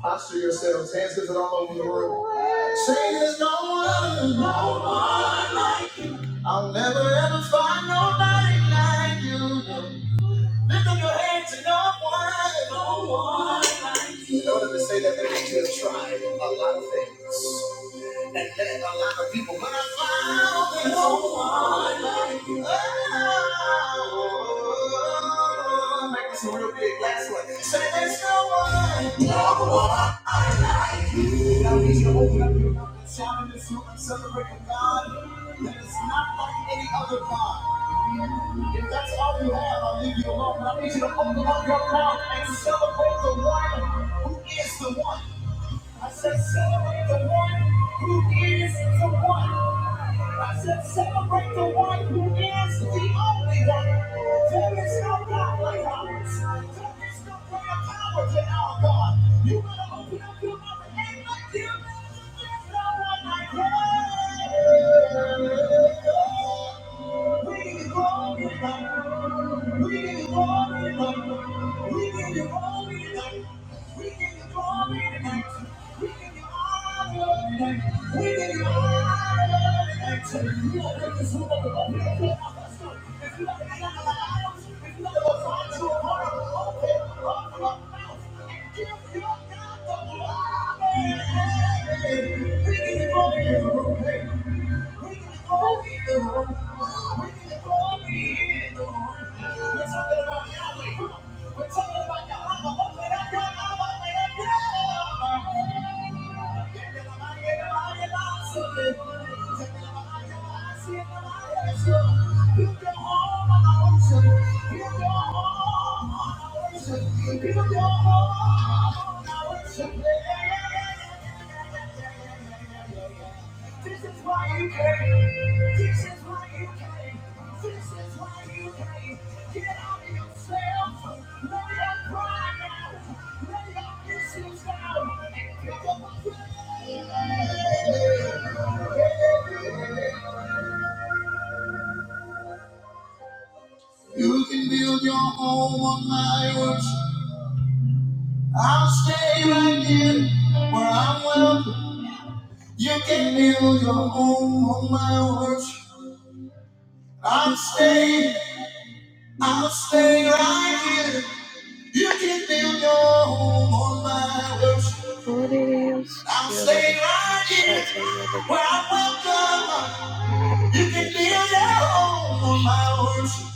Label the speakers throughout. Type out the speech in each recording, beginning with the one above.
Speaker 1: Posture yourselves, hands lifted all over the room. Say there's no one, no one like you. I'll never ever find nobody like you. Lift up your hands and no one, no one like you. In order to say that, they need you to try a lot of things and met a lot of people, but I found that no one like you. Oh, make this a real big last one. Say there's no one, no one like you. Now we need you to open up your mouth and shout in this room and celebrate a God that is not like any other God. If that's all you have, I'll leave you alone. Celebrate the one who is the one. I said, celebrate the one who is the one. I said, celebrate the one who is the only one. There is no God like ours. There is no greater power than our God. You better open up your mouth and act like you. There's no one like him. We Thank you. We're Thank you. You can build your home on my words. I'll stay right here where I'm welcome. You can build your home on my words. I'll stay, I'll stay right here. You can build your home on my words. Lord, is. I'll stay right here where I'm welcome. You can build your home on my words.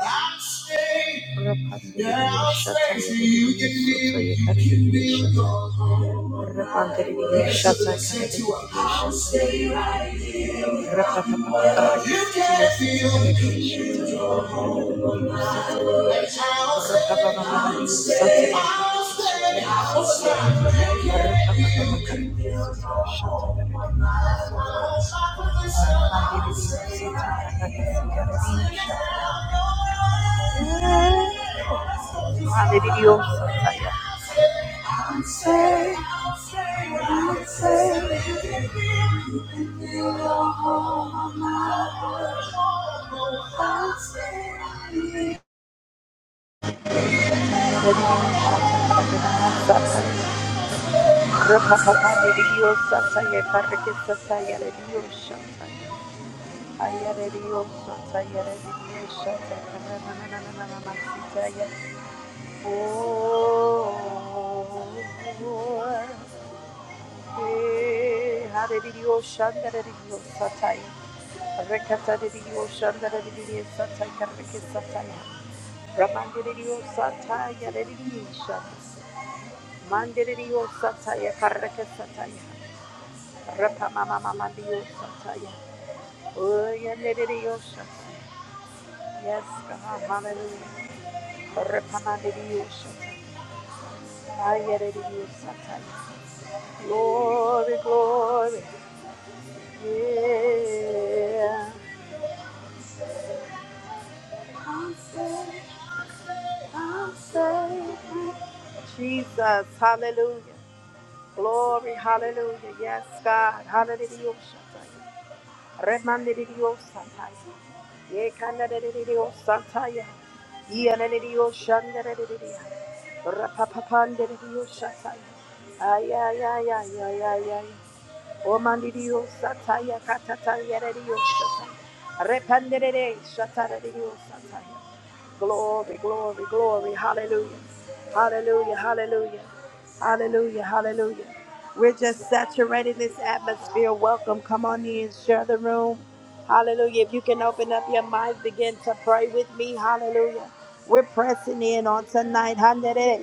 Speaker 1: I'll stay. Rapandiri Yeah, I'll Shata stay so you can Yadidibisota live. You can Yakadidi build Shata your home. Rapandiri Rest Shata will say to a Kadidibidi I'll stay. You Rapapapapapapapatidi can feel me. Sididibidi Shata And I'll stay. I'll Rapapapapapapatidi stay. Sata I'll stay. I'll stay. You can feel Rapapapapapatidi Sididibidi Shata Kadidibidi Sata Mandiri Sata Yakadidi Kadidi Mandiri Sata Yakadidi Shata Kadidibidi Sata Rekata Ramandiriyo Sataya Rediyo Shanda. Mandiriyo Sataya Karakasataya. Rapa mama mama Dios sataya. Oh, yeah, let it Dios sataya. Yes, God, hallelujah. Rapa mama Dios sataya. Ay, yeah, let it Dios sataya. Glory, glory. Yeah. I'll say, I'll say. Jesus, hallelujah. Glory, hallelujah. Yes, God, hallelujah. Remandirio Santaya. Ye Canadidio Santaya. Yanadidio Shandaridia. Rapapapandidio Shataya. Ayayayayayayay. Omandidio Sataya Katataya Redio Shataya. Repandere Shataradio Santaya. Glory, glory, glory. Hallelujah. Hallelujah, hallelujah. Hallelujah, hallelujah. We're just saturating this atmosphere. Welcome. Come on in, share the room. Hallelujah. If you can open up your minds, begin to pray with me. Hallelujah. We're pressing in on tonight. Hallelujah.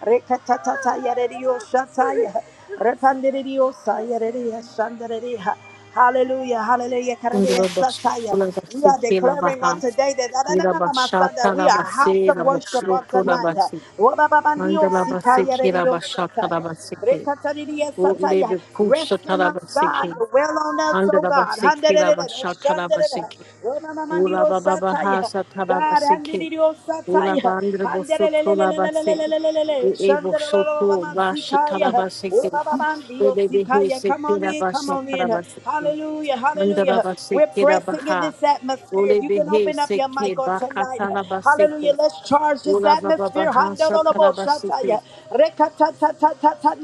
Speaker 1: Rekatata Yaredio Shataya. Repandirio Sayaredia Shandaredia. Hallelujah, hallelujah,
Speaker 2: Andalabasi Kirabaha,
Speaker 1: Karedia Sataya. We are declaring on today that, na- na- na- na- my son, that we are house of worship on tonight. Wobababandio Sikayaredio Shataya. Rekatariyasataya. Rest in us, God. Dwell on us, oh God. Handererere, shanderere. Ronamamandiyosataya. God, handiriyosataya. Handerelelelelelelelelelelele. Shanderelelelelelelelelelele. Obababandiyosikaya. Come on in, come on in. Hallelujah, hallelujah. We're pressing in this atmosphere.
Speaker 2: Ole
Speaker 1: If you can
Speaker 2: behe
Speaker 1: open up your mic
Speaker 2: seke
Speaker 1: on tonight.
Speaker 2: bakatala
Speaker 1: Hallelujah.
Speaker 2: baseke.
Speaker 1: Let's charge this
Speaker 2: Ola baba
Speaker 1: atmosphere.
Speaker 2: baha satala baseke.
Speaker 1: Handoroboshataya.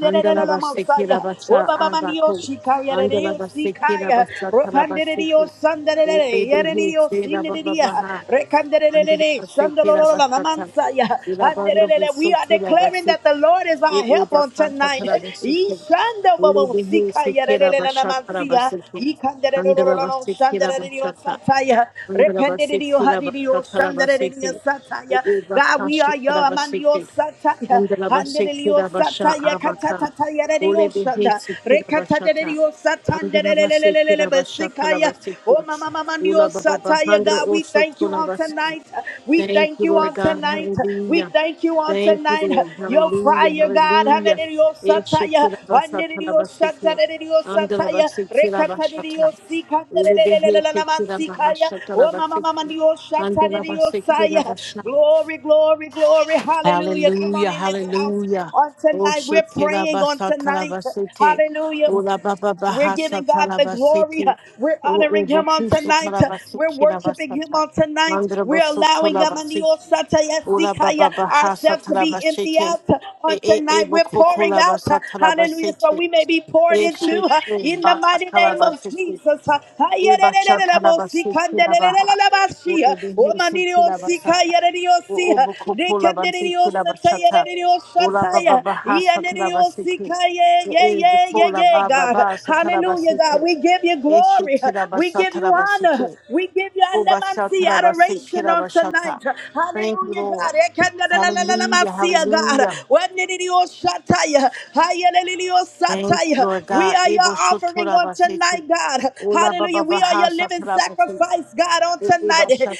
Speaker 2: Andala baseke la basha abako.
Speaker 1: Obabamanioshikaya.
Speaker 2: Andala baseke la
Speaker 1: Rereosikaya.
Speaker 2: basha tala baseke.
Speaker 1: Ropandereriosanderelele.
Speaker 2: Ole behe se la baba
Speaker 1: Yereniosinderiya.
Speaker 2: baha. Andala
Speaker 1: Rekanderelelele.
Speaker 2: baseke la basha tala.
Speaker 1: Shandololololamansaya.
Speaker 2: Ila bandra
Speaker 1: Anderelele. We
Speaker 2: buso
Speaker 1: are
Speaker 2: tula
Speaker 1: declaring
Speaker 2: baseke.
Speaker 1: that the Lord is
Speaker 2: E
Speaker 1: our
Speaker 2: e
Speaker 1: help on
Speaker 2: bakha
Speaker 1: tonight.
Speaker 2: satala baseke.
Speaker 1: Manda
Speaker 2: Ole
Speaker 1: bobo
Speaker 2: behe
Speaker 1: sika
Speaker 2: seke la
Speaker 1: yarele la
Speaker 2: basha tala
Speaker 1: mansia.
Speaker 2: baseke.
Speaker 1: Ikandere lo lo
Speaker 2: Andala
Speaker 1: lo lo
Speaker 2: baseke la
Speaker 1: shandere dio
Speaker 2: basha
Speaker 1: sataya. Rependere dio hadidio shandere dio
Speaker 2: Andrabasikilabasatalabasiki.
Speaker 1: sataya. God, we are your amandio
Speaker 2: Ubakashikilabasiki.
Speaker 1: sataya. Handere dio
Speaker 2: Undrabasikilabasha
Speaker 1: sataya
Speaker 2: abaka.
Speaker 1: katatata yarele shanda. Rekatadere
Speaker 2: Ulebehesikilabashata.
Speaker 1: dio satandere le le le le le le besikaya.
Speaker 2: Andrabasikilabashatalabasiki.
Speaker 1: Oh mama mama dio sataya.
Speaker 2: Ulababahandra
Speaker 1: God, we thank you on
Speaker 2: osutulabasi.
Speaker 1: tonight. We
Speaker 2: Thank
Speaker 1: thank
Speaker 2: you,
Speaker 1: you
Speaker 2: Lord
Speaker 1: on
Speaker 2: God.
Speaker 1: tonight. We
Speaker 2: Hallelujah.
Speaker 1: thank you on
Speaker 2: Thank you,
Speaker 1: tonight.
Speaker 2: Lord.
Speaker 1: Your
Speaker 2: Hallelujah.
Speaker 1: fire, God, under
Speaker 2: Hallelujah.
Speaker 1: the your satya, under the your shatya,
Speaker 2: Eshikilabasatalabasiki.
Speaker 1: under the your satya. Rekha under the
Speaker 2: Andrabasikilabashata.
Speaker 1: your sikha, the
Speaker 2: Hallelujah,
Speaker 1: lelelelelele namaskaya. Oh mama, mama, the your shatya, the your satya. Glory, glory, glory. Hallelujah! Come on in this house
Speaker 2: hallelujah.
Speaker 1: on
Speaker 2: Oh,
Speaker 1: tonight. We're
Speaker 2: shekela
Speaker 1: praying on
Speaker 2: basa
Speaker 1: tonight.
Speaker 2: talabasete.
Speaker 1: Hallelujah.
Speaker 2: Ola baba
Speaker 1: We're giving
Speaker 2: bahasa
Speaker 1: God the glory.
Speaker 2: talabasete.
Speaker 1: We're
Speaker 2: O
Speaker 1: honoring Him on
Speaker 2: ubokusa
Speaker 1: tonight. We're
Speaker 2: talabasiki
Speaker 1: worshiping Him
Speaker 2: labasata.
Speaker 1: on tonight.
Speaker 2: Mandra
Speaker 1: We're
Speaker 2: bosoto
Speaker 1: allowing
Speaker 2: labasiki. Ola
Speaker 1: Yamaniosatai
Speaker 2: baba bahasa
Speaker 1: ourselves to be empty
Speaker 2: talabasete.
Speaker 1: out on
Speaker 2: E e e
Speaker 1: tonight. We're
Speaker 2: bokoko
Speaker 1: pouring out.
Speaker 2: labasa
Speaker 1: Hallelujah. So
Speaker 2: talabasete.
Speaker 1: we may be poured
Speaker 2: E
Speaker 1: into uh,
Speaker 2: shekela
Speaker 1: in the mighty name of
Speaker 2: baka
Speaker 1: Jesus.
Speaker 2: Eba shatala basitila baha.
Speaker 1: Ayererererererobosikandelelelelabashi.
Speaker 2: Ode behisitila basata.
Speaker 1: Omaniriosikayereriosi.
Speaker 2: O obo kopola basitila bashata. Ola baba baha satila basiti.
Speaker 1: Rekendereriosatai. Hey, Yeah,
Speaker 2: E
Speaker 1: yeah,
Speaker 2: e
Speaker 1: yeah, yeah,
Speaker 2: bepola
Speaker 1: yeah,
Speaker 2: baba
Speaker 1: God.
Speaker 2: ba satala
Speaker 1: Hallelujah,
Speaker 2: basiti.
Speaker 1: God. We give you
Speaker 2: E
Speaker 1: glory.
Speaker 2: shitila
Speaker 1: We give you
Speaker 2: basatala
Speaker 1: honor.
Speaker 2: basiti.
Speaker 1: We give you
Speaker 2: Oba
Speaker 1: andamansi
Speaker 2: satala
Speaker 1: adoration
Speaker 2: basitila
Speaker 1: on
Speaker 2: bashata.
Speaker 1: tonight.
Speaker 2: Thank you,
Speaker 1: Hallelujah,
Speaker 2: Lord.
Speaker 1: God.
Speaker 2: Hallelujah,
Speaker 1: Ekandalalalalamansiya, God.
Speaker 2: hallelujah.
Speaker 1: Wanididioshataya.
Speaker 2: Thank you,
Speaker 1: Hayaleliliosataya.
Speaker 2: Lord
Speaker 1: We
Speaker 2: God.
Speaker 1: are your
Speaker 2: Ebo
Speaker 1: offering
Speaker 2: shutura
Speaker 1: on
Speaker 2: basiti.
Speaker 1: tonight, God.
Speaker 2: Ola baba
Speaker 1: Hallelujah. We are
Speaker 2: baha
Speaker 1: your living
Speaker 2: satala basiti.
Speaker 1: sacrifice, God, on
Speaker 2: Oh
Speaker 1: tonight.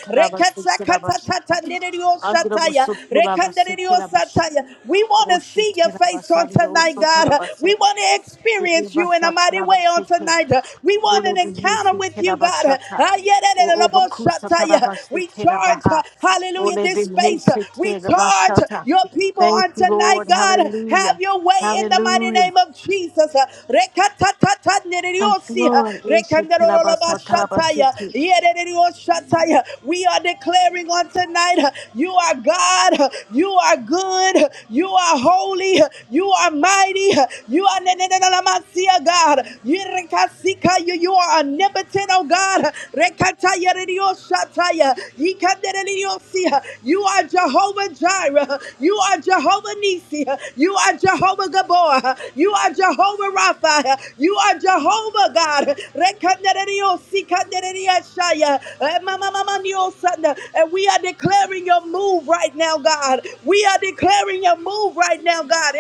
Speaker 1: Rekatsa- Rekatatatatanidioshataya. Rekandidiosataya. We we want to
Speaker 2: shit,
Speaker 1: see your face on
Speaker 2: Basandra
Speaker 1: tonight,
Speaker 2: also to the
Speaker 1: God. We
Speaker 2: Basik.
Speaker 1: want to experience you in a
Speaker 2: Ibasa
Speaker 1: mighty way on
Speaker 2: Tarabasiki,
Speaker 1: tonight. We want an
Speaker 2: Ulevi
Speaker 1: encounter
Speaker 2: Yusi
Speaker 1: with you, God.
Speaker 2: Kirabashata,
Speaker 1: Ah, yeah, da, da, da, da,
Speaker 2: O
Speaker 1: bo,
Speaker 2: Obakusa
Speaker 1: shatta, yeah.
Speaker 2: Tarabasi
Speaker 1: We charge, uh,
Speaker 2: Kirabaha,
Speaker 1: hallelujah, this
Speaker 2: Ulevi
Speaker 1: space. uh,
Speaker 2: Hesi
Speaker 1: We charge
Speaker 2: Kirabashata.
Speaker 1: your people
Speaker 2: Thank
Speaker 1: on
Speaker 2: you,
Speaker 1: tonight,
Speaker 2: Lord.
Speaker 1: God.
Speaker 2: Hallelujah.
Speaker 1: Have your way in the mighty
Speaker 2: Hallelujah.
Speaker 1: name of Jesus. Uh, rekatata,
Speaker 2: Thank you,
Speaker 1: nereriosi, uh,
Speaker 2: Lord.
Speaker 1: rekandarololobashataya,
Speaker 2: Ishitirabasatarabasiki.
Speaker 1: yerererioshataya. We are declaring on tonight, uh, you are God. God. You are good. You are holy. You are mighty. You are Nenenenenamasia, God. Yirekasika, You you are omnipotent, oh God. Rekataya ririoshataya. Yikadereriosia. You are Jehovah Jireh. You are Jehovah Nisi. You are Jehovah Gabor. You are Jehovah Rapha. You are Jehovah God. Rekadereriosikadereriashaya. Mama and we are declaring your move right now, God. We are declaring your move right now, God.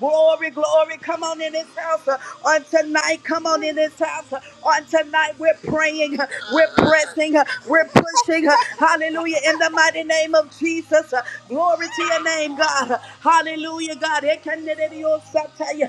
Speaker 1: Glory, glory. Come on in this house uh, on tonight. Come on in this house uh, on tonight. We're praying. uh, We're pressing. uh, We're pushing. uh, Hallelujah. In the mighty name of Jesus. uh, Glory to your name, God. Hallelujah, God. Yirereriyosataya.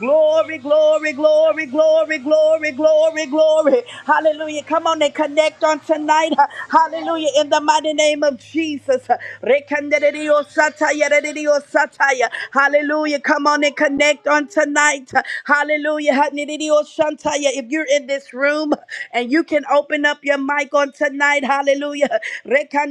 Speaker 1: Glory, glory, glory, glory, glory, glory, glory. Hallelujah. Come on and connect on tonight. Hallelujah. In the mighty name of Jesus. Rekandereriyosataya, rereriyosataya. Hallelujah. Come on and connect on tonight. Hallelujah. Hanereriyosantaya. If you're in this room and you can open up your mic on tonight, hallelujah.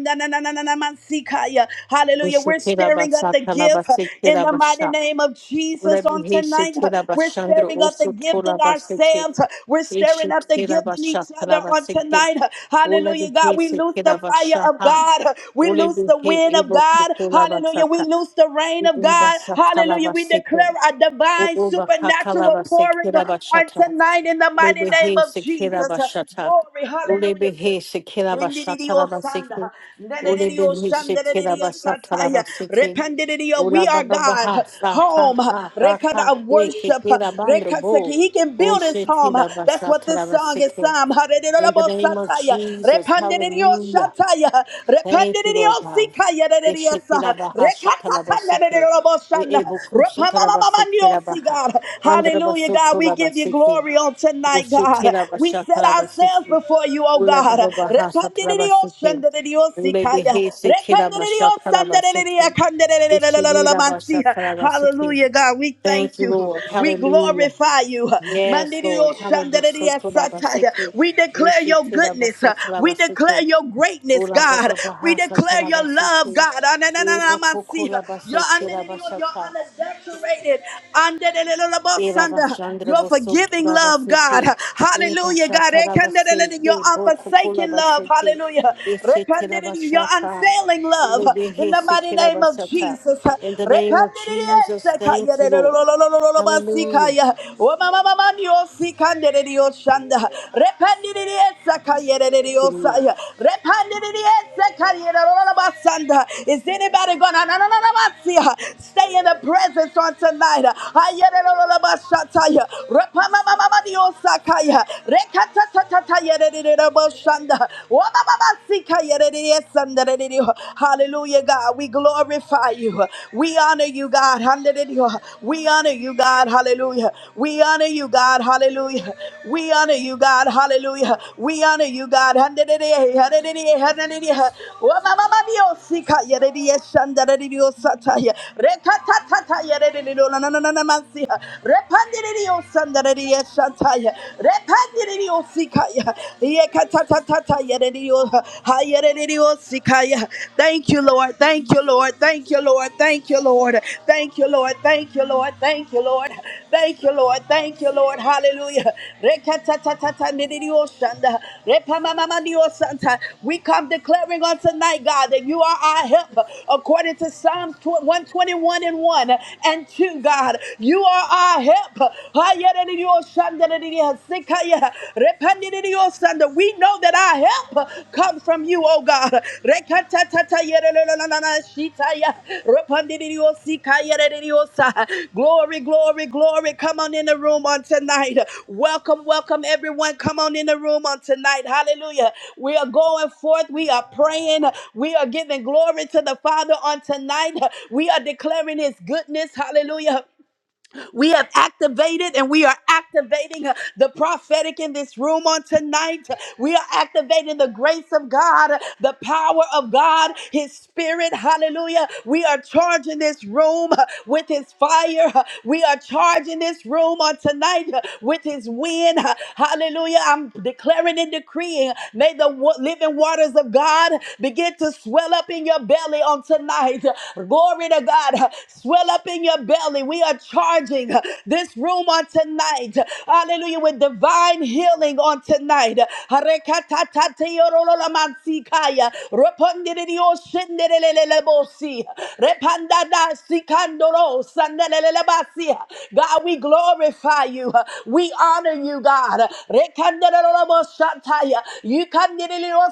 Speaker 1: Mansikaya. Hallelujah. We're stirring up the gift uh, in the mighty
Speaker 2: Ishitirabasatarabasitirabasha.
Speaker 1: name of Jesus on tonight. uh,
Speaker 2: Olebiheshitela
Speaker 1: We're
Speaker 2: bashandro
Speaker 1: stirring up the
Speaker 2: oso
Speaker 1: gift
Speaker 2: tola
Speaker 1: in
Speaker 2: basete.
Speaker 1: ourselves. uh, We're stirring up the
Speaker 2: Eshitela
Speaker 1: gift in each other
Speaker 2: bashatala
Speaker 1: on
Speaker 2: basete.
Speaker 1: tonight. uh, Hallelujah. God, we lose
Speaker 2: Olebiheshitela
Speaker 1: the fire of
Speaker 2: bashaha.
Speaker 1: God. uh, We lose the
Speaker 2: Olebihe
Speaker 1: wind of
Speaker 2: ebo
Speaker 1: God.
Speaker 2: kukola
Speaker 1: Hallelujah. We
Speaker 2: basata.
Speaker 1: lose the rain of
Speaker 2: Uba
Speaker 1: God.
Speaker 2: satala
Speaker 1: Hallelujah. We declare
Speaker 2: basete.
Speaker 1: a divine
Speaker 2: Uba kakala
Speaker 1: supernatural pouring
Speaker 2: basekela
Speaker 1: uh, on
Speaker 2: bashata.
Speaker 1: tonight in the mighty name
Speaker 2: Olebihe
Speaker 1: of
Speaker 2: sekela
Speaker 1: Jesus. Uh,
Speaker 2: bashata.
Speaker 1: Glory. Hallelujah.
Speaker 2: Olebihe sekela bashatala
Speaker 1: Indidio-sanda,
Speaker 2: basete. Olebihe
Speaker 1: nedidio-shanda,
Speaker 2: sekela basatala
Speaker 1: nedidio-sataya,
Speaker 2: basete.
Speaker 1: rependidio. We
Speaker 2: Ola
Speaker 1: are
Speaker 2: baba baha
Speaker 1: God,
Speaker 2: sa ta
Speaker 1: home,
Speaker 2: ta ta
Speaker 1: record
Speaker 2: ta
Speaker 1: of
Speaker 2: te ke
Speaker 1: worship.
Speaker 2: ke la bandro
Speaker 1: record
Speaker 2: bo
Speaker 1: He can
Speaker 2: o
Speaker 1: build his
Speaker 2: she ti
Speaker 1: home.
Speaker 2: la
Speaker 1: That's
Speaker 2: basa
Speaker 1: what
Speaker 2: ta
Speaker 1: this
Speaker 2: la
Speaker 1: song
Speaker 2: basa
Speaker 1: is.
Speaker 2: ke.
Speaker 1: Psalm.
Speaker 2: In the name of
Speaker 1: Hadididididio-sataya,
Speaker 2: Jesus, hallelujah.
Speaker 1: rependidio-shataya,
Speaker 2: Thank you, Lord God.
Speaker 1: rependidio-sikaya,
Speaker 2: E she ti la
Speaker 1: nedidio-sa-
Speaker 2: baha sa ta la
Speaker 1: rekatata,
Speaker 2: basa ke. E
Speaker 1: nedidio-shanda,
Speaker 2: e bo ku sa ta la basa ke la
Speaker 1: repamamamamandio-si,
Speaker 2: baha.
Speaker 1: God.
Speaker 2: Andra
Speaker 1: Hallelujah,
Speaker 2: baso to
Speaker 1: God. We
Speaker 2: la
Speaker 1: give you
Speaker 2: basa ke.
Speaker 1: glory on
Speaker 2: O
Speaker 1: tonight,
Speaker 2: she ti
Speaker 1: God.
Speaker 2: la
Speaker 1: We
Speaker 2: basa ta
Speaker 1: set
Speaker 2: la basa
Speaker 1: ourselves
Speaker 2: ke.
Speaker 1: before you. You are
Speaker 2: Ola
Speaker 1: God.
Speaker 2: baba baha sa ta la
Speaker 1: Rekindle the
Speaker 2: basa ke.
Speaker 1: ocean. The ocean's
Speaker 2: Ule
Speaker 1: calling.
Speaker 2: behe se ti la
Speaker 1: Rekindle the
Speaker 2: basa ta la
Speaker 1: ocean.
Speaker 2: basa ke. E she ni
Speaker 1: The ocean's
Speaker 2: la basa
Speaker 1: calling.
Speaker 2: ta la basa ke.
Speaker 1: Hallelujah, God. We
Speaker 2: Thank
Speaker 1: thank
Speaker 2: you,
Speaker 1: you.
Speaker 2: Lord.
Speaker 1: We
Speaker 2: Hallelujah.
Speaker 1: glorify you. Mend
Speaker 2: Yes,
Speaker 1: the
Speaker 2: Lord.
Speaker 1: ocean. The
Speaker 2: Hallelujah. So tola
Speaker 1: ocean's calling.
Speaker 2: basike.
Speaker 1: We declare
Speaker 2: Ishi
Speaker 1: your
Speaker 2: tira
Speaker 1: goodness.
Speaker 2: basa tola
Speaker 1: We declare your greatness,
Speaker 2: Ula
Speaker 1: God.
Speaker 2: baba
Speaker 1: We
Speaker 2: bahasa
Speaker 1: declare
Speaker 2: tola
Speaker 1: your love,
Speaker 2: basike.
Speaker 1: God. Na na na na
Speaker 2: Ibo kukula basa
Speaker 1: na
Speaker 2: tira basata.
Speaker 1: na. Underrated, undeniably,
Speaker 2: Ira bashandra
Speaker 1: your
Speaker 2: boso
Speaker 1: unforgiving
Speaker 2: tola
Speaker 1: love, God.
Speaker 2: basike. Iba
Speaker 1: Hallelujah, God.
Speaker 2: shata la
Speaker 1: Undeniably, your
Speaker 2: basike. Bo kukula
Speaker 1: unforsaken love,
Speaker 2: basike.
Speaker 1: Hallelujah.
Speaker 2: Ishi tira
Speaker 1: Repented in you, your
Speaker 2: basata.
Speaker 1: unsailing love.
Speaker 2: Ula
Speaker 1: In
Speaker 2: bihi
Speaker 1: the mighty
Speaker 2: sikira
Speaker 1: name of
Speaker 2: basata.
Speaker 1: Jesus.
Speaker 2: In the name of
Speaker 1: Repented
Speaker 2: Jesus, thank you, Lord. Hallelujah.
Speaker 1: in you, your
Speaker 2: Thank you, Lord.
Speaker 1: unsailing love. Is anybody gonna na- na- na- na- na- see, uh, stay in the presence on tonight? uh, Ayererorobashataya, repamamamamadiosakaya, rekatatatatayerereroboshanda, wamamamasikayerereriesandererero. Hallelujah, God. We glorify you. We honor you, God. Handerero. We honor you, God. Hallelujah. We honor you, you, God. Hallelujah. We honor you, God. Hallelujah. We honor you, God. Hallelujah. Hallelujah. Hallelujah. Oh, mama, mama, Dios, hija, yerería, shandara, Dios, sataya. Recatatata, yerería, no, no, no, no, no, mansia. Repandiría, Dios, sandara, Dios, sataya. Repandiría, Dios, hija, Yekatatata, yerería, ha, yerería, Dios, hija. Thank you, Lord. Thank you, Lord. Lord. Thank you, Lord. Thank you, Lord. Thank you, Lord. Thank you, Lord. Thank you, Lord. Thank you, Lord. Thank you, Lord. Hallelujah. Rekatatatatatanidioshanda. Repamamamaniosanta. We come declaring on tonight, God, that you are our help according to Psalms 121 and 1 and 2, God. You are our help. Hayerenidioshandanidiasikaya. Under We know that our help comes from you, oh God. Glory, glory, glory. Come on in the room on tonight. Welcome, welcome, everyone. Come on in the room on tonight. Hallelujah. We are going forth. We are praying. We are giving glory to the Father on tonight. We are declaring his goodness. Hallelujah. We have activated and we are activating uh, the prophetic in this room on tonight. We are activating the grace of God, uh, the power of God, His Spirit. Hallelujah. We are charging this room uh, with His fire. Uh, We are charging this room on tonight uh, with His wind. Uh, Hallelujah. I'm declaring and decreeing. May the wa- living waters of God begin to swell up in your belly on tonight. Glory glory to God, swell up in your belly. We are charging this room on tonight. Hallelujah. With divine healing on tonight. Harekatatateyolololamansikaya. Repondiriyoshendelelelebosi. Repandadasikanorosandelelelebasi. God, we glorify you. We honor you, God. Rekandeleleleboshataya.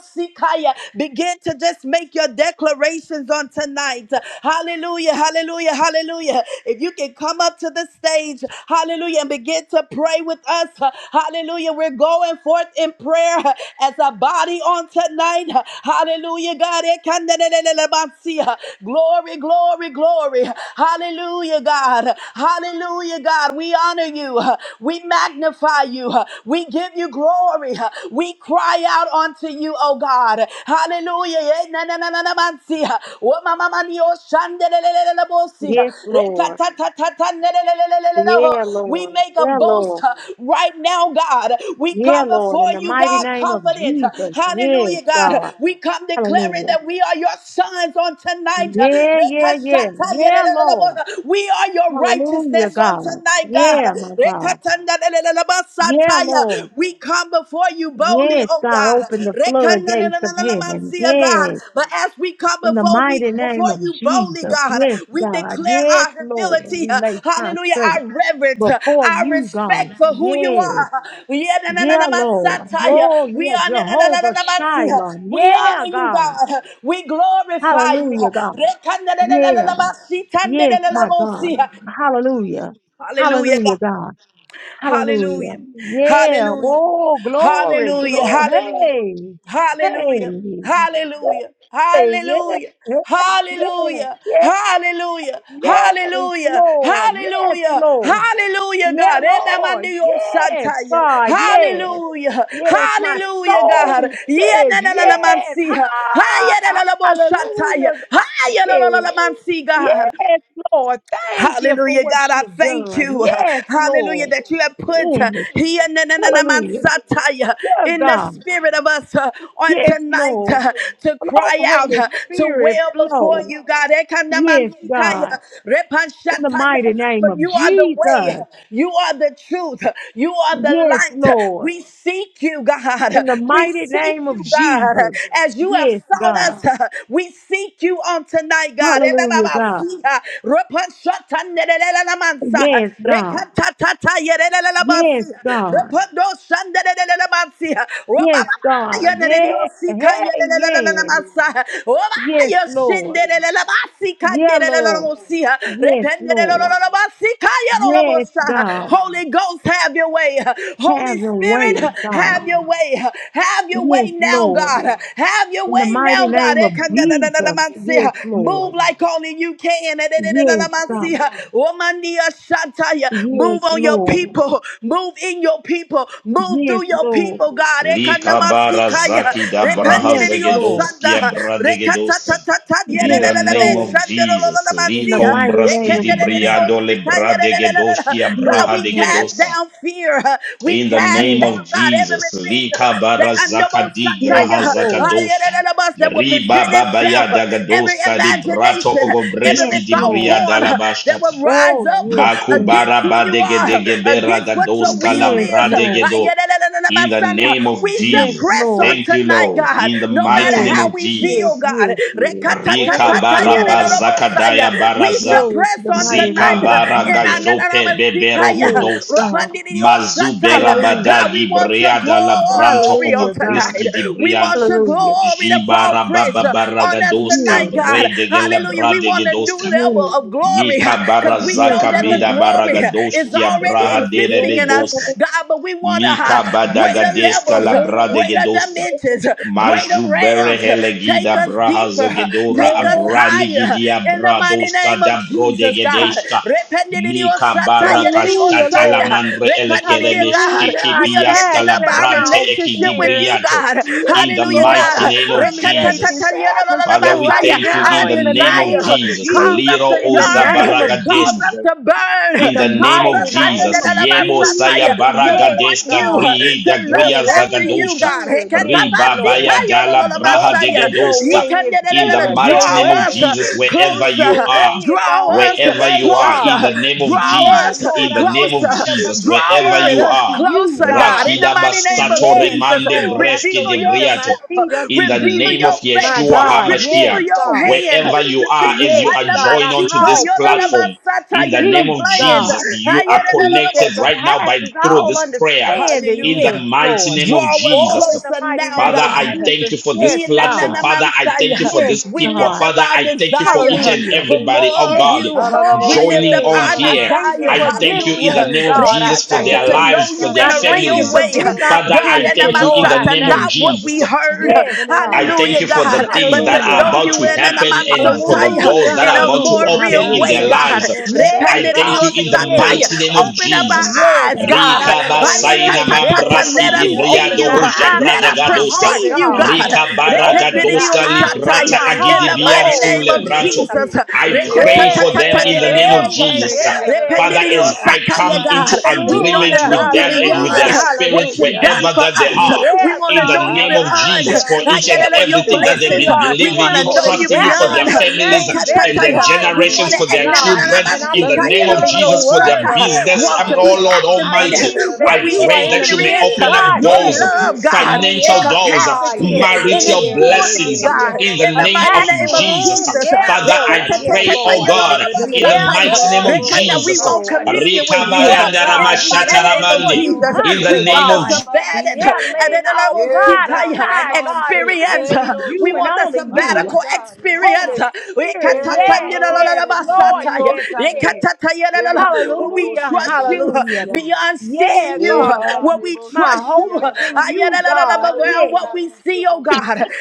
Speaker 1: Yukandiriyosika- Hezekiah. Begin to just make your declarations on tonight. Hallelujah, hallelujah, hallelujah. If you can come up to the stage, hallelujah, and begin to pray with us. Hallelujah. We're going forth in prayer as a body on tonight. Hallelujah, God. Glory, glory, glory. Hallelujah, God. Hallelujah, God. We honor you. We magnify you. We give you glory. We we cry out unto you, oh God. Hallelujah. Eh, na, na, na, na, na, man, Wo, ma, ma, ma, ni, oh, shan, le, le, le, le, le, bo,
Speaker 3: Yes,
Speaker 1: Re, ka,
Speaker 3: Lord.
Speaker 1: ta, ta, ta, ta, ne, le, le, le, le, le, le, le, ho.
Speaker 3: Yeah,
Speaker 1: We
Speaker 3: Lord.
Speaker 1: make a
Speaker 3: Yeah,
Speaker 1: boast
Speaker 3: Lord.
Speaker 1: uh, right now, God. We
Speaker 3: Yeah,
Speaker 1: come
Speaker 3: Lord. In
Speaker 1: before
Speaker 3: the
Speaker 1: you,
Speaker 3: mighty
Speaker 1: God,
Speaker 3: name of
Speaker 1: confident.
Speaker 3: Jesus. Yes,
Speaker 1: Hallelujah, God.
Speaker 3: God.
Speaker 1: We come declaring
Speaker 3: Hallelujah.
Speaker 1: that we are your sons on tonight.
Speaker 3: Yeah,
Speaker 1: Re, ka,
Speaker 3: yeah,
Speaker 1: sha,
Speaker 3: yeah.
Speaker 1: ta, ye, le,
Speaker 3: Yeah,
Speaker 1: le, le, le,
Speaker 3: Lord.
Speaker 1: bo. We are your
Speaker 3: Hallelujah,
Speaker 1: righteousness on
Speaker 3: God.
Speaker 1: tonight,
Speaker 3: Yeah, my God.
Speaker 1: God.
Speaker 3: Yeah, Lord.
Speaker 1: We come before you boldly,
Speaker 3: Yes,
Speaker 1: oh
Speaker 3: God.
Speaker 1: God.
Speaker 3: Open the floodgates of heaven.
Speaker 1: Rekanananananalamansia, God.
Speaker 3: Yes.
Speaker 1: But as we come
Speaker 3: In the
Speaker 1: before we
Speaker 3: mighty
Speaker 1: before
Speaker 3: name of
Speaker 1: you boldly,
Speaker 3: Jesus.
Speaker 1: God,
Speaker 3: Yes,
Speaker 1: we
Speaker 3: God.
Speaker 1: declare
Speaker 3: Yes,
Speaker 1: our
Speaker 3: Lord.
Speaker 1: humility,
Speaker 3: We
Speaker 1: uh,
Speaker 3: lay
Speaker 1: hallelujah,
Speaker 3: prostrate
Speaker 1: our reverence, uh,
Speaker 3: before
Speaker 1: our
Speaker 3: you, God.
Speaker 1: respect for who you
Speaker 3: Yes.
Speaker 1: are.
Speaker 3: Yeah, Lord.
Speaker 1: Yenanananamansataya.
Speaker 3: Oh,
Speaker 1: We
Speaker 3: yeah,
Speaker 1: honor
Speaker 3: Jehovah
Speaker 1: nanananamansia.
Speaker 3: Shiloh.
Speaker 1: we
Speaker 3: Yeah,
Speaker 1: honor you,
Speaker 3: God.
Speaker 1: God. We glorify
Speaker 3: Hallelujah,
Speaker 1: you.
Speaker 3: God. Yeah. Yes, my God.
Speaker 1: Rekananananalamansitanananalamansia.
Speaker 3: Hallelujah.
Speaker 1: Hallelujah,
Speaker 3: Hallelujah,
Speaker 1: God.
Speaker 3: God. Hallelujah.
Speaker 1: Hallelujah.
Speaker 3: Yeah.
Speaker 1: Hallelujah.
Speaker 3: Oh, glory,
Speaker 1: Hallelujah. Hallelujah.
Speaker 3: glory. Hey, hey,
Speaker 1: Hallelujah. Hallelujah.
Speaker 3: hey, yeah,
Speaker 1: Hallelujah.
Speaker 3: yeah, yeah,
Speaker 1: Hallelujah. Hallelujah.
Speaker 3: yeah, yes,
Speaker 1: Hallelujah.
Speaker 3: Lord. Yes,
Speaker 1: Hallelujah.
Speaker 3: Lord.
Speaker 1: Hallelujah,
Speaker 3: Yeah,
Speaker 1: God.
Speaker 3: Lord. Yes,
Speaker 1: Edamandiosataya.
Speaker 3: God. Yes.
Speaker 1: Hallelujah.
Speaker 3: Yes, my
Speaker 1: Hallelujah, God.
Speaker 3: soul says yes.
Speaker 1: Yenanananamansiha.
Speaker 3: Ha!
Speaker 1: Hayalalabosataya.
Speaker 3: Hallelujah, God. Yes.
Speaker 1: Hayalalalamansi, God.
Speaker 3: Yes, Lord. Thank you for
Speaker 1: Hallelujah,
Speaker 3: what
Speaker 1: God, I
Speaker 3: you've
Speaker 1: thank
Speaker 3: done.
Speaker 1: you.
Speaker 3: Yes,
Speaker 1: Hallelujah,
Speaker 3: Lord.
Speaker 1: that you have put uh,
Speaker 3: Yes.
Speaker 1: he and the- the- the- the man
Speaker 3: Hallelujah.
Speaker 1: satire
Speaker 3: Yeah,
Speaker 1: in the
Speaker 3: God.
Speaker 1: spirit of us uh, on
Speaker 3: Yes,
Speaker 1: tonight
Speaker 3: Lord.
Speaker 1: uh, to
Speaker 3: Flow,
Speaker 1: cry out,
Speaker 3: Holy
Speaker 1: uh, to
Speaker 3: Spirit,
Speaker 1: wail before
Speaker 3: flow.
Speaker 1: you, God. Ekana
Speaker 3: Yes,
Speaker 1: man
Speaker 3: God.
Speaker 1: sikaya, repan
Speaker 3: In the
Speaker 1: shatana.
Speaker 3: mighty
Speaker 1: For
Speaker 3: name of
Speaker 1: you are the way,
Speaker 3: Jesus.
Speaker 1: you are the truth, you are the
Speaker 3: Yes,
Speaker 1: light.
Speaker 3: Lord.
Speaker 1: We seek you, God.
Speaker 3: in the
Speaker 1: We
Speaker 3: mighty
Speaker 1: seek
Speaker 3: name of
Speaker 1: you, God,
Speaker 3: Jesus.
Speaker 1: as you have
Speaker 3: Yes,
Speaker 1: sought
Speaker 3: God.
Speaker 1: us. We seek you on tonight, God.
Speaker 3: Hallelujah, God.
Speaker 1: Ebababasiha, repanshatandelelelamansa,
Speaker 3: Yes, God. Yes,
Speaker 1: rekatatatayelelelelabasiha,
Speaker 3: God.
Speaker 1: repandoshandelelelelabasiha,
Speaker 3: Yes, God. Yeah. Hey, yes.
Speaker 1: robababayanerediosikayedelelelelabasa,
Speaker 3: Yes, Lord. Yeah, Lord.
Speaker 1: obayashindelelelabasikandelelelelabasiha,
Speaker 3: Yes, Lord. Yes,
Speaker 1: rependelelelelabasikayelobosa.
Speaker 3: God.
Speaker 1: Holy Ghost, have your way.
Speaker 3: Have
Speaker 1: Holy
Speaker 3: your
Speaker 1: Spirit,
Speaker 3: way, God.
Speaker 1: have your way. Have your way
Speaker 3: Yes,
Speaker 1: now,
Speaker 3: Lord.
Speaker 1: God. Have your
Speaker 3: In the
Speaker 1: way
Speaker 3: mighty
Speaker 1: now, God.
Speaker 3: name of Jesus. Yes,
Speaker 1: Move
Speaker 3: Lord.
Speaker 1: like only you can.
Speaker 3: Yes, God. Yes,
Speaker 1: Move on your
Speaker 3: Lord.
Speaker 1: people. Move in your people. Move
Speaker 3: Yes,
Speaker 1: through your
Speaker 3: Lord.
Speaker 1: people, God.
Speaker 4: Likabarazaki da braha
Speaker 3: Yes, Lord.
Speaker 4: zegedoskia bradegedosa. In
Speaker 3: Yes,
Speaker 4: the name
Speaker 3: Lord.
Speaker 4: of Jesus,
Speaker 3: In the mighty name
Speaker 4: likombraski
Speaker 3: of
Speaker 4: di briado
Speaker 3: Jesus.
Speaker 4: le bradegedoshkia
Speaker 1: God,
Speaker 3: Yes,
Speaker 4: braha
Speaker 1: we
Speaker 3: Lord.
Speaker 1: cast down
Speaker 4: degedosa.
Speaker 1: down fear. We
Speaker 4: In the
Speaker 1: cast
Speaker 4: name
Speaker 3: Yes,
Speaker 1: down,
Speaker 4: of
Speaker 1: God,
Speaker 4: Jesus,
Speaker 1: everything that I know
Speaker 4: likabarazaka
Speaker 1: about
Speaker 4: di
Speaker 3: yes,
Speaker 4: graha
Speaker 1: Sataya,
Speaker 3: Lord.
Speaker 4: zakadosha.
Speaker 1: uh, that will
Speaker 4: Riba
Speaker 1: present itself,
Speaker 4: babaya
Speaker 1: every
Speaker 4: dagadoska di brato
Speaker 1: imagination,
Speaker 3: Yes,
Speaker 1: every
Speaker 4: ogobreski di
Speaker 1: thought
Speaker 3: Lord.
Speaker 1: form
Speaker 4: briada
Speaker 1: that will rise
Speaker 3: Oh,
Speaker 1: up
Speaker 3: yes, Lord.
Speaker 1: against who you are, against what your will
Speaker 3: Yes,
Speaker 1: is. Uh,
Speaker 3: Lord.
Speaker 4: Makubarabadegedegeberagadoskalabradegedoo. In the name of
Speaker 1: We shall
Speaker 3: Yes,
Speaker 4: Jesus.
Speaker 1: press
Speaker 3: Lord.
Speaker 1: on
Speaker 4: Thank you,
Speaker 1: tonight,
Speaker 4: Lord.
Speaker 1: God,
Speaker 4: In the
Speaker 1: no
Speaker 4: mighty
Speaker 1: matter
Speaker 3: Yes,
Speaker 4: name
Speaker 1: how
Speaker 4: of
Speaker 1: we
Speaker 3: yes,
Speaker 1: feel,
Speaker 4: Jesus.
Speaker 3: yes,
Speaker 1: God.
Speaker 3: yes.
Speaker 4: Rika
Speaker 3: Oh, glory.
Speaker 4: barabazakadaya
Speaker 1: We shall
Speaker 4: baraza.
Speaker 3: Glory
Speaker 1: press
Speaker 3: to
Speaker 1: rest
Speaker 3: the
Speaker 1: on
Speaker 3: mighty
Speaker 4: Zika
Speaker 1: tonight.
Speaker 3: name of Jesus.
Speaker 4: baragajope
Speaker 1: Inananaramasikaya,
Speaker 3: Yes,
Speaker 4: beberokodoska.
Speaker 3: God.
Speaker 1: Rapandidiosataya.
Speaker 3: Hallelujah.
Speaker 1: God, we
Speaker 4: Mazuberabadagi
Speaker 1: want your
Speaker 4: breada labranto
Speaker 1: glory on
Speaker 3: Hallelujah, God.
Speaker 1: tonight.
Speaker 4: okabriski di
Speaker 1: We
Speaker 4: brianto.
Speaker 1: want your
Speaker 3: Hallelujah.
Speaker 1: glory to fall fresh on us
Speaker 4: Jibarababaragadoska
Speaker 1: tonight,
Speaker 3: Yes,
Speaker 1: God.
Speaker 4: bredegela
Speaker 1: Hallelujah. We want a new
Speaker 4: bradegedoska.
Speaker 1: level
Speaker 3: yes,
Speaker 1: of glory
Speaker 4: Mika
Speaker 1: because we
Speaker 3: yes,
Speaker 4: barazaka
Speaker 1: know that the
Speaker 4: bida
Speaker 3: Lord.
Speaker 1: glory is
Speaker 4: baragadoshki
Speaker 1: already
Speaker 4: abraha
Speaker 3: Oh,
Speaker 4: dere
Speaker 1: existing in us,
Speaker 4: bedosa.
Speaker 3: glory.
Speaker 1: God, but we want to uh,
Speaker 4: Mika
Speaker 1: greater
Speaker 4: badagadeska
Speaker 1: levels,
Speaker 3: Glory.
Speaker 1: greater
Speaker 4: labradegedoska.
Speaker 1: dimensions, greater
Speaker 4: Majubere
Speaker 1: realms.
Speaker 4: helegida
Speaker 1: Take us deeper deeper.
Speaker 4: brahazogedora
Speaker 1: Take us
Speaker 3: Yes.
Speaker 1: higher
Speaker 4: abraligidia
Speaker 1: in the mighty
Speaker 4: bradoska
Speaker 1: name of Jesus, God.
Speaker 4: dabrodegedeska. Mika
Speaker 3: Hallelujah,
Speaker 4: barakashata
Speaker 1: Repentidiosatayeredioshanda.
Speaker 3: Lord.
Speaker 4: lamandre elekedeme
Speaker 1: Repentididio, God.
Speaker 3: Hallelujah. I
Speaker 1: We are
Speaker 4: shikipiaska
Speaker 1: lifting
Speaker 3: cast
Speaker 1: up our
Speaker 3: down
Speaker 4: labrante
Speaker 3: all
Speaker 1: relationship with
Speaker 3: fear.
Speaker 1: you,
Speaker 4: ekidibriato.
Speaker 1: God.
Speaker 3: Yes,
Speaker 4: In the
Speaker 1: Hallelujah,
Speaker 3: Lord.
Speaker 4: mighty
Speaker 3: I
Speaker 1: God.
Speaker 4: name of
Speaker 3: permeate this
Speaker 4: Jesus. Father,
Speaker 3: atmosphere
Speaker 4: we
Speaker 3: right
Speaker 1: Rekatatatayerolololabasaya.
Speaker 4: thank you
Speaker 1: Our
Speaker 3: now
Speaker 4: in the
Speaker 3: in the
Speaker 4: name of
Speaker 3: name
Speaker 1: desire
Speaker 3: of
Speaker 4: Jesus.
Speaker 1: calls us
Speaker 3: Jesus.
Speaker 4: Liro
Speaker 1: to
Speaker 3: In the
Speaker 1: yearn,
Speaker 3: name of
Speaker 1: calls
Speaker 4: ozabaragadeska.
Speaker 1: us
Speaker 3: Jesus.
Speaker 1: to burn,
Speaker 3: In
Speaker 4: In
Speaker 3: the
Speaker 4: the name
Speaker 1: calls
Speaker 4: of
Speaker 3: mighty
Speaker 1: us
Speaker 3: name
Speaker 1: hallelujah,
Speaker 4: Jesus,
Speaker 3: of
Speaker 4: Yebo Saya
Speaker 3: Jesus,
Speaker 1: to
Speaker 3: yes,
Speaker 1: want
Speaker 4: Baragadeska
Speaker 1: you,
Speaker 3: God.
Speaker 4: Bri
Speaker 1: to lust
Speaker 3: Your
Speaker 4: Dagria
Speaker 3: way
Speaker 1: after
Speaker 3: is
Speaker 1: you you,
Speaker 4: Zagadosha
Speaker 1: God.
Speaker 3: good. Yes,
Speaker 4: Riba
Speaker 3: Lord.
Speaker 4: Baya Dala Braha
Speaker 1: Hekatapasikayololomasaya.
Speaker 3: Yeah, your
Speaker 4: Degedoska.
Speaker 3: way is
Speaker 4: In the
Speaker 1: Ikandelelele.
Speaker 3: good. Your
Speaker 4: mighty name
Speaker 1: Draw
Speaker 4: of
Speaker 1: us
Speaker 3: way
Speaker 1: uh,
Speaker 4: Jesus,
Speaker 3: is
Speaker 4: wherever
Speaker 3: good.
Speaker 4: you
Speaker 1: closer.
Speaker 3: Your
Speaker 4: are,
Speaker 3: way is
Speaker 1: Draw
Speaker 3: the
Speaker 1: us
Speaker 3: only
Speaker 4: wherever
Speaker 3: way,
Speaker 4: you are, in
Speaker 3: God.
Speaker 1: closer.
Speaker 4: the name of
Speaker 1: Draw
Speaker 3: Yeah,
Speaker 1: us
Speaker 4: Jesus,
Speaker 3: Lord,
Speaker 4: in
Speaker 3: I
Speaker 4: the name of
Speaker 1: closer.
Speaker 3: surrender my
Speaker 4: Jesus,
Speaker 1: Draw
Speaker 4: wherever
Speaker 3: spirit
Speaker 1: us
Speaker 4: you
Speaker 3: unto
Speaker 4: are,
Speaker 3: you,
Speaker 1: closer, God.
Speaker 3: God.
Speaker 1: In the
Speaker 4: Rakida
Speaker 1: mighty name
Speaker 4: Basato
Speaker 1: of
Speaker 3: Yes,
Speaker 1: Jesus,
Speaker 4: Remande
Speaker 3: Lord, I
Speaker 4: Breske
Speaker 1: reveal
Speaker 4: de
Speaker 3: surrender my
Speaker 4: Briato
Speaker 1: yourself.
Speaker 3: feet unto
Speaker 4: in the
Speaker 1: Reveal
Speaker 3: you,
Speaker 4: name of
Speaker 1: your
Speaker 3: my
Speaker 1: face.
Speaker 4: Yeshua
Speaker 3: God. Yes,
Speaker 1: Reveal
Speaker 4: HaMashiach.
Speaker 1: your
Speaker 3: God.
Speaker 1: hand.
Speaker 4: Wherever you are,
Speaker 1: Reveal
Speaker 4: as you
Speaker 3: Yes,
Speaker 4: are
Speaker 3: God.
Speaker 4: joined
Speaker 3: I
Speaker 4: onto this
Speaker 3: call peace
Speaker 4: platform, in
Speaker 1: Anamasikoyololomasataya,
Speaker 4: the
Speaker 1: your
Speaker 4: name
Speaker 3: peace,
Speaker 4: of
Speaker 3: God,
Speaker 4: Jesus, you
Speaker 3: a
Speaker 4: are
Speaker 3: peace that
Speaker 4: connected
Speaker 1: plans.
Speaker 4: right now by
Speaker 3: surpasses
Speaker 4: through
Speaker 3: all
Speaker 4: this prayer.
Speaker 3: understanding.
Speaker 4: In the
Speaker 3: Yes,
Speaker 1: Hallelujah.
Speaker 4: mighty
Speaker 3: Lord.
Speaker 4: name of
Speaker 1: Draw us
Speaker 3: Oh, in
Speaker 4: Jesus.
Speaker 3: the
Speaker 1: closer
Speaker 3: mighty
Speaker 1: now,
Speaker 4: Father,
Speaker 3: name of
Speaker 4: I
Speaker 1: God.
Speaker 4: thank
Speaker 3: Jesus.
Speaker 4: you for
Speaker 3: Yes,
Speaker 1: Yee
Speaker 4: this
Speaker 1: na na
Speaker 4: platform.
Speaker 3: God.
Speaker 1: na
Speaker 4: Father, I thank you
Speaker 1: mansaya.
Speaker 4: for
Speaker 3: Yes,
Speaker 4: this
Speaker 1: We
Speaker 4: people.
Speaker 1: lift
Speaker 3: God.
Speaker 1: up
Speaker 4: Father,
Speaker 1: our
Speaker 4: I thank you for each
Speaker 1: desire
Speaker 4: and
Speaker 3: Hallelujah.
Speaker 1: for
Speaker 4: everybody,
Speaker 1: more
Speaker 4: oh
Speaker 1: of
Speaker 3: Yes,
Speaker 4: God,
Speaker 1: you. We
Speaker 3: Lord.
Speaker 5: Halalabose,
Speaker 1: lift
Speaker 4: joining
Speaker 1: up
Speaker 3: Yes.
Speaker 4: on
Speaker 1: our
Speaker 3: I
Speaker 4: here.
Speaker 3: thank
Speaker 5: Kihalalamasia,
Speaker 3: you
Speaker 1: desire,
Speaker 4: I
Speaker 3: for
Speaker 4: thank
Speaker 3: this
Speaker 4: you in
Speaker 5: Tolobose.
Speaker 1: hallelujah,
Speaker 4: the
Speaker 3: room,
Speaker 4: name of
Speaker 3: God. I
Speaker 4: Jesus for
Speaker 3: thank
Speaker 1: Rekatata,
Speaker 5: Oh,
Speaker 4: their
Speaker 3: you.
Speaker 1: to
Speaker 5: Bobo
Speaker 4: lives,
Speaker 1: know
Speaker 4: for
Speaker 1: you in
Speaker 4: their
Speaker 3: I
Speaker 1: a
Speaker 5: Shatia,
Speaker 3: thank you
Speaker 1: real
Speaker 4: families.
Speaker 3: for
Speaker 5: Mama
Speaker 1: way.
Speaker 3: this
Speaker 5: Mayo
Speaker 4: Father,
Speaker 1: God,
Speaker 5: Sandele
Speaker 4: I
Speaker 3: opportunity,
Speaker 5: de
Speaker 1: and
Speaker 4: thank
Speaker 5: Baba
Speaker 4: you in
Speaker 3: Lord.
Speaker 4: the
Speaker 5: Bao
Speaker 3: I
Speaker 1: Namasata,
Speaker 4: name of
Speaker 3: thank
Speaker 5: Sende.
Speaker 1: not
Speaker 3: you.
Speaker 1: what we
Speaker 4: Jesus.
Speaker 5: He
Speaker 1: heard,
Speaker 3: Yes,
Speaker 5: Telebo
Speaker 4: I
Speaker 3: God.
Speaker 4: thank
Speaker 1: hallelujah,
Speaker 4: you for the
Speaker 1: God,
Speaker 4: things
Speaker 5: Shandidio
Speaker 1: but
Speaker 4: that
Speaker 1: to
Speaker 3: Hallelujah.
Speaker 4: are
Speaker 1: know
Speaker 5: Shanda
Speaker 4: about
Speaker 1: you
Speaker 4: to
Speaker 1: in
Speaker 5: Rababa
Speaker 4: happen
Speaker 5: Sitio
Speaker 4: and for
Speaker 5: Lorobo
Speaker 4: the
Speaker 1: Namansataya
Speaker 3: Hallelujah.
Speaker 4: doors that
Speaker 1: in
Speaker 4: are
Speaker 1: a
Speaker 5: Shandelo.
Speaker 4: about to
Speaker 3: Hallelujah.
Speaker 1: more
Speaker 4: open
Speaker 1: real
Speaker 3: Hallelujah.
Speaker 4: in their
Speaker 1: way,
Speaker 5: Marikoso
Speaker 1: God.
Speaker 4: lives.
Speaker 3: Yeah,
Speaker 4: I
Speaker 5: Toribeke
Speaker 4: thank
Speaker 3: God,
Speaker 4: you in the
Speaker 1: Repanderiosatai.
Speaker 4: mighty
Speaker 3: yes.
Speaker 5: Shetioloboko
Speaker 4: name of
Speaker 3: um,
Speaker 1: Open up
Speaker 5: Satiana
Speaker 1: our
Speaker 4: Jesus.
Speaker 3: Yes,
Speaker 1: eyes,
Speaker 5: Namasia
Speaker 3: God,
Speaker 1: God.
Speaker 3: I
Speaker 4: Rika
Speaker 3: am a
Speaker 4: basaina
Speaker 3: willing vessel
Speaker 5: Randeleboko
Speaker 3: for
Speaker 1: Let
Speaker 4: mambraski
Speaker 1: us
Speaker 4: di
Speaker 3: you.
Speaker 5: Sariana
Speaker 1: see
Speaker 3: Open
Speaker 4: briado
Speaker 3: the
Speaker 1: you.
Speaker 3: eyes
Speaker 1: Let
Speaker 4: brada
Speaker 3: of
Speaker 1: us
Speaker 5: Manchikedebo
Speaker 3: my
Speaker 4: gadosa.
Speaker 3: heart,
Speaker 1: perceive you,
Speaker 5: Rebeke
Speaker 3: God.
Speaker 1: God.
Speaker 4: Rika
Speaker 5: Siatarana
Speaker 3: Open the
Speaker 4: baragadoska
Speaker 3: eyes
Speaker 5: Mamakoshe
Speaker 3: of
Speaker 1: Repanderiosatai.
Speaker 4: librata
Speaker 3: my
Speaker 1: In
Speaker 3: heart.
Speaker 5: Teleboso
Speaker 1: the mighty
Speaker 5: Toria
Speaker 3: Oh,
Speaker 4: agidibiansu
Speaker 1: name of
Speaker 3: yes.
Speaker 4: lebranto.
Speaker 3: um,
Speaker 5: Manakiete
Speaker 1: Jesus.
Speaker 4: I pray
Speaker 3: Yeah,
Speaker 5: Ebeo
Speaker 4: for them
Speaker 3: yeah,
Speaker 4: in the
Speaker 5: Shatarana
Speaker 4: name of
Speaker 3: yeah,
Speaker 5: Mama
Speaker 3: yeah,
Speaker 1: Rekatatatataderiosan.
Speaker 4: Jesus.
Speaker 3: yeah, yeah,
Speaker 4: Father, as
Speaker 3: yeah.
Speaker 5: Adarabasa
Speaker 4: I
Speaker 1: Repanderiosakaya,
Speaker 4: come
Speaker 5: Araya
Speaker 4: into
Speaker 1: God. We want to
Speaker 4: agreement
Speaker 3: Hallelujah,
Speaker 1: know
Speaker 4: with
Speaker 5: Sileboko
Speaker 1: you
Speaker 4: them and with their
Speaker 3: hallelujah,
Speaker 1: beyond
Speaker 5: Mandelebeke
Speaker 1: what
Speaker 4: spirits
Speaker 1: you've
Speaker 3: hallelujah.
Speaker 1: done
Speaker 5: Shitiana
Speaker 4: wherever
Speaker 1: for
Speaker 4: that
Speaker 5: Baba
Speaker 4: they
Speaker 1: us.
Speaker 4: are,
Speaker 1: We
Speaker 3: Yeah,
Speaker 5: Bose
Speaker 1: want to
Speaker 4: in
Speaker 3: God,
Speaker 1: know
Speaker 4: the
Speaker 3: I'm
Speaker 1: you
Speaker 4: name of
Speaker 5: Arabao
Speaker 1: beyond
Speaker 3: reminded
Speaker 4: Jesus,
Speaker 3: that
Speaker 4: for
Speaker 3: you
Speaker 4: each and
Speaker 3: said where
Speaker 1: your
Speaker 3: two
Speaker 4: everything
Speaker 3: or
Speaker 4: that they've
Speaker 3: three
Speaker 1: blesses.
Speaker 4: been
Speaker 3: are
Speaker 1: We
Speaker 4: believing
Speaker 1: want to
Speaker 4: you,
Speaker 5: Chandelo
Speaker 3: assembled
Speaker 1: know
Speaker 3: and
Speaker 1: you
Speaker 4: trusting you for
Speaker 3: gathered
Speaker 5: Mighty
Speaker 4: their
Speaker 3: in
Speaker 1: beyond.
Speaker 3: your
Speaker 4: families
Speaker 3: name. There
Speaker 4: and
Speaker 3: you
Speaker 4: their
Speaker 3: are in the
Speaker 1: We want
Speaker 4: generations,
Speaker 1: to
Speaker 4: for
Speaker 3: midst,
Speaker 4: their
Speaker 3: God.
Speaker 4: children,
Speaker 3: And I
Speaker 4: in the name of
Speaker 3: believe in
Speaker 4: Jesus.
Speaker 3: your
Speaker 4: Jesus, for their
Speaker 3: word. Yeah,
Speaker 4: business.
Speaker 1: want
Speaker 4: And
Speaker 1: to
Speaker 4: oh
Speaker 1: be
Speaker 3: God.
Speaker 4: Lord
Speaker 3: I
Speaker 1: activated
Speaker 4: Almighty,
Speaker 3: believe that
Speaker 1: what
Speaker 4: I
Speaker 1: we
Speaker 3: you are
Speaker 4: pray
Speaker 3: in the
Speaker 4: that you may
Speaker 1: experience
Speaker 3: midst,
Speaker 4: open up
Speaker 3: God.
Speaker 1: your
Speaker 4: doors,
Speaker 3: Hey,
Speaker 1: love, God, in
Speaker 4: financial
Speaker 3: yeah,
Speaker 5: God,
Speaker 4: doors,
Speaker 5: Reba
Speaker 3: God.
Speaker 1: capacity,
Speaker 5: Kose,
Speaker 3: Yeah,
Speaker 1: in
Speaker 3: yeah,
Speaker 4: marital
Speaker 1: its
Speaker 5: Tere
Speaker 3: yeah, yeah,
Speaker 1: fullness,
Speaker 5: Araman,
Speaker 4: blessings
Speaker 3: yeah, yeah.
Speaker 1: God,
Speaker 5: Sikolo
Speaker 4: in
Speaker 1: in
Speaker 4: the
Speaker 1: the
Speaker 4: name
Speaker 1: mighty
Speaker 4: of
Speaker 3: Attack the
Speaker 1: name of
Speaker 5: Lobo,
Speaker 4: Jesus.
Speaker 3: room.
Speaker 1: Jesus.
Speaker 3: Yeah,
Speaker 4: Father, I
Speaker 3: Lord.
Speaker 5: Alanaman
Speaker 3: Yeah,
Speaker 4: pray, oh
Speaker 3: Lord.
Speaker 5: Sikuribo,
Speaker 4: God, in the
Speaker 3: Yeah,
Speaker 5: Rebebekesi,
Speaker 4: mighty name
Speaker 3: Lord.
Speaker 4: of
Speaker 3: Yes,
Speaker 5: Alaraboko,
Speaker 1: We
Speaker 4: Jesus.
Speaker 1: want
Speaker 5: Sati,
Speaker 3: Lord.
Speaker 1: communion with
Speaker 5: Alaraboko.
Speaker 1: you
Speaker 3: Yeah,
Speaker 1: in
Speaker 3: God,
Speaker 1: the
Speaker 3: we
Speaker 5: Mighty
Speaker 1: mighty
Speaker 3: lay
Speaker 5: God,
Speaker 1: name of
Speaker 3: before
Speaker 4: Rikabayandaramashataramande.
Speaker 3: you
Speaker 1: Jesus.
Speaker 5: Rimaro,
Speaker 4: In
Speaker 1: We
Speaker 4: the
Speaker 3: humbly,
Speaker 5: Sheki,
Speaker 1: want
Speaker 4: name
Speaker 1: the
Speaker 4: of
Speaker 3: God.
Speaker 5: Alaraban,
Speaker 1: sabbatical
Speaker 3: Yeah,
Speaker 1: and in
Speaker 5: Sikeabo.
Speaker 3: laying
Speaker 1: the
Speaker 3: all
Speaker 1: level
Speaker 3: pride
Speaker 5: Ega,
Speaker 1: sikaya
Speaker 3: aside,
Speaker 5: Raman,
Speaker 3: God, and
Speaker 5: Shek,
Speaker 3: saying
Speaker 1: experience.
Speaker 3: that it's
Speaker 1: We
Speaker 3: you and
Speaker 5: Hebiosha.
Speaker 1: want the
Speaker 3: only you.
Speaker 5: Mighty
Speaker 1: sabbatical
Speaker 5: God, Rebosa.
Speaker 1: experience.
Speaker 3: Holy Spirit,
Speaker 5: Hey,
Speaker 3: yeah,
Speaker 5: Malaro,
Speaker 3: yes,
Speaker 5: Seki,
Speaker 3: Lord,
Speaker 1: Ekatatanyalalalabasataya.
Speaker 5: Rio,
Speaker 3: yes, yes.
Speaker 5: Shande.
Speaker 1: Ekatatayalalala.
Speaker 5: Beki,
Speaker 1: Where
Speaker 5: Dorobo,
Speaker 1: we katataya la la la. Will we
Speaker 3: Hallelujah,
Speaker 5: Shande,
Speaker 1: trust you
Speaker 3: hallelujah.
Speaker 5: Rebasia.
Speaker 1: beyond
Speaker 3: Yeah,
Speaker 1: seeing you.
Speaker 5: Hey
Speaker 3: God,
Speaker 5: God,
Speaker 1: Where we
Speaker 5: Ebo
Speaker 3: my
Speaker 1: trust
Speaker 3: hope
Speaker 5: Shati
Speaker 1: you
Speaker 3: is in you,
Speaker 5: Alarabasata,
Speaker 3: God.
Speaker 1: ayalalalaba,
Speaker 5: Hareo
Speaker 1: beyond
Speaker 3: Yes,
Speaker 1: what we
Speaker 5: Shandi
Speaker 1: see, oh
Speaker 5: Diobo
Speaker 1: God.
Speaker 5: Sete,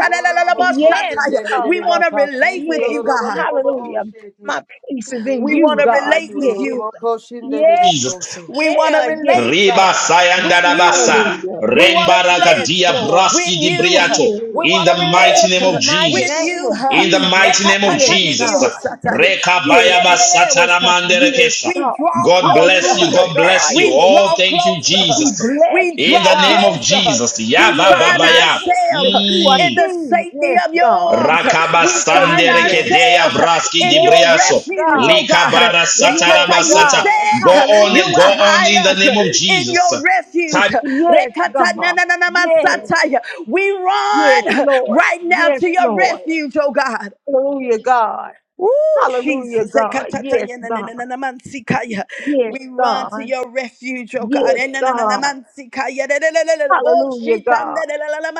Speaker 5: Gororobo
Speaker 3: yes,
Speaker 5: Kosende
Speaker 3: God,
Speaker 1: We want to
Speaker 5: Leribaka,
Speaker 1: relate
Speaker 5: Shite
Speaker 1: with
Speaker 3: yes,
Speaker 1: you, God.
Speaker 5: Olorobo
Speaker 3: hallelujah.
Speaker 5: Oshete,
Speaker 3: My peace is in
Speaker 1: We
Speaker 5: Nebo
Speaker 3: you,
Speaker 1: want to
Speaker 3: God.
Speaker 1: relate
Speaker 5: Kosete,
Speaker 1: with
Speaker 3: Yes,
Speaker 1: you.
Speaker 5: Olorobo Koshinde
Speaker 3: yeah,
Speaker 4: Jesus.
Speaker 5: Leriboso.
Speaker 1: We want to
Speaker 3: yeah, yes,
Speaker 1: relate
Speaker 3: God.
Speaker 4: Riba
Speaker 1: with you.
Speaker 4: sayandarabasa.
Speaker 3: Hallelujah.
Speaker 1: We want to
Speaker 3: Yes,
Speaker 1: relate
Speaker 4: Rembarakadia
Speaker 3: Lord.
Speaker 1: with
Speaker 4: braski di
Speaker 1: you.
Speaker 4: briato.
Speaker 3: Yes.
Speaker 1: We
Speaker 4: In
Speaker 1: want
Speaker 4: the
Speaker 1: to
Speaker 4: mighty
Speaker 3: Yes,
Speaker 4: name
Speaker 3: in
Speaker 4: of
Speaker 3: the
Speaker 1: relate
Speaker 3: mighty
Speaker 1: with
Speaker 4: Jesus.
Speaker 3: name
Speaker 1: you.
Speaker 3: of
Speaker 4: In the
Speaker 3: Jesus.
Speaker 4: mighty name of
Speaker 3: Yes,
Speaker 4: Jesus.
Speaker 3: God.
Speaker 1: Yekatatanidiyosataya.
Speaker 3: Yes,
Speaker 1: Yeyererererewosataya.
Speaker 3: yes,
Speaker 4: Rekabayabasataramanderekesha.
Speaker 1: We
Speaker 3: God.
Speaker 1: draw
Speaker 4: God bless you.
Speaker 3: Hallelujah,
Speaker 1: closer.
Speaker 4: God bless
Speaker 3: God.
Speaker 4: you.
Speaker 1: We
Speaker 3: Yes.
Speaker 4: Oh,
Speaker 1: draw
Speaker 4: thank you,
Speaker 3: We
Speaker 1: closer.
Speaker 4: Jesus.
Speaker 3: bless
Speaker 1: We
Speaker 3: you,
Speaker 4: In the
Speaker 1: draw
Speaker 4: name
Speaker 3: God.
Speaker 4: of
Speaker 1: closer.
Speaker 4: Jesus.
Speaker 1: We
Speaker 3: Yeah,
Speaker 1: find
Speaker 3: we
Speaker 4: Yabababaya.
Speaker 3: declare that
Speaker 1: ourselves
Speaker 3: you are
Speaker 1: in the
Speaker 3: king.
Speaker 1: safety
Speaker 3: Yes,
Speaker 1: of your
Speaker 3: God.
Speaker 1: arms. We find
Speaker 3: Hallelujah.
Speaker 4: Rakabasanderekedeya
Speaker 1: ourselves
Speaker 4: braski di
Speaker 1: in your
Speaker 3: Yes,
Speaker 4: dibriaso.
Speaker 1: refuge,
Speaker 3: God.
Speaker 1: oh God.
Speaker 4: Likabara
Speaker 3: Yes,
Speaker 1: Rekata, you
Speaker 4: satarabasata.
Speaker 3: God.
Speaker 4: Go
Speaker 1: said
Speaker 4: on
Speaker 1: you will
Speaker 4: and go
Speaker 3: Hallelujah.
Speaker 4: on in
Speaker 1: hide
Speaker 4: the
Speaker 1: us
Speaker 4: name of
Speaker 1: in
Speaker 4: Jesus.
Speaker 1: your refuge.
Speaker 4: Time
Speaker 3: Yes,
Speaker 1: Rekata, na,
Speaker 3: God.
Speaker 1: na, na, na,
Speaker 3: Yes,
Speaker 1: masata. We
Speaker 3: yes,
Speaker 1: run
Speaker 3: Lord.
Speaker 1: right now
Speaker 3: Yes,
Speaker 1: to your
Speaker 3: Lord.
Speaker 1: refuge, oh God.
Speaker 3: Hallelujah, God.
Speaker 1: Woo,
Speaker 3: Hallelujah,
Speaker 1: Jesus.
Speaker 3: God. Yes, God.
Speaker 1: Ekatatatayanamansikaya.
Speaker 3: Yes,
Speaker 1: We run to
Speaker 3: God.
Speaker 1: your refuge, oh God.
Speaker 3: Yes, God.
Speaker 1: Enananamansikaya. Lelelelelebo,
Speaker 3: Hallelujah, God.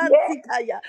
Speaker 3: Yes,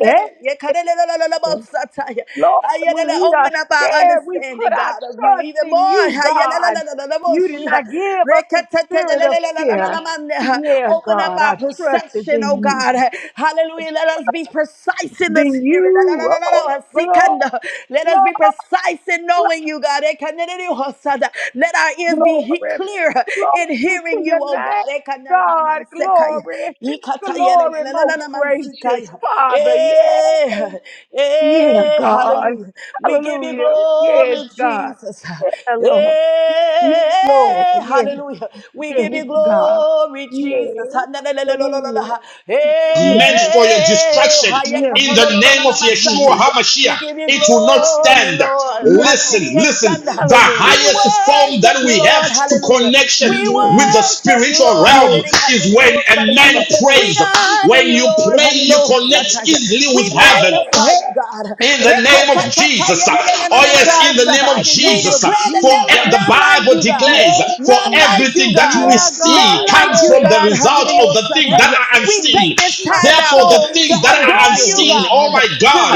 Speaker 3: yes.
Speaker 1: Yekarelelelelelebo
Speaker 3: yes.
Speaker 1: sataya.
Speaker 3: Lord, when
Speaker 1: Ayelele,
Speaker 3: we are
Speaker 1: Open up our
Speaker 3: scared, we
Speaker 1: understanding,
Speaker 3: put our
Speaker 1: God, of you
Speaker 3: trust
Speaker 1: even
Speaker 3: in
Speaker 1: more.
Speaker 3: you, God.
Speaker 1: Ayelelelelelebo
Speaker 3: You did
Speaker 1: shiha.
Speaker 3: not give us the spirit of fear.
Speaker 1: Rekatatatatelelelelelelamandeha.
Speaker 3: Yeah,
Speaker 1: Open up
Speaker 3: God,
Speaker 1: our
Speaker 3: our trust is
Speaker 1: perception, oh
Speaker 3: in you.
Speaker 1: God. Hallelujah. Let us be precise in the
Speaker 3: Then
Speaker 1: spirit. La, la,
Speaker 3: you,
Speaker 1: la, la,
Speaker 3: oh,
Speaker 1: la, la,
Speaker 3: glory,
Speaker 1: sikanda. Let us
Speaker 3: glory,
Speaker 1: be precise in knowing you, God. Ekanenene hosada. Let our ears be he-
Speaker 3: glory,
Speaker 1: clear in
Speaker 3: glory
Speaker 1: hearing
Speaker 3: to
Speaker 1: you,
Speaker 3: your
Speaker 1: oh
Speaker 3: name.
Speaker 1: God. Ekanenene
Speaker 3: God,
Speaker 1: mansekaya.
Speaker 3: glory,
Speaker 1: Ikatayele,
Speaker 3: glory,
Speaker 1: la, la, la,
Speaker 3: most
Speaker 1: la,
Speaker 3: gracious
Speaker 1: mansikaya.
Speaker 3: Father. Yeah,
Speaker 1: Eh,
Speaker 3: Yeah,
Speaker 1: eh,
Speaker 3: God.
Speaker 1: hallelujah. We give you
Speaker 3: Hallelujah. Yes,
Speaker 1: glory,
Speaker 3: God.
Speaker 1: Jesus.
Speaker 3: Yeah, Lord. Yes, Lord.
Speaker 1: Eh,
Speaker 3: Yes,
Speaker 1: hallelujah. We give you
Speaker 3: yes,
Speaker 1: glory
Speaker 3: God.
Speaker 1: glory, Jesus. Ha,
Speaker 3: Yes. Hallelujah.
Speaker 4: is
Speaker 3: Yes,
Speaker 4: meant for your
Speaker 1: Hey,
Speaker 4: destruction
Speaker 3: yes,
Speaker 4: in the name of Yeshua
Speaker 3: yes.
Speaker 1: we
Speaker 4: HaMashiach.
Speaker 1: give you
Speaker 4: It will not
Speaker 1: glory,
Speaker 4: stand.
Speaker 1: Lord.
Speaker 3: Yeah, Lord.
Speaker 4: Listen,
Speaker 1: Hallelujah.
Speaker 4: listen. The
Speaker 1: We
Speaker 3: Hallelujah.
Speaker 4: highest form
Speaker 1: worship
Speaker 4: that
Speaker 1: you,
Speaker 4: we have
Speaker 1: Lord.
Speaker 4: to
Speaker 1: Hallelujah.
Speaker 4: connection
Speaker 1: We
Speaker 4: with
Speaker 3: Yes,
Speaker 4: the
Speaker 1: worship you,
Speaker 4: spiritual
Speaker 1: Lord.
Speaker 3: yes.
Speaker 4: realm
Speaker 1: Hallelujah.
Speaker 4: is when
Speaker 1: Oh,
Speaker 4: a man
Speaker 3: Glory,
Speaker 1: We
Speaker 4: prays.
Speaker 1: honor
Speaker 4: When
Speaker 1: you,
Speaker 4: you
Speaker 1: Lord.
Speaker 4: pray, you
Speaker 1: Hallelujah.
Speaker 3: glory.
Speaker 4: connect easily
Speaker 1: We
Speaker 4: with heaven.
Speaker 3: Yeah.
Speaker 1: magnify you, God.
Speaker 4: In
Speaker 1: Re,
Speaker 4: the
Speaker 1: ka,
Speaker 4: name
Speaker 1: ta,
Speaker 4: of
Speaker 1: ta,
Speaker 4: Jesus.
Speaker 3: Yes,
Speaker 4: Oh, yes,
Speaker 3: God,
Speaker 4: in
Speaker 3: in
Speaker 4: the
Speaker 3: the
Speaker 4: name of
Speaker 3: mighty
Speaker 1: We
Speaker 3: name
Speaker 4: Jesus.
Speaker 3: of
Speaker 1: declare declare that
Speaker 4: For
Speaker 1: there
Speaker 3: Jesus.
Speaker 1: is
Speaker 4: e- the
Speaker 1: none like
Speaker 4: Bible
Speaker 1: you, God.
Speaker 4: declares,
Speaker 3: Yeah,
Speaker 4: for
Speaker 1: None
Speaker 3: uh,
Speaker 1: like you,
Speaker 4: everything that
Speaker 1: God.
Speaker 4: we
Speaker 3: yeah, God,
Speaker 4: see
Speaker 1: None like
Speaker 4: comes
Speaker 1: you,
Speaker 4: from the
Speaker 3: yeah,
Speaker 1: God.
Speaker 4: result
Speaker 3: yeah.
Speaker 4: of
Speaker 1: Hallelujah.
Speaker 4: the things that are
Speaker 1: We
Speaker 3: Hey,
Speaker 1: take
Speaker 4: unseen.
Speaker 1: this
Speaker 3: my
Speaker 1: time
Speaker 4: Therefore,
Speaker 1: out
Speaker 4: the
Speaker 3: soul
Speaker 1: to
Speaker 4: things that
Speaker 3: says
Speaker 4: are
Speaker 1: adore you,
Speaker 4: unseen,
Speaker 3: yes.
Speaker 4: oh
Speaker 1: God.
Speaker 4: my
Speaker 1: To
Speaker 4: God,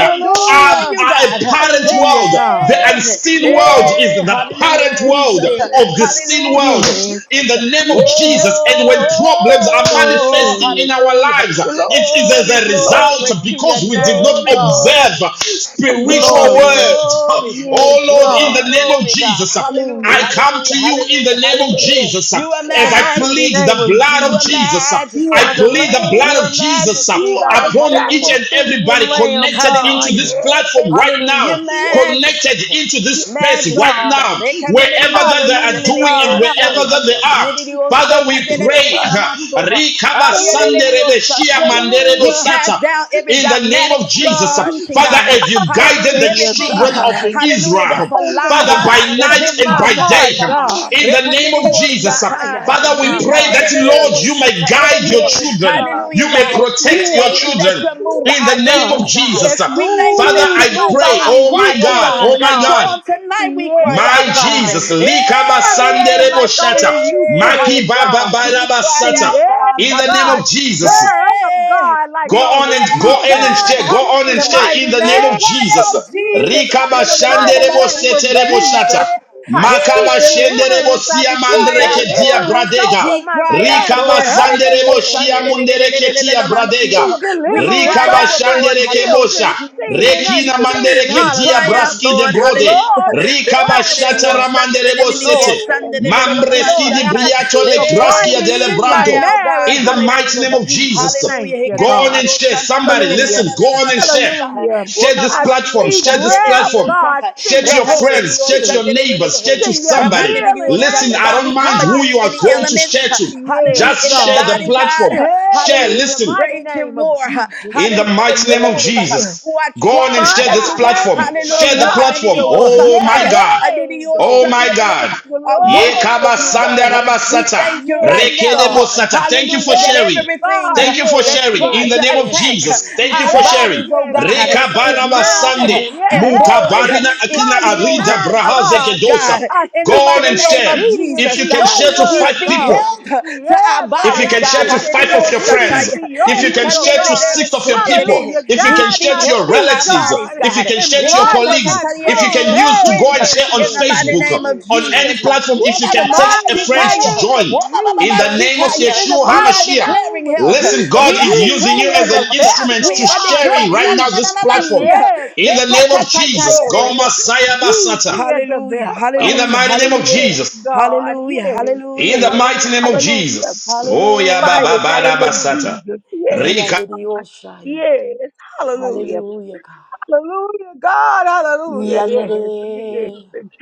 Speaker 4: are,
Speaker 1: you,
Speaker 4: are a
Speaker 1: God.
Speaker 4: parent
Speaker 3: hallelujah,
Speaker 4: world. The
Speaker 3: God.
Speaker 1: Hey,
Speaker 4: unseen world
Speaker 3: Yes,
Speaker 4: is
Speaker 1: hey,
Speaker 4: the
Speaker 1: hallelujah,
Speaker 4: parent
Speaker 3: yes,
Speaker 4: world
Speaker 1: Jesus.
Speaker 4: of
Speaker 3: yes,
Speaker 4: the seen
Speaker 1: Hallelujah,
Speaker 4: world.
Speaker 1: Jesus.
Speaker 4: In the name of
Speaker 3: yes,
Speaker 4: Jesus, and when
Speaker 3: yes.
Speaker 4: problems are
Speaker 1: Oh,
Speaker 4: manifesting in our lives,
Speaker 1: hallelujah.
Speaker 4: lives.
Speaker 3: Glory,
Speaker 4: It is as
Speaker 1: Glory,
Speaker 4: a
Speaker 1: glory,
Speaker 3: glory
Speaker 4: result
Speaker 1: glory.
Speaker 3: to your
Speaker 4: because we did not
Speaker 3: name,
Speaker 1: Glory,
Speaker 3: God.
Speaker 1: glory, glory.
Speaker 4: observe spiritual
Speaker 1: Glory,
Speaker 3: Glory.
Speaker 4: words.
Speaker 1: glory,
Speaker 3: Yes,
Speaker 4: Oh Lord, in
Speaker 1: glory,
Speaker 4: the
Speaker 3: God.
Speaker 4: name of
Speaker 1: glory, God.
Speaker 4: Jesus,
Speaker 1: Hallelujah,
Speaker 4: I
Speaker 3: Hallelujah.
Speaker 4: come
Speaker 1: hallelujah,
Speaker 4: to you in
Speaker 1: hallelujah,
Speaker 4: the name of
Speaker 1: hallelujah.
Speaker 3: Yes.
Speaker 4: Jesus
Speaker 1: You are
Speaker 3: In
Speaker 4: as
Speaker 3: the
Speaker 4: I
Speaker 3: mighty
Speaker 1: majesty,
Speaker 4: plead the
Speaker 3: name of
Speaker 1: you
Speaker 4: blood of
Speaker 1: are
Speaker 3: Jesus,
Speaker 4: Jesus.
Speaker 3: you
Speaker 1: majesty,
Speaker 4: I
Speaker 3: are the
Speaker 1: God.
Speaker 4: plead the
Speaker 3: Lamb.
Speaker 1: You
Speaker 4: blood of
Speaker 1: are
Speaker 4: Jesus
Speaker 1: majesty,
Speaker 3: You are
Speaker 1: God.
Speaker 3: the
Speaker 4: upon each
Speaker 1: Hallelujah.
Speaker 4: and everybody
Speaker 3: sacrificial lamb,
Speaker 4: connected
Speaker 3: God.
Speaker 4: into this
Speaker 1: Hallelujah.
Speaker 3: Yeah,
Speaker 4: platform right
Speaker 1: Hallelujah.
Speaker 4: now,
Speaker 1: Your
Speaker 3: yeah,
Speaker 1: majesty.
Speaker 4: connected into this
Speaker 3: yeah.
Speaker 4: space right
Speaker 1: Majesty,
Speaker 3: God.
Speaker 4: now,
Speaker 1: God.
Speaker 4: wherever that they
Speaker 1: Ekaneleliosa,
Speaker 4: are
Speaker 3: Hallelujah,
Speaker 4: doing and
Speaker 3: God.
Speaker 1: neleleliosa,
Speaker 4: wherever
Speaker 1: ya.
Speaker 4: that they
Speaker 3: Hallelujah.
Speaker 4: are.
Speaker 1: Neleliosa,
Speaker 4: Father, we
Speaker 3: Yes,
Speaker 4: pray.
Speaker 3: God.
Speaker 1: tadelelelelamasoha.
Speaker 4: Rikaba sanderebe
Speaker 1: Ayeleleliosa,
Speaker 4: shia
Speaker 1: taya.
Speaker 4: manderebo
Speaker 1: We
Speaker 3: Hallelujah,
Speaker 1: cast
Speaker 4: sata
Speaker 1: down every
Speaker 4: in the name
Speaker 1: dogmatic
Speaker 4: of
Speaker 1: tree
Speaker 4: Jesus.
Speaker 3: God.
Speaker 1: teaching,
Speaker 4: Father,
Speaker 1: God.
Speaker 4: as you
Speaker 1: Hallelujah.
Speaker 4: guided
Speaker 3: Thank
Speaker 4: the
Speaker 1: Everything,
Speaker 4: children of
Speaker 3: God.
Speaker 1: hallelujah, that's
Speaker 4: Israel,
Speaker 1: a
Speaker 3: Open the
Speaker 4: Father,
Speaker 1: lie
Speaker 4: by
Speaker 1: that's
Speaker 3: eyes
Speaker 4: night
Speaker 3: of
Speaker 1: been
Speaker 4: and
Speaker 3: my
Speaker 1: taught
Speaker 4: by
Speaker 1: to us,
Speaker 3: heart,
Speaker 4: day,
Speaker 1: God.
Speaker 3: God.
Speaker 4: in the name of
Speaker 3: Open the
Speaker 4: Jesus,
Speaker 1: Repaneleliosa, taya.
Speaker 3: eyes of
Speaker 4: Father, we
Speaker 3: my
Speaker 4: pray
Speaker 3: heart.
Speaker 4: that, Lord,
Speaker 3: Yes,
Speaker 4: you may
Speaker 1: Ikandelelelelewosita,
Speaker 4: guide your
Speaker 1: yeleleho.
Speaker 3: yes,
Speaker 4: children,
Speaker 3: God.
Speaker 1: Hallelujah,
Speaker 4: you may
Speaker 1: God. We
Speaker 4: protect your
Speaker 3: Yes,
Speaker 1: thank you that
Speaker 4: children.
Speaker 1: you're moving moved
Speaker 3: yes,
Speaker 1: by
Speaker 4: In the
Speaker 1: our
Speaker 4: name
Speaker 3: God.
Speaker 1: tears,
Speaker 4: of
Speaker 1: God.
Speaker 4: Jesus,
Speaker 3: Yes,
Speaker 1: We thank you
Speaker 4: Father,
Speaker 1: that
Speaker 4: I
Speaker 3: move
Speaker 1: you're
Speaker 3: like
Speaker 1: moved by
Speaker 4: pray,
Speaker 1: our
Speaker 3: only
Speaker 4: oh
Speaker 1: cry,
Speaker 4: my
Speaker 3: you
Speaker 1: oh
Speaker 4: God,
Speaker 3: can,
Speaker 1: God.
Speaker 4: oh my
Speaker 1: So
Speaker 3: God.
Speaker 4: God,
Speaker 1: on tonight we cry
Speaker 3: Yes,
Speaker 4: my
Speaker 1: out, God.
Speaker 3: God.
Speaker 4: Jesus, Likaba
Speaker 1: Hey,
Speaker 3: Permeate
Speaker 4: Sanderebo
Speaker 3: like
Speaker 4: Shata,
Speaker 3: only you
Speaker 1: hey,
Speaker 4: Maki
Speaker 3: can,
Speaker 1: hallelujah.
Speaker 4: Baba
Speaker 3: God.
Speaker 1: We
Speaker 4: Baraba
Speaker 1: cry
Speaker 4: Sata,
Speaker 1: out,
Speaker 3: Yes,
Speaker 1: God,
Speaker 4: in the name
Speaker 1: hallelujah.
Speaker 3: God.
Speaker 4: of Jesus.
Speaker 3: Stir up,
Speaker 1: Hey,
Speaker 3: God, like
Speaker 4: Go
Speaker 1: we
Speaker 4: on
Speaker 3: only
Speaker 4: and go
Speaker 3: you
Speaker 1: cry out,
Speaker 4: in and
Speaker 3: can.
Speaker 4: share. Go
Speaker 1: God,
Speaker 4: on
Speaker 3: In
Speaker 4: and
Speaker 3: the
Speaker 1: hallelujah.
Speaker 4: share in
Speaker 3: mighty
Speaker 4: the
Speaker 1: We
Speaker 4: name of
Speaker 3: name
Speaker 1: cry
Speaker 3: of
Speaker 4: Jesus.
Speaker 1: out, Jesus.
Speaker 3: Jesus,
Speaker 4: Rikaba
Speaker 3: in the
Speaker 4: shanderebo
Speaker 3: mighty name of
Speaker 4: seterebo shata.
Speaker 3: Jesus,
Speaker 1: Hey,
Speaker 3: I
Speaker 1: hey,
Speaker 3: speak
Speaker 4: Makaba shenderebo
Speaker 1: hallelujah.
Speaker 3: deliverance. I
Speaker 4: siya
Speaker 1: We
Speaker 3: speak
Speaker 1: cry out,
Speaker 4: mandereke dia
Speaker 1: Lord.
Speaker 3: deliverance
Speaker 4: bradega.
Speaker 3: over
Speaker 1: We
Speaker 3: my
Speaker 1: cry out,
Speaker 3: family.
Speaker 4: Rikaba
Speaker 1: Lord. Hallelujah.
Speaker 3: Hey.
Speaker 1: Oh,
Speaker 4: sanderebo
Speaker 1: Sunday,
Speaker 4: shia
Speaker 3: hey,
Speaker 1: le-
Speaker 3: hey.
Speaker 1: le- le- le- le-
Speaker 4: mundereke
Speaker 1: le- le-
Speaker 4: tia
Speaker 1: le-
Speaker 3: He
Speaker 1: mancio.
Speaker 4: bradega.
Speaker 1: We
Speaker 3: delivereth
Speaker 1: cry
Speaker 3: over
Speaker 1: out,
Speaker 3: my
Speaker 1: Lord.
Speaker 4: Rikabashandereke
Speaker 1: Hallelujah.
Speaker 4: bosha.
Speaker 3: children, seen
Speaker 1: Jesus,
Speaker 3: and
Speaker 4: Rekina
Speaker 1: Jesus.
Speaker 3: unseen.
Speaker 4: mandereke
Speaker 1: We
Speaker 4: dia
Speaker 1: cry
Speaker 3: Hallelujah.
Speaker 1: out,
Speaker 4: braski de
Speaker 1: Lord.
Speaker 4: brode.
Speaker 1: Hallelujah.
Speaker 3: Glory,
Speaker 1: Recanda de
Speaker 4: Rikabashata
Speaker 3: glory,
Speaker 1: Dios, Sunday, le-
Speaker 4: ramandere
Speaker 1: le- le- le-
Speaker 4: bosete.
Speaker 1: le-
Speaker 3: glory,
Speaker 1: Sunday, le- le- le- le- le-
Speaker 4: Mambreski
Speaker 3: glory.
Speaker 4: di
Speaker 1: bashatai.
Speaker 3: I
Speaker 4: briato
Speaker 3: speak
Speaker 4: le
Speaker 1: Hey,
Speaker 4: graskia
Speaker 3: abundance
Speaker 4: dele
Speaker 1: We
Speaker 3: in my
Speaker 1: cry
Speaker 4: branto.
Speaker 1: out, God,
Speaker 3: marriage
Speaker 4: In the
Speaker 3: in the name
Speaker 4: mighty
Speaker 3: of
Speaker 4: name
Speaker 1: Hallelujah,
Speaker 4: of
Speaker 3: Jesus.
Speaker 4: Jesus.
Speaker 1: Hallelujah.
Speaker 3: Thank
Speaker 1: He
Speaker 3: you,
Speaker 4: Go
Speaker 1: can the
Speaker 4: on
Speaker 1: Niri
Speaker 4: and
Speaker 3: God.
Speaker 4: share.
Speaker 1: Osan, the
Speaker 4: Somebody
Speaker 1: Niri
Speaker 3: Hallelujah.
Speaker 4: listen. Go on
Speaker 1: Niri
Speaker 4: and share.
Speaker 1: Osai.
Speaker 3: Hallelujah.
Speaker 1: Oh,
Speaker 4: Share this
Speaker 1: Mama,
Speaker 3: I
Speaker 1: Mama, the
Speaker 4: platform.
Speaker 3: speak
Speaker 4: Share
Speaker 1: Osan, the
Speaker 4: this
Speaker 3: breath,
Speaker 1: Niri
Speaker 4: platform.
Speaker 3: God.
Speaker 1: Osai.
Speaker 4: Share
Speaker 3: Send
Speaker 4: to
Speaker 3: your
Speaker 4: your
Speaker 1: Remember
Speaker 3: Holy
Speaker 1: the Niri
Speaker 4: friends. Share to
Speaker 3: Spirit.
Speaker 1: Osan, the
Speaker 4: your
Speaker 1: Niri
Speaker 4: neighbors. Share
Speaker 1: Niri.
Speaker 4: to
Speaker 3: Send your
Speaker 1: Raban
Speaker 4: somebody.
Speaker 1: the Niri
Speaker 3: healing
Speaker 1: Osan,
Speaker 4: Listen, I
Speaker 1: God.
Speaker 3: angels,
Speaker 4: don't
Speaker 1: We
Speaker 4: mind
Speaker 1: come
Speaker 4: who
Speaker 3: God,
Speaker 1: against
Speaker 4: you
Speaker 3: In
Speaker 4: are
Speaker 1: any
Speaker 4: going
Speaker 3: touch.
Speaker 4: to
Speaker 1: elements.
Speaker 4: share to.
Speaker 3: Yes,
Speaker 1: Hallelujah
Speaker 4: Just
Speaker 1: in the
Speaker 4: share the
Speaker 3: God.
Speaker 1: body,
Speaker 4: platform.
Speaker 1: God.
Speaker 4: Share,
Speaker 1: Hallelujah,
Speaker 3: Hey, in the
Speaker 1: that's
Speaker 4: listen.
Speaker 3: mighty
Speaker 1: raging
Speaker 3: name of
Speaker 1: war.
Speaker 3: Jesus.
Speaker 4: In the
Speaker 1: Hallelujah with
Speaker 4: mighty
Speaker 3: Yes,
Speaker 4: name of
Speaker 1: those
Speaker 3: yes, yes.
Speaker 4: Jesus,
Speaker 1: who are
Speaker 4: go on and
Speaker 1: trying,
Speaker 3: Father,
Speaker 4: share this
Speaker 3: yeah.
Speaker 1: God.
Speaker 3: yeah.
Speaker 4: platform.
Speaker 3: Well,
Speaker 1: Hallelujah,
Speaker 4: Share the
Speaker 1: who are Niri
Speaker 4: platform.
Speaker 3: Yahshua. Yeah,
Speaker 4: Oh my
Speaker 1: Osataya,
Speaker 4: God.
Speaker 1: Niri
Speaker 3: hey,
Speaker 4: Oh
Speaker 1: Osan,
Speaker 3: glory.
Speaker 4: my
Speaker 1: the Niri
Speaker 4: God.
Speaker 1: are working
Speaker 3: Glory,
Speaker 1: for you, God.
Speaker 3: glory.
Speaker 1: We
Speaker 4: Yekabasandarabasata.
Speaker 1: thank you right
Speaker 3: Yes,
Speaker 1: now,
Speaker 3: God.
Speaker 4: Rekedebosata. Thank you for
Speaker 1: hallelujah, that
Speaker 3: Yes,
Speaker 4: sharing.
Speaker 1: everything
Speaker 3: God.
Speaker 4: Thank you for
Speaker 3: Yes,
Speaker 1: that's
Speaker 4: sharing.
Speaker 3: yes,
Speaker 4: In
Speaker 1: trying
Speaker 4: the
Speaker 1: to
Speaker 4: name of
Speaker 3: yes.
Speaker 1: attack
Speaker 4: Jesus. Thank you
Speaker 1: our
Speaker 4: for
Speaker 3: Yes,
Speaker 4: sharing.
Speaker 1: bodies, oh
Speaker 3: yes,
Speaker 1: God,
Speaker 3: yes. I'm
Speaker 1: is nil
Speaker 4: Rekabarabasande.
Speaker 3: reminded. Yeah,
Speaker 1: and
Speaker 3: hey,
Speaker 1: void,
Speaker 3: even
Speaker 4: Mukabarina
Speaker 3: in
Speaker 1: is
Speaker 4: akina
Speaker 3: trying
Speaker 1: ill
Speaker 4: arida
Speaker 3: times, God,
Speaker 1: effect,
Speaker 4: brahazekedosa.
Speaker 1: God.
Speaker 3: I
Speaker 1: In
Speaker 4: Go
Speaker 1: the
Speaker 3: seek to
Speaker 4: on
Speaker 1: mighty
Speaker 4: and
Speaker 3: be
Speaker 1: name
Speaker 4: share.
Speaker 1: of
Speaker 3: obedient
Speaker 4: If
Speaker 3: to
Speaker 1: Jesus,
Speaker 4: you can
Speaker 3: your
Speaker 1: God,
Speaker 4: share to
Speaker 1: we
Speaker 4: five
Speaker 3: word,
Speaker 1: speak
Speaker 4: people,
Speaker 3: God.
Speaker 1: health to our
Speaker 3: Yeah,
Speaker 4: if
Speaker 3: God,
Speaker 4: you
Speaker 1: bodies,
Speaker 3: I
Speaker 4: can share
Speaker 1: God.
Speaker 3: seek
Speaker 4: to
Speaker 3: to be
Speaker 4: five of
Speaker 1: Hallelujah.
Speaker 4: your
Speaker 3: obedient
Speaker 4: friends,
Speaker 3: to
Speaker 4: if you
Speaker 3: your
Speaker 4: can
Speaker 3: will,
Speaker 4: share to
Speaker 3: God.
Speaker 4: six of your people,
Speaker 1: Ikandeleleosendelele.
Speaker 3: Hallelujah.
Speaker 4: if you
Speaker 1: We
Speaker 4: can
Speaker 3: Guide
Speaker 1: speak
Speaker 4: share
Speaker 3: my
Speaker 4: to your
Speaker 1: health to
Speaker 3: feet,
Speaker 1: our
Speaker 4: relatives,
Speaker 1: bodies,
Speaker 3: God,
Speaker 4: if you
Speaker 1: God.
Speaker 4: can
Speaker 3: and
Speaker 4: share to your
Speaker 3: bridle my
Speaker 4: colleagues, if you can
Speaker 3: tongue.
Speaker 1: Rekatatatayereyo
Speaker 4: use to
Speaker 3: Hey,
Speaker 4: go
Speaker 1: Strength
Speaker 4: and
Speaker 1: uh,
Speaker 3: yes,
Speaker 4: share on
Speaker 1: in the
Speaker 3: yes,
Speaker 1: mighty
Speaker 4: Facebook,
Speaker 3: yes,
Speaker 1: name of
Speaker 3: yes,
Speaker 4: on
Speaker 3: yes,
Speaker 1: Jesus.
Speaker 4: any
Speaker 3: yes.
Speaker 4: platform, if you
Speaker 3: In
Speaker 4: can
Speaker 3: the
Speaker 4: text a
Speaker 3: mighty
Speaker 4: friend
Speaker 1: Wobabababasikaya.
Speaker 4: to
Speaker 3: name
Speaker 4: join
Speaker 3: of
Speaker 4: in the
Speaker 3: Jesus,
Speaker 4: name of
Speaker 1: Wobabababasikaya.
Speaker 3: in the
Speaker 4: Yeshua
Speaker 1: We are
Speaker 3: mighty
Speaker 4: HaMashiach.
Speaker 3: name
Speaker 1: declaring
Speaker 3: of
Speaker 1: health.
Speaker 4: Listen,
Speaker 3: Jesus,
Speaker 4: God
Speaker 1: We are
Speaker 4: is
Speaker 3: use
Speaker 4: using you
Speaker 3: me
Speaker 1: declaring
Speaker 3: as
Speaker 4: as an
Speaker 3: a
Speaker 1: wealth.
Speaker 4: instrument
Speaker 1: We
Speaker 3: vessel,
Speaker 4: to
Speaker 1: are
Speaker 3: God, for
Speaker 4: sharing
Speaker 1: declaring.
Speaker 4: right now
Speaker 3: you.
Speaker 4: this platform.
Speaker 1: anananamasia.
Speaker 3: Yes,
Speaker 4: In the name of Jesus,
Speaker 3: glory.
Speaker 4: Goma
Speaker 1: Rekatatatayereyo Shan-
Speaker 4: Saya
Speaker 3: Use
Speaker 4: Basata.
Speaker 3: me as a
Speaker 1: Hallelujah,
Speaker 4: In
Speaker 3: vessel.
Speaker 4: the
Speaker 1: hallelujah,
Speaker 4: mighty name of
Speaker 1: hallelujah,
Speaker 3: Yes,
Speaker 4: Jesus.
Speaker 3: God.
Speaker 1: hallelujah,
Speaker 3: Yes,
Speaker 4: In
Speaker 1: hallelujah,
Speaker 4: the
Speaker 3: yes.
Speaker 4: mighty name
Speaker 1: hallelujah.
Speaker 4: of
Speaker 3: Hallelujah.
Speaker 4: Jesus. Oh ya
Speaker 3: Mighty
Speaker 4: baba
Speaker 1: Hallelujah,
Speaker 4: bara
Speaker 3: name of
Speaker 1: hallelujah,
Speaker 4: basata.
Speaker 3: Jesus. Yes,
Speaker 4: Rika
Speaker 3: God.
Speaker 1: Yanadiyoshaya.
Speaker 3: Yes. Hallelujah.
Speaker 1: Hallelujah, God.
Speaker 3: Hallelujah, God, hallelujah. Yes, yes, yes, yes,
Speaker 1: Yanade.
Speaker 3: yes,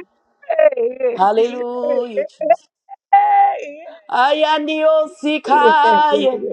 Speaker 3: yes, yes, yes,
Speaker 1: Hallelujah, Jesus.
Speaker 3: yes,
Speaker 1: Ayandiyosikaya.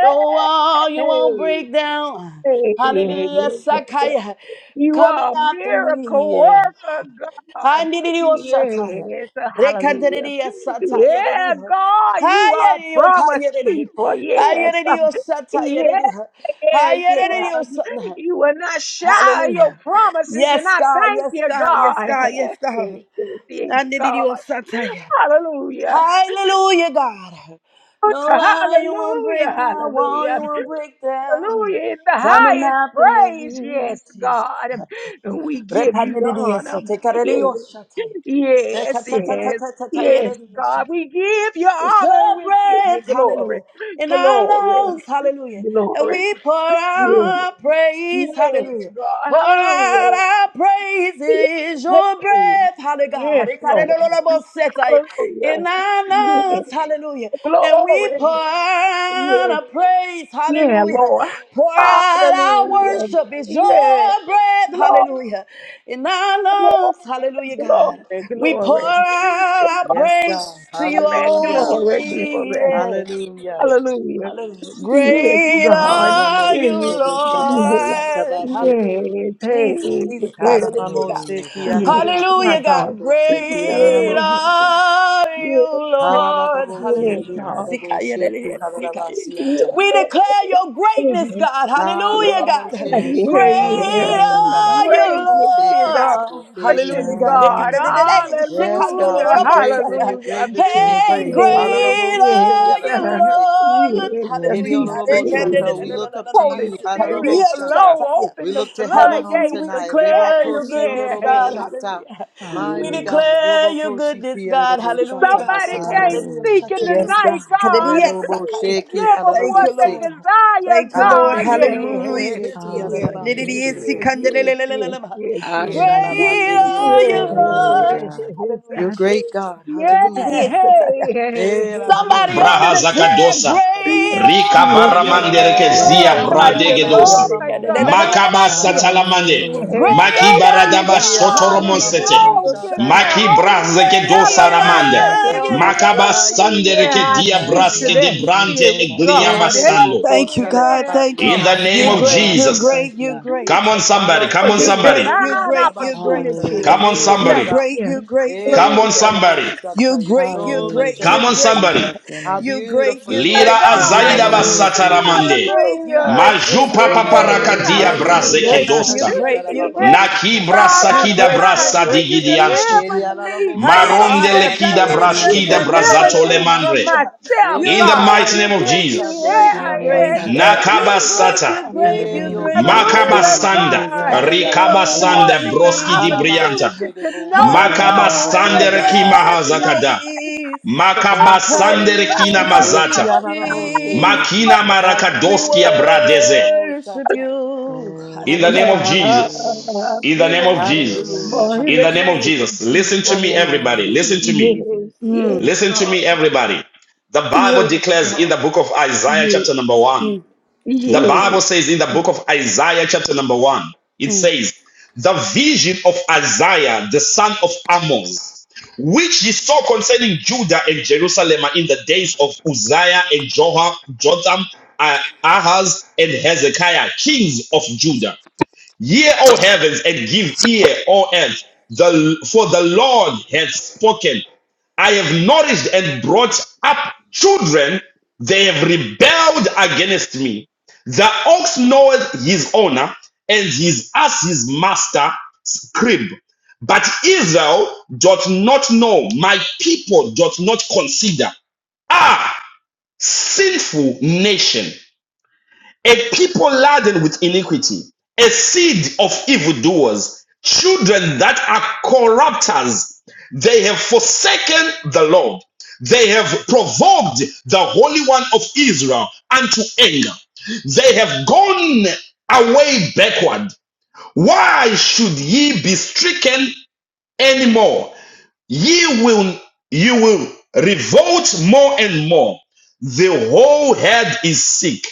Speaker 1: No wall you won't break down.
Speaker 3: yes, yes,
Speaker 1: Hallelujah,
Speaker 3: yes. yes.
Speaker 1: Sakaya.
Speaker 3: You
Speaker 1: Coming
Speaker 3: are a
Speaker 1: after
Speaker 3: miracle
Speaker 1: me.
Speaker 3: worker, God.
Speaker 1: Andidiyoshataya.
Speaker 3: Yes, hallelujah.
Speaker 1: Rekanteriya sataya
Speaker 3: Yeah,
Speaker 1: rediha.
Speaker 3: God, you are a
Speaker 1: Hayariyo
Speaker 3: promise
Speaker 1: kaya rediha.
Speaker 3: keeper. Yes,
Speaker 1: Hayariyo sataya
Speaker 3: yes,
Speaker 1: rediha.
Speaker 3: Yeah, yeah.
Speaker 1: Hayariyo sataya.
Speaker 3: You will not shy of your
Speaker 1: Hallelujah.
Speaker 3: promises, and
Speaker 1: Yes,
Speaker 3: I
Speaker 1: God.
Speaker 3: thank
Speaker 1: Yes,
Speaker 3: you,
Speaker 1: God. Yes,
Speaker 3: God.
Speaker 1: God. Yes,
Speaker 3: Yes, yes,
Speaker 1: God. I
Speaker 3: yes, yes, God.
Speaker 1: Nandidiosataya.
Speaker 3: Hallelujah.
Speaker 1: Hallelujah, God. No lie, you won't
Speaker 3: Hallelujah.
Speaker 1: break down wall,
Speaker 3: Hallelujah.
Speaker 1: you won't break down.
Speaker 3: Hallelujah. It's the
Speaker 1: Coming
Speaker 3: highest
Speaker 1: after
Speaker 3: praise.
Speaker 1: me,
Speaker 3: Yes,
Speaker 1: Jesus.
Speaker 3: God. And we give you the honor.
Speaker 1: Repandidiosataya.
Speaker 3: Yes, yes, yes. Yes,
Speaker 1: Rekatatatatatataya.
Speaker 3: God, we give you
Speaker 1: It's the
Speaker 3: honor and we give you
Speaker 1: breath, hallelujah,
Speaker 3: glory,
Speaker 1: in our
Speaker 3: glory,
Speaker 1: lungs, hallelujah. And
Speaker 3: glory.
Speaker 1: we pour
Speaker 3: Yes,
Speaker 1: out our praise,
Speaker 3: yes,
Speaker 1: hallelujah.
Speaker 3: God,
Speaker 1: Pour out
Speaker 3: hallelujah.
Speaker 1: our praise is your
Speaker 3: Hey,
Speaker 1: breath,
Speaker 3: yes,
Speaker 1: hallelujah.
Speaker 3: Lord.
Speaker 1: In
Speaker 3: Hallelujah.
Speaker 1: our
Speaker 3: Yes.
Speaker 1: lungs, hallelujah and we pour
Speaker 3: Glory.
Speaker 1: out
Speaker 3: Yes.
Speaker 1: our praise.
Speaker 3: Yeah,
Speaker 1: Hallelujah.
Speaker 3: Lord.
Speaker 1: Pour out our
Speaker 3: Hallelujah.
Speaker 1: worship. It's
Speaker 3: Yes.
Speaker 1: your breath.
Speaker 3: Glory,
Speaker 1: Hallelujah. In our lungs. Hallelujah, God.
Speaker 3: glory,
Speaker 1: We pour
Speaker 3: glory,
Speaker 1: out our
Speaker 5: Yes, God,
Speaker 1: praise to you
Speaker 3: glory,
Speaker 5: hallelujah,
Speaker 3: glory,
Speaker 1: only.
Speaker 3: glory.
Speaker 1: Yeah.
Speaker 5: hallelujah.
Speaker 3: Hallelujah. Yes,
Speaker 1: Great
Speaker 3: God.
Speaker 1: are you,
Speaker 3: Yes.
Speaker 5: Alamosikobo
Speaker 3: Yes.
Speaker 5: Sarabasata
Speaker 1: Lord.
Speaker 5: Bashi,
Speaker 1: Hallelujah.
Speaker 3: Yes.
Speaker 1: Jesus,
Speaker 3: Hey.
Speaker 1: Jesus,
Speaker 3: Yes.
Speaker 1: hallelujah, God.
Speaker 6: Hallelujah,
Speaker 5: Alamoseki
Speaker 3: Yes.
Speaker 6: God.
Speaker 5: Alarabasi
Speaker 3: My
Speaker 1: Hallelujah, God.
Speaker 3: God.
Speaker 5: Alaraboseki
Speaker 1: Great
Speaker 3: Yes.
Speaker 5: Alamosa.
Speaker 1: are you,
Speaker 3: Yes.
Speaker 1: Lord.
Speaker 6: Yes,
Speaker 3: Yes,
Speaker 1: Hallelujah.
Speaker 5: Hananamosheki,
Speaker 3: God.
Speaker 6: God.
Speaker 1: Sikaya
Speaker 5: Hananamosheki,
Speaker 1: delelea, sikaya.
Speaker 3: Yeah,
Speaker 5: Hananamasiata.
Speaker 1: We declare your greatness, God. Hallelujah, God.
Speaker 5: Hananamosheki,
Speaker 6: Yes, Jesus.
Speaker 3: yeah.
Speaker 1: Great
Speaker 6: Hallelujah.
Speaker 1: are you,
Speaker 3: Greatness
Speaker 5: Hananamokoshatalarabababasheki,
Speaker 3: is our
Speaker 1: Lord.
Speaker 5: Nesabotheri,
Speaker 1: Hallelujah,
Speaker 3: portion,
Speaker 1: God.
Speaker 5: Hananamosheki.
Speaker 3: God.
Speaker 6: Hallelujah, God.
Speaker 1: Ekatedelele,
Speaker 5: Yes, God,
Speaker 3: Hallelujah,
Speaker 5: you're great and
Speaker 1: shikadololobosaya.
Speaker 5: you're
Speaker 3: hallelujah.
Speaker 5: greatly to be
Speaker 6: Yes,
Speaker 1: Hey,
Speaker 5: praised.
Speaker 6: Jesus.
Speaker 3: Yes,
Speaker 1: great
Speaker 5: Hananamosheki,
Speaker 3: yes,
Speaker 1: are you,
Speaker 3: uh,
Speaker 5: Hananamosheki.
Speaker 1: Lord.
Speaker 3: yes. uh,
Speaker 6: Yes,
Speaker 1: Hallelujah,
Speaker 3: Be
Speaker 1: God.
Speaker 6: Jesus.
Speaker 3: pleased.
Speaker 5: Shata, we
Speaker 6: Hallelujah.
Speaker 5: look up to
Speaker 3: Holy
Speaker 5: you.
Speaker 3: Spirit,
Speaker 5: Adorable
Speaker 1: Ekandelelelelelelemansikadelea,
Speaker 5: Shata.
Speaker 3: flow,
Speaker 1: shataya.
Speaker 5: We
Speaker 3: open the
Speaker 5: look to heaven on
Speaker 1: Hallelujah.
Speaker 3: floodgates
Speaker 1: We
Speaker 3: of
Speaker 5: tonight.
Speaker 1: declare your
Speaker 3: heaven.
Speaker 5: Rebakosi
Speaker 1: goodness,
Speaker 5: Olorobo
Speaker 1: God.
Speaker 3: Yeah.
Speaker 5: Shata.
Speaker 1: Hallelujah. We
Speaker 5: Mighty
Speaker 6: Hallelujah.
Speaker 5: God.
Speaker 1: declare your
Speaker 5: Robokosi
Speaker 1: goodness, God.
Speaker 5: Fierrobo
Speaker 1: Hallelujah,
Speaker 5: Shata
Speaker 1: God.
Speaker 3: Somebody
Speaker 1: Thank
Speaker 5: Nasete.
Speaker 3: came
Speaker 6: Hallelujah.
Speaker 3: seeking
Speaker 5: Yes, God.
Speaker 3: tonight, God.
Speaker 5: Hallelujah. Sheki
Speaker 3: Give them what
Speaker 1: you,
Speaker 3: they
Speaker 5: Hallelujah.
Speaker 1: Lord.
Speaker 3: desire,
Speaker 1: Thank you, Lord.
Speaker 3: God.
Speaker 5: Andele de Boko
Speaker 1: Hallelujah.
Speaker 5: Sheti
Speaker 1: Jesus.
Speaker 3: Yes,
Speaker 5: Hallelujah.
Speaker 6: Hallelujah,
Speaker 3: yes,
Speaker 1: Great
Speaker 3: yes,
Speaker 5: Kikerebo.
Speaker 6: Jesus.
Speaker 3: yes, yes, yes,
Speaker 6: In the
Speaker 3: yes,
Speaker 6: name of
Speaker 5: Ashalabandele o
Speaker 1: are
Speaker 6: Jesus.
Speaker 3: yes.
Speaker 1: you,
Speaker 5: Seti,
Speaker 6: Hallelujah,
Speaker 1: Lord.
Speaker 5: Amosha.
Speaker 6: God.
Speaker 1: Hallelujah,
Speaker 5: You're
Speaker 3: Yes.
Speaker 5: great, God.
Speaker 3: Yeah.
Speaker 5: Hallelujah.
Speaker 1: Jesus.
Speaker 3: Hey, hey,
Speaker 5: Eh,
Speaker 3: hey,
Speaker 5: Hallelujah.
Speaker 1: Somebody ought to
Speaker 4: braha
Speaker 3: hey.
Speaker 1: declare,
Speaker 4: zakadosa.
Speaker 5: Shati
Speaker 3: Wait
Speaker 5: Hallelujah.
Speaker 1: Great
Speaker 4: Rika
Speaker 1: are
Speaker 4: baramandereke
Speaker 5: Korololobo
Speaker 4: zia
Speaker 6: Yes,
Speaker 1: you,
Speaker 5: sheki
Speaker 3: are
Speaker 6: Jesus.
Speaker 3: you,
Speaker 4: bradegedosa.
Speaker 5: alalababa
Speaker 3: Lord
Speaker 6: Hallelujah.
Speaker 5: momo
Speaker 1: Lord.
Speaker 3: God?
Speaker 5: sheki
Speaker 4: Makaba
Speaker 1: Hallelujah.
Speaker 5: halalaba
Speaker 4: satalamande.
Speaker 5: soto boho
Speaker 6: Hallelujah,
Speaker 3: Yes,
Speaker 5: sheki.
Speaker 4: Maki
Speaker 1: Great
Speaker 6: Jesus.
Speaker 1: are you,
Speaker 3: somebody,
Speaker 4: baradaba
Speaker 5: Iri
Speaker 1: God.
Speaker 3: God, is
Speaker 6: Open
Speaker 1: Hallelujah.
Speaker 6: up the
Speaker 5: alalalabo
Speaker 4: sotoromonsete.
Speaker 5: kosha
Speaker 6: heavens,
Speaker 3: broken and
Speaker 1: Kadadidiyoshata.
Speaker 6: God.
Speaker 3: they're
Speaker 4: Maki
Speaker 5: talalabo
Speaker 3: holding
Speaker 4: brazeke
Speaker 5: sheki
Speaker 3: together
Speaker 4: dosa
Speaker 1: Great
Speaker 5: halalaba
Speaker 3: by
Speaker 6: Have
Speaker 4: ramande.
Speaker 3: their
Speaker 1: are
Speaker 6: mercy,
Speaker 5: siata.
Speaker 3: heels.
Speaker 1: you,
Speaker 4: Makaba
Speaker 6: Jesus.
Speaker 1: Lord.
Speaker 5: Kaye lebo
Speaker 4: sandereke
Speaker 3: Yeah, I
Speaker 1: Hallelujah,
Speaker 5: ko
Speaker 4: dia
Speaker 3: speak
Speaker 6: Have
Speaker 1: Jesus.
Speaker 3: to
Speaker 4: braske
Speaker 3: that
Speaker 4: de
Speaker 6: mercy,
Speaker 5: remanianche.
Speaker 4: brante
Speaker 3: spirit,
Speaker 6: Jesus. Have
Speaker 4: eglia
Speaker 3: God.
Speaker 5: Mele
Speaker 6: mercy,
Speaker 5: lebo
Speaker 6: God.
Speaker 4: masando.
Speaker 3: Hey,
Speaker 1: Thank you,
Speaker 5: kosha
Speaker 1: God.
Speaker 3: yeah,
Speaker 5: lebaha
Speaker 1: Thank you,
Speaker 3: God,
Speaker 4: In the
Speaker 1: God.
Speaker 5: liberaski
Speaker 4: name
Speaker 1: You're
Speaker 3: thank
Speaker 4: of
Speaker 6: Lord
Speaker 1: great.
Speaker 6: God,
Speaker 5: atalabo
Speaker 1: You're
Speaker 6: we
Speaker 4: Jesus.
Speaker 1: great.
Speaker 6: thank
Speaker 1: You're
Speaker 5: shakia.
Speaker 6: you.
Speaker 1: great.
Speaker 3: you
Speaker 4: Come on somebody. Come
Speaker 3: for
Speaker 4: on
Speaker 5: Malako
Speaker 3: this
Speaker 1: You're
Speaker 4: somebody.
Speaker 1: great.
Speaker 5: sotori
Speaker 1: You're
Speaker 3: divine
Speaker 1: great.
Speaker 5: alalaba
Speaker 1: You're great.
Speaker 5: shata.
Speaker 3: opportunity.
Speaker 5: You're
Speaker 4: Come
Speaker 6: Hallelujah,
Speaker 4: on
Speaker 5: beautiful
Speaker 1: You're
Speaker 3: Thank
Speaker 4: somebody.
Speaker 6: Jesus.
Speaker 5: God.
Speaker 1: great. You're
Speaker 3: you.
Speaker 1: great. You're
Speaker 4: Come
Speaker 5: Eli
Speaker 4: on
Speaker 1: great.
Speaker 3: Hallelujah.
Speaker 5: olorobo
Speaker 4: somebody.
Speaker 1: You're
Speaker 5: shata. You're
Speaker 1: great. You're
Speaker 5: so
Speaker 6: Hallelujah,
Speaker 1: great. You're
Speaker 4: Come on,
Speaker 5: majestic
Speaker 6: Jesus.
Speaker 5: God.
Speaker 1: great.
Speaker 6: We
Speaker 4: somebody.
Speaker 6: bless your
Speaker 5: How
Speaker 6: name.
Speaker 1: You're great.
Speaker 5: beautiful
Speaker 1: You're
Speaker 5: you are,
Speaker 4: Lira
Speaker 1: great.
Speaker 5: God.
Speaker 1: You're
Speaker 5: Eba
Speaker 4: azaida
Speaker 1: great.
Speaker 3: God.
Speaker 5: babo
Speaker 6: Hallelujah,
Speaker 4: basata
Speaker 5: sele ede de
Speaker 1: You're
Speaker 6: Jesus.
Speaker 5: de
Speaker 4: ramande.
Speaker 5: de bo
Speaker 1: great. You're
Speaker 3: Hallelujah.
Speaker 5: sari
Speaker 1: great.
Speaker 5: ala ba
Speaker 1: You're
Speaker 4: Majupa
Speaker 5: sandi.
Speaker 1: great.
Speaker 4: paparaka
Speaker 3: Yes,
Speaker 1: Hallelujah.
Speaker 6: Hallelujah,
Speaker 4: dia
Speaker 5: Mandi li
Speaker 1: You're
Speaker 5: di
Speaker 3: hallelujah.
Speaker 6: Jesus.
Speaker 5: o
Speaker 4: brazeke
Speaker 1: great. You're
Speaker 4: doska.
Speaker 5: sati ala
Speaker 1: great.
Speaker 5: la ba
Speaker 1: You're
Speaker 5: ba bo
Speaker 3: Yes,
Speaker 5: bo
Speaker 1: great.
Speaker 4: Naki
Speaker 5: se te li
Speaker 3: God,
Speaker 5: ala
Speaker 1: You're
Speaker 3: I'm
Speaker 5: la
Speaker 4: brasakida
Speaker 5: ma
Speaker 1: great,
Speaker 5: si
Speaker 1: you're
Speaker 4: brasa
Speaker 3: reminded when
Speaker 5: ata.
Speaker 1: great,
Speaker 3: you
Speaker 1: you're great.
Speaker 4: digidiansu.
Speaker 1: You're
Speaker 5: Eri
Speaker 3: delivered
Speaker 5: ala la
Speaker 3: me,
Speaker 5: bo se
Speaker 3: God,
Speaker 4: Maronde
Speaker 5: brasi ata
Speaker 4: lekida
Speaker 5: na
Speaker 6: In
Speaker 5: na
Speaker 6: the
Speaker 5: mo
Speaker 3: you
Speaker 6: name
Speaker 4: brashkida
Speaker 5: se
Speaker 6: of
Speaker 5: ki
Speaker 3: delivered
Speaker 6: Jesus.
Speaker 5: ala
Speaker 4: brazato
Speaker 5: la ba
Speaker 3: me
Speaker 5: si.
Speaker 3: from
Speaker 4: lemandre.
Speaker 3: myself,
Speaker 5: Ele
Speaker 4: In the
Speaker 5: bo
Speaker 3: God.
Speaker 1: great,
Speaker 4: mighty
Speaker 5: korre
Speaker 4: name
Speaker 1: you're
Speaker 4: of
Speaker 5: bi
Speaker 3: Yeah,
Speaker 5: o
Speaker 1: great, you're
Speaker 4: Jesus.
Speaker 5: shande le
Speaker 1: great,
Speaker 5: di
Speaker 1: you're
Speaker 5: ba ka
Speaker 1: great.
Speaker 3: yeah,
Speaker 6: Hallelujah,
Speaker 5: sata ba
Speaker 3: yeah,
Speaker 6: Jesus.
Speaker 1: You're
Speaker 5: hayi.
Speaker 3: yeah,
Speaker 1: great,
Speaker 4: Nakabasata.
Speaker 3: yeah.
Speaker 1: you're
Speaker 6: In the
Speaker 1: great, you're
Speaker 5: Ebi
Speaker 6: name
Speaker 5: o
Speaker 6: of
Speaker 1: great, you're
Speaker 5: shanda
Speaker 6: Jesus.
Speaker 5: la
Speaker 1: great.
Speaker 5: na
Speaker 3: Hallelujah,
Speaker 5: mama mo
Speaker 4: Makabasanda.
Speaker 6: Hallelujah,
Speaker 5: se
Speaker 3: God.
Speaker 6: God.
Speaker 5: ti ala la ba
Speaker 6: We
Speaker 1: Hallelujah,
Speaker 5: ka.
Speaker 3: Afford
Speaker 6: bless
Speaker 4: Rikabasanda
Speaker 3: them
Speaker 6: your
Speaker 3: the
Speaker 4: broski
Speaker 6: name,
Speaker 4: di
Speaker 1: Jesus.
Speaker 6: God.
Speaker 4: brianta.
Speaker 5: Alabansi ke
Speaker 3: opportunity
Speaker 5: de
Speaker 3: to
Speaker 5: bo ko
Speaker 6: We
Speaker 3: know,
Speaker 5: bi
Speaker 6: bow down
Speaker 5: astande
Speaker 3: God,
Speaker 5: le
Speaker 6: before
Speaker 3: that
Speaker 5: di
Speaker 4: Makabasande
Speaker 3: it
Speaker 6: you,
Speaker 5: ba
Speaker 3: is
Speaker 4: reki
Speaker 5: ka
Speaker 6: God.
Speaker 1: Hallelujah,
Speaker 3: going to be
Speaker 5: sata.
Speaker 4: mahazakada.
Speaker 3: okay.
Speaker 1: Jesus.
Speaker 5: Thank you, Lord
Speaker 4: Makabasande rekina
Speaker 5: Jesus. Eh,
Speaker 1: Hallelujah,
Speaker 5: ti
Speaker 4: mazata.
Speaker 5: ananamose,
Speaker 6: Hallelujah,
Speaker 1: Jesus.
Speaker 4: Makina
Speaker 6: Jesus.
Speaker 1: We
Speaker 4: marakadoskia
Speaker 5: ananamose, ti
Speaker 4: bradeze.
Speaker 1: worship
Speaker 5: ananamoshata,
Speaker 1: you.
Speaker 6: Yes,
Speaker 4: In the name
Speaker 6: God.
Speaker 1: Hallelujah.
Speaker 4: of
Speaker 3: Cover,
Speaker 5: ananamosaka.
Speaker 4: Jesus.
Speaker 6: Hallelujah.
Speaker 3: cover.
Speaker 4: In the
Speaker 1: We
Speaker 4: name of
Speaker 1: worship you.
Speaker 6: Hallelujah,
Speaker 3: But
Speaker 5: Hallelujah,
Speaker 4: Jesus.
Speaker 3: in
Speaker 4: In
Speaker 3: the
Speaker 4: the name
Speaker 6: Jesus.
Speaker 4: of
Speaker 5: hallelujah,
Speaker 3: name of
Speaker 4: Jesus. Listen to
Speaker 3: Jesus,
Speaker 4: me,
Speaker 5: hallelujah.
Speaker 4: everybody. Listen to
Speaker 6: Hallelujah,
Speaker 4: me.
Speaker 3: yes,
Speaker 6: Jesus.
Speaker 3: yes,
Speaker 4: Listen to
Speaker 3: God,
Speaker 4: me, everybody. The Bible
Speaker 3: yes,
Speaker 4: declares in
Speaker 3: God,
Speaker 4: the book of Isaiah,
Speaker 3: yes,
Speaker 4: chapter number one. The
Speaker 3: yes.
Speaker 4: Bible says in the book of Isaiah, chapter number one, it says, The vision of Isaiah, the son of Amos, which he saw concerning Judah and Jerusalem in the days of Uzziah and Jotham, uh, Ahaz, and Hezekiah, kings of Judah. Hear, O heavens, and give ear, O earth, the, for the Lord hath spoken. I have nourished and brought up children, they have rebelled against me. The ox knoweth his owner, and his ass his master's crib. But Israel doth not know, my people doth not consider. Ah, sinful nation a people laden with iniquity, a seed of evildoers, children that are corrupters. They have forsaken the Lord. They have provoked the Holy One of Israel unto anger. They have gone away backward. Why should ye be stricken anymore? Ye will, you will revolt more and more. The whole head is sick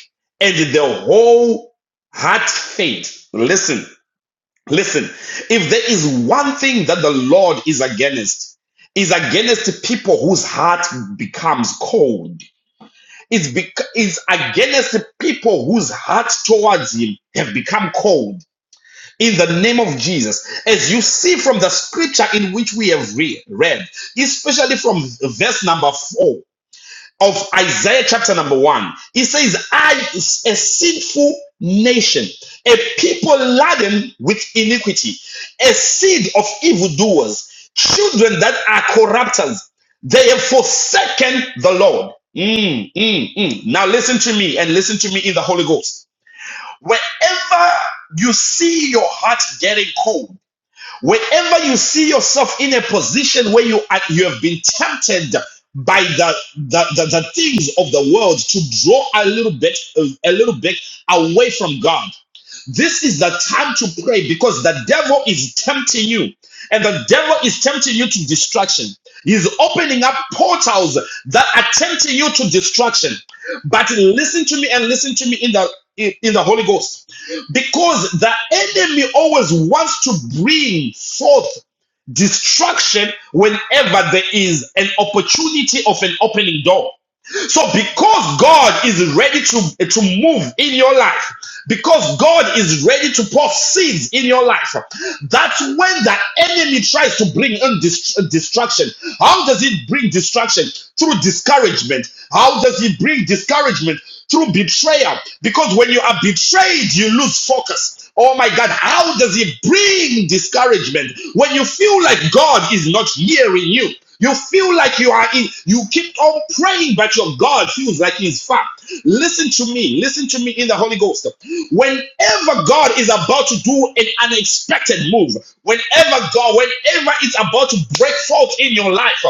Speaker 4: and the whole heart faint. Listen, listen. If there is one thing that the Lord is against, is against people whose heart becomes cold. It's, bec- it's against people whose hearts towards him have become cold in the name of Jesus. As you see from the scripture in which we have re- read, especially from verse number four of Isaiah chapter number one, it says, I is a sinful nation, a people laden with iniquity, a seed of evildoers, children that are corrupters. They have forsaken the Lord. Mm, mm, mm. Now listen to me and listen to me in the Holy Ghost. Wherever you see your heart getting cold, wherever you see yourself in a position where you are, you have been tempted by the, the, the, the things of the world to draw a little bit a little bit away from God. This is the time to pray because the devil is tempting you, and the devil is tempting you to distraction. He's opening up portals that are tempting you to distraction. But listen to me and listen to me in the in, in the Holy Ghost, because the enemy always wants to bring forth distraction whenever there is an opportunity of an opening door. So because God is ready to, to move in your life, because God is ready to pour seeds in your life, that's when the enemy tries to bring in dist- distraction. How does it bring distraction? Through discouragement. How does it bring discouragement? through betrayal. Because when you are betrayed, you lose focus. Oh my God, how does it bring discouragement when you feel like God is not hearing you? You feel like you are in, you keep on praying, but your God feels like He's far. Listen to me, listen to me in the Holy Ghost. Whenever God is about to do an unexpected move, whenever God, whenever it's about to break forth in your life,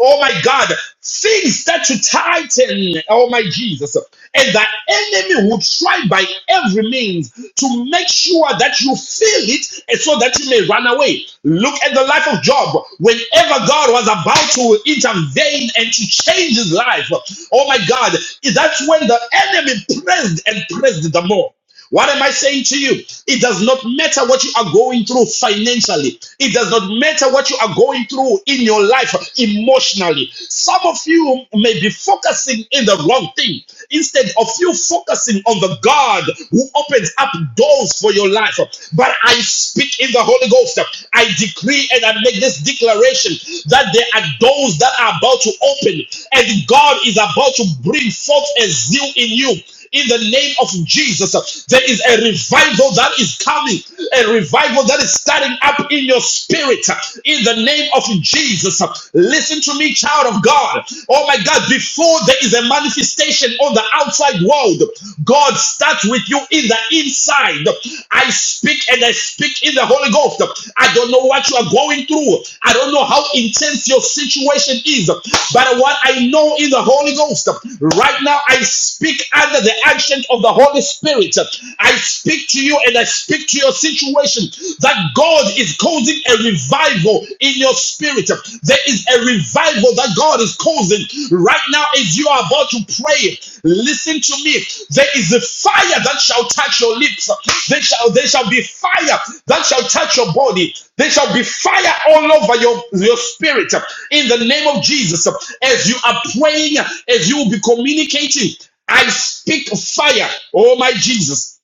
Speaker 4: oh my God, things start to tighten. Oh my Jesus and that enemy will try by every means to make sure that you feel it and so that you may run away. Look at the life of Job. Whenever God was about to intervene and to change his life, oh my God, that's when the enemy pressed and pressed the more. What am I saying to you? It does not matter what you are going through financially. It does not matter what you are going through in your life emotionally. Some of you may be focusing in the wrong thing instead of you focusing on the God who opens up doors for your life. But I speak in the Holy Ghost. I decree and I make this declaration that there are doors that are about to open and God is about to bring forth a zeal in you in the name of Jesus. There is a revival that is coming, a revival that is starting up in your spirit in the name of Jesus. Listen to me, child of God. Oh my God, before there is a manifestation on the outside world, God starts with you in the inside. I speak and I speak in the Holy Ghost involved. I don't know what you are going through. I don't know how intense your situation is. But what I know in the Holy Ghost, right now I speak under the action of the Holy Spirit. I speak to you and I speak to your situation that God is causing a revival in your spirit. There is a revival that God is causing moving. Right now, as you are about to pray, listen to me. There is a fire that shall touch your lips. There shall, there shall be fire that shall touch your body. There shall be fire all over your, your spirit. In the name of Jesus, as you are praying, as you will be communicating, I speak fire. Oh my Jesus.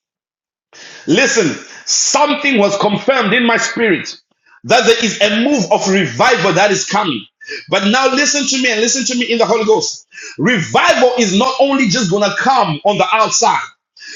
Speaker 4: Listen, something was confirmed in my spirit that there is a move of revival that is coming. But now listen to me and listen to me in the Holy Ghost. Revival is not only just going to come on the outside.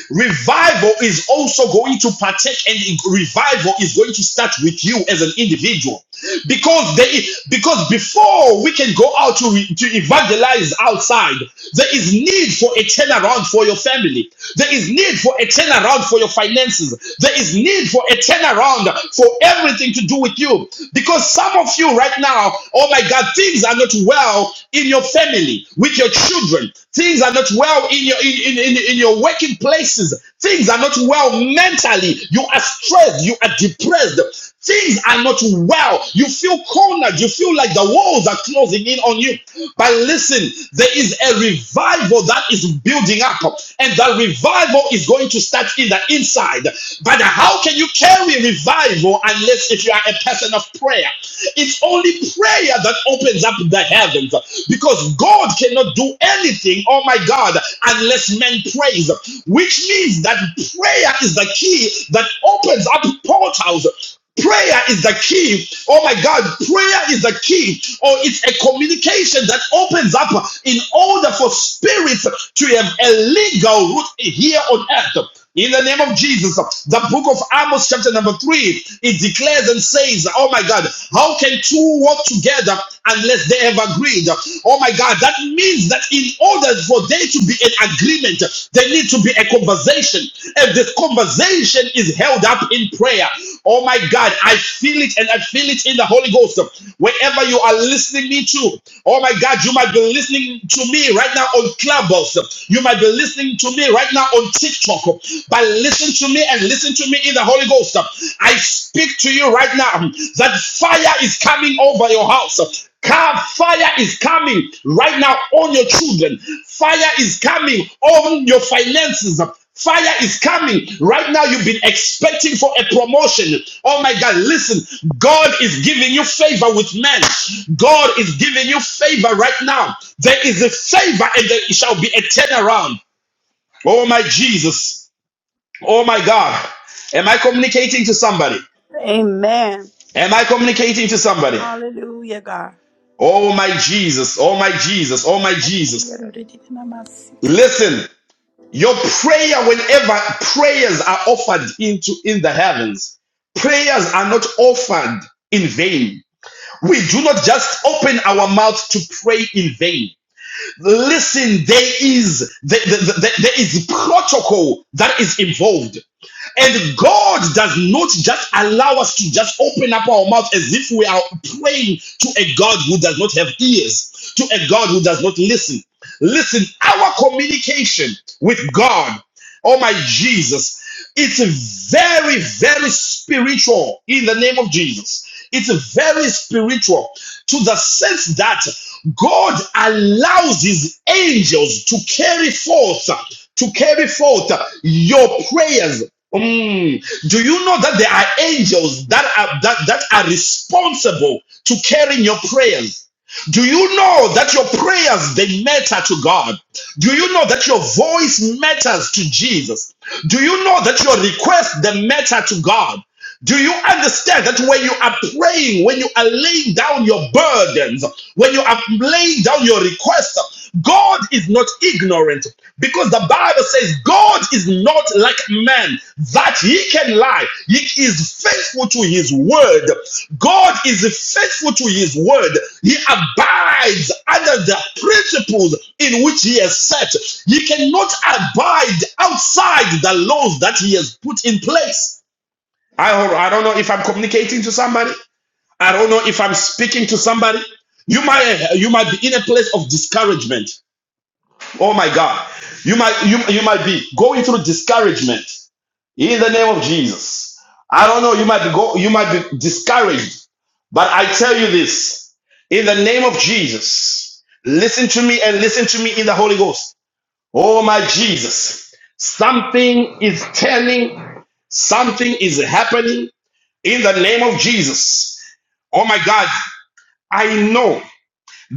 Speaker 4: Revival is also going to partake, and revival is going to start with you as an individual, because they, because before we can go out to re- to evangelize outside, there is need for a turnaround for your family. There is need for a turnaround for your finances. There is need for a turnaround for everything to do with you, because some of you right now, oh my God, things are not well in your family with your children children. Things are not well in your in, in, in, in your working places. Things are not well mentally. You are stressed. You are depressed. Things are not well. You feel cornered. You feel like the walls are closing in on you. But listen, there is a revival that is building up, and that revival is going to start in the inside. But how can you carry revival unless if you are a person of prayer? It's only prayer that opens opens up the heavens because God cannot do anything, oh my God, unless men praise, which means that prayer is the key that opens up portals Prayer is the key. Oh my God, prayer is the key. Or oh, it's a communication that opens up in order for spirits to have a legal root here on earth. In the name of Jesus, the book of Amos, chapter number three, it declares and says, Oh my God, how can two walk together unless they have agreed? Oh my God, that means that in order for there to be an agreement, there needs to be a conversation. And this conversation is held up in prayer. Oh my God, I feel it and I feel it in the Holy Ghost. Wherever you are listening me to, oh my God, you might be listening to me right now on Clubhouse. You might be listening to me right now on TikTok. But listen to me and listen to me in the Holy Ghost. I speak to you right now that fire is coming over your house. fire is coming right now on your children. Fire is coming on your finances. Fire is coming. Right now, you've been expecting for a promotion. Oh my God, listen. God is giving you favor with men. God is giving you favor right now. There is a favor and there shall be a turnaround. Oh my Jesus. Oh my God. Am I communicating to somebody? Am I communicating to somebody? Oh my Jesus. Oh my Jesus. Oh my Jesus.
Speaker 1: Oh,
Speaker 4: Listen. Your prayer, whenever prayers are offered into in the heavens, prayers are not offered in vain. We do not just open our mouth to pray in vain. Listen, there is the, the, the- the- there is protocol that is involved. And God does not just allow us to just open up our mouth as if we are praying to a God who does not have ears, to a God who does not listen. Listen, our communication with God, oh my Jesus, it's very, very spiritual in the name of Jesus. It's very spiritual to the sense that God allows his angels to carry forth to carry forth your prayers. Mm. Do you know that there are angels that are that, that are responsible to carrying your prayers? Do you know that your prayers they matter to God? Do you know that your voice matters to Jesus? Do you know that your request they matter to God? Do you understand that when you are praying, when you are laying down your burdens, when you are laying down your requests, God is not ignorant because the Bible says God is not like man that he can lie. He is faithful to his word. God is faithful to his word. He abides under the principles in which he has set. He cannot abide outside the laws that he has put in place. I don't, I don't know if I'm communicating to somebody. I don't know if I'm speaking to somebody. You might you might be in a place of discouragement. Oh my God. You might you, you might be going through discouragement in the name of Jesus. I don't know, you might be go, you might be discouraged. But I tell you this in the name of Jesus. Listen to me and listen to me in the Holy Ghost. Oh my Jesus. Something is turning, something is happening in the name of Jesus. Oh my God, I know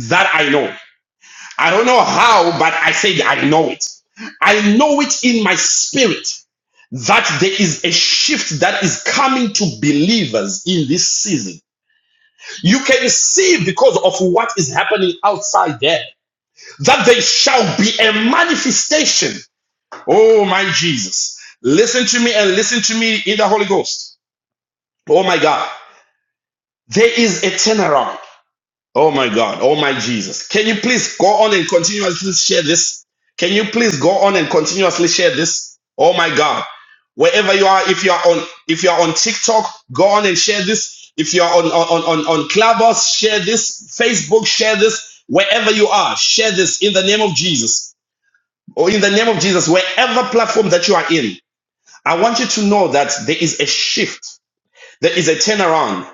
Speaker 4: that I know. I don't know how, but I said I know it. I know it in my spirit that there is a shift that is coming to believers in this season. You can see because of what is happening outside there that there shall be a manifestation. Oh my Jesus. Listen to me and listen to me in the Holy Ghost. Oh my God. There is a turnaround. Oh my God. Oh my Jesus. Can you please go on and continuously share this? Can you please go on and continuously share this? Oh my God. Wherever you are, if you are on if you are on TikTok, go on and share this. If you are on on on on on Clubhouse, share this. Facebook, share this. Wherever you are, share this in the name of Jesus. Or in the name of Jesus, wherever platform that you are in. I want you to know that there is a shift. There is a turnaround.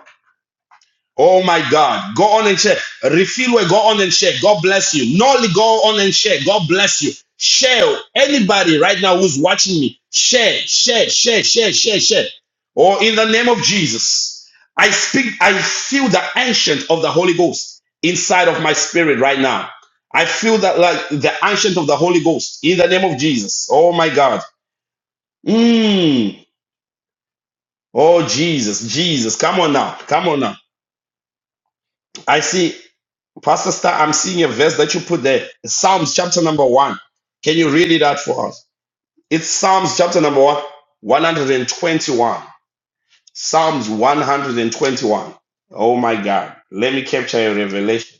Speaker 4: Oh my God. Go on and share. Refill where go on and share. God bless you. Nolly, go on and share. God bless you. Share. Anybody right now who's watching me, share, share, share, share, share, share. Or in the name of Jesus, I speak, I feel the ancient of the Holy Ghost inside of my spirit right now. I feel that like the ancient of the Holy Ghost in the name of Jesus. Oh my God. Mm. Oh Jesus, Jesus. Come on now. Come on now. I see. Pastor Star, I'm seeing a verse that you put there. Psalms chapter number one. Can you read it out for us? It's Psalms chapter number one, 121. Psalms 121. Oh my God. Let me capture a revelation.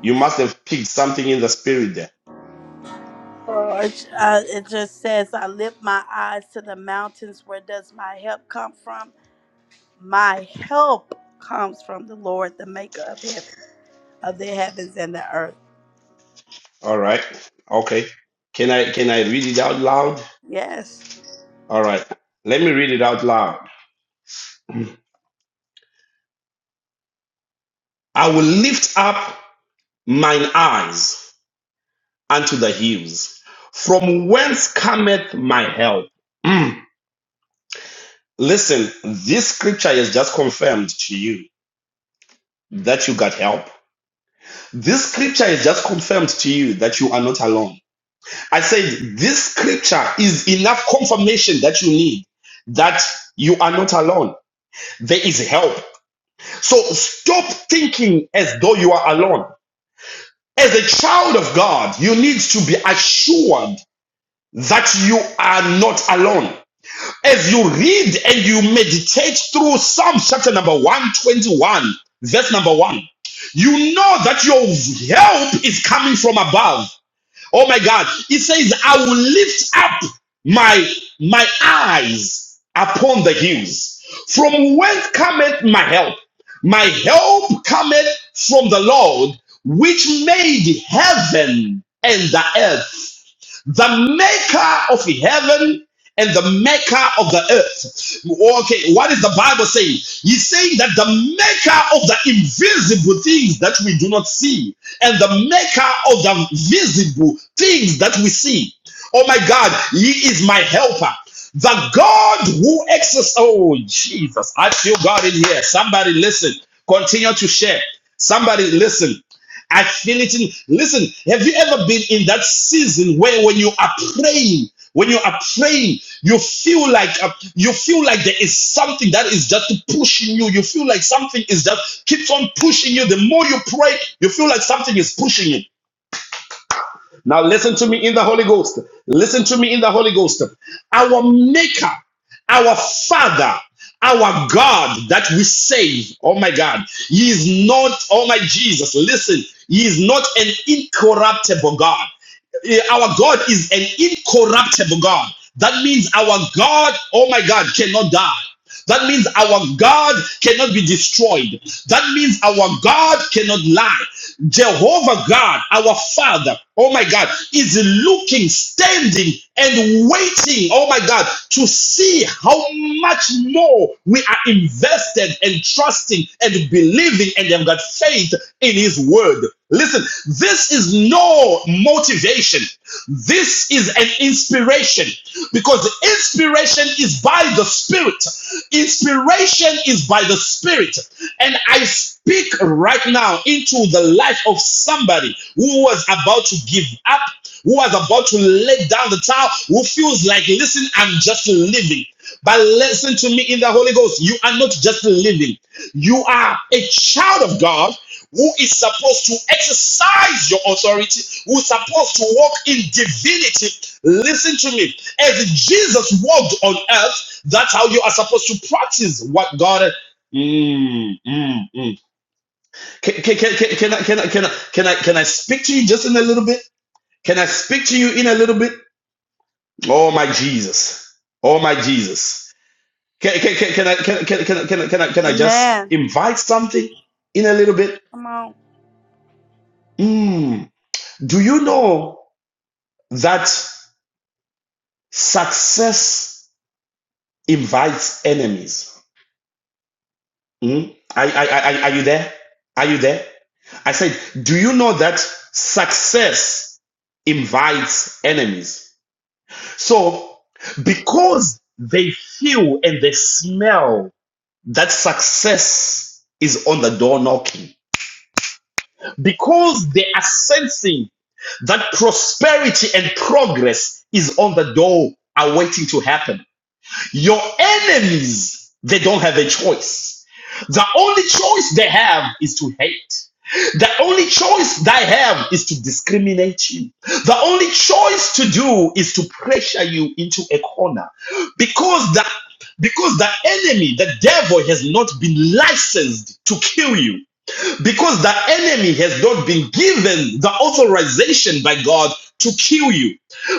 Speaker 4: You must have picked something in the spirit there.
Speaker 1: it, uh, it just says, I lift my eyes to the mountains. Where does my help come from? My help comes from the Lord, the maker of heaven, of the heavens and the earth.
Speaker 4: All right. Okay. Can I can I read it out loud?
Speaker 1: Yes.
Speaker 4: All right. Let me read it out loud. I will lift up mine eyes unto the hills. From whence cometh my help? Mm. Listen, this scripture is just confirmed to you that you got help. This scripture is just confirmed to you that you are not alone. I said, this scripture is enough confirmation that you need that you are not alone. There is help. So stop thinking as though you are alone. As a child of God, you need to be assured that you are not alone. As you read and you meditate through Psalm chapter number 121, verse number 1, you know that your help is coming from above. Oh my God. It says, I will lift up my, my eyes upon the hills. From whence cometh my help? My help cometh from the Lord, which made heaven and the earth the maker of heaven and the maker of the earth. Okay, what is the Bible saying? He's saying that the maker of the invisible things that we do not see and the maker of the visible things that we see. Oh my God, he is my helper. The God who exercises, oh Jesus, I feel God in here. Somebody listen, continue to share. Somebody listen. I feel it in. Listen, have you ever been in that season where when you are praying, when you are praying, you feel like uh, you feel like there is something that is just pushing you. You feel like something is just keeps on pushing you. The more you pray, you feel like something is pushing you. Now listen to me in the Holy Ghost. Listen to me in the Holy Ghost. Our Maker, our Father, our God that we save. Oh my God. He is not, oh my Jesus, listen, He is not an incorruptible God. Eh, Our God is an incorruptible God. That means our God, oh my God, cannot die. That means our God cannot be destroyed. That means our God cannot lie. Jehovah God, our Father, oh my God, is looking, standing, and waiting, oh my God, to see how much more we are invested and trusting and believing and have got faith in His word. Listen, this is no motivation. This is an inspiration because inspiration is by the Spirit. Inspiration is by the Spirit. And I speak right now into the life of somebody who was about to give up, who was about to let down the towel, who feels like, listen, I'm just living. But listen to me in the Holy Ghost. You are not just living, you are a child of God who is supposed to exercise your authority, who is supposed to walk in divinity. Listen to me. As Jesus walked on earth, that's how you are supposed to practice what God. Mm, mm, mm. Can, can, can, can, can, I, can, I, can, I, can, I, can I speak to you just in a little bit? Can I speak to you in a little bit? Oh, my Jesus. Oh, my Jesus. Can, can, can, can, I, can, can, can, can, I- can, I, can I just
Speaker 1: Amen.
Speaker 4: invite something in a little bit? Mm. Do you know? that success invites enemies. Mm? I, I, I, I- are you there? Are you there? I said, do you know that success invites enemies? So, because they feel and they smell that success is on the door knocking, because they are sensing that prosperity and progress is on the door awaiting to happen Your enemies, they don't have a choice. The only choice they have is to hate. The only choice they have is to discriminate you. The only choice to do is to pressure you into a corner because the because the enemy, the devil, has not been licensed to kill you because the enemy has not been given the authorization by God to kill you,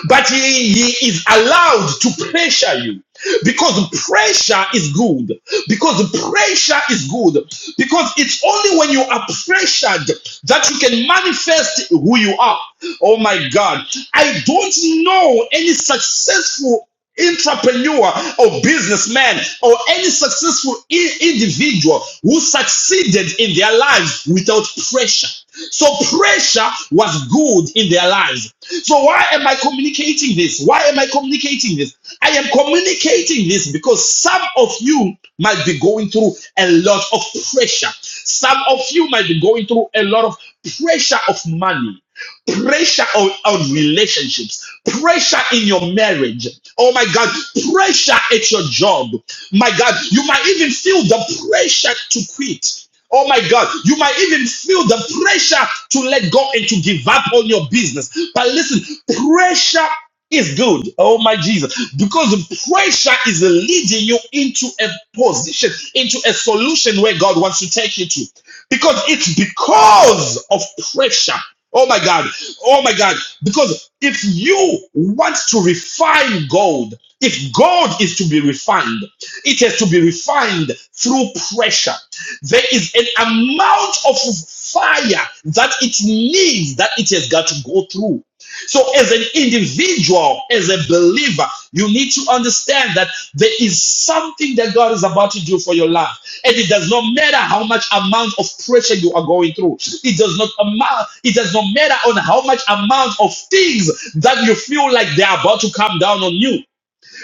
Speaker 4: but he, he is allowed to pressure you because pressure is good. Because pressure is good. Because it's only when you are pressured that you can manifest who you are. Oh my God. I don't know any successful entrepreneur or businessman or any successful individual who succeeded in their lives without pressure. So pressure was good in their lives. So why am I communicating this? Why am I communicating this? I am communicating this because some of you might be going through a lot of pressure. Some of you might be going through a lot of pressure of money pressure on, on relationships, pressure in your marriage. Oh my God, pressure at your job. My God, you might even feel the pressure to quit. Oh my God, you might even feel the pressure to let go and to give up on your business. But listen, pressure is good. Oh my Jesus, because pressure is leading you into a position, into a solution where God wants to take you to. Because it's because of pressure. Oh my God. Oh my God. Because if you want to refine gold, if gold is to be refined, it has to be refined through pressure. There is an amount of fire that it needs that it has got to go through. So, as an individual, as a believer, you need to understand that there is something that God is about to do for your life. And it does not matter how much amount of pressure you are going through. It does not amount, it does not matter on how much amount of things that you feel like they are about to come down on you.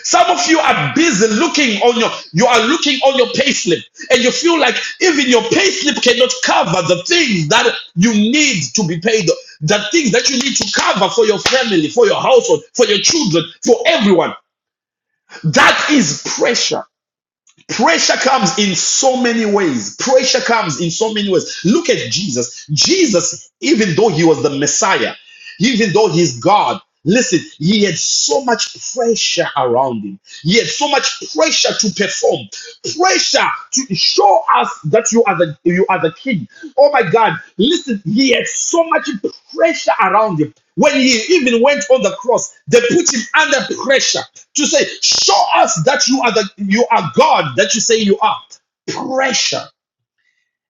Speaker 4: Some of you are busy looking on your, you are looking on your payslip and you feel like even your payslip cannot cover the things that you need to be paid, the things that you need to cover for your family, for your household, for your children, for everyone. That is pressure. Pressure comes in so many ways. Pressure comes in so many ways. Look at Jesus. Jesus, even though he was the Messiah, even though he's God, listen, he had so much pressure around him. He had so much pressure to perform pressure to show us that you are the you are the king. Oh my God! Listen, he had so much pressure around him. When he even went on the cross, they put him under pressure to say, "Show us that you are the you are God that you say you are." Pressure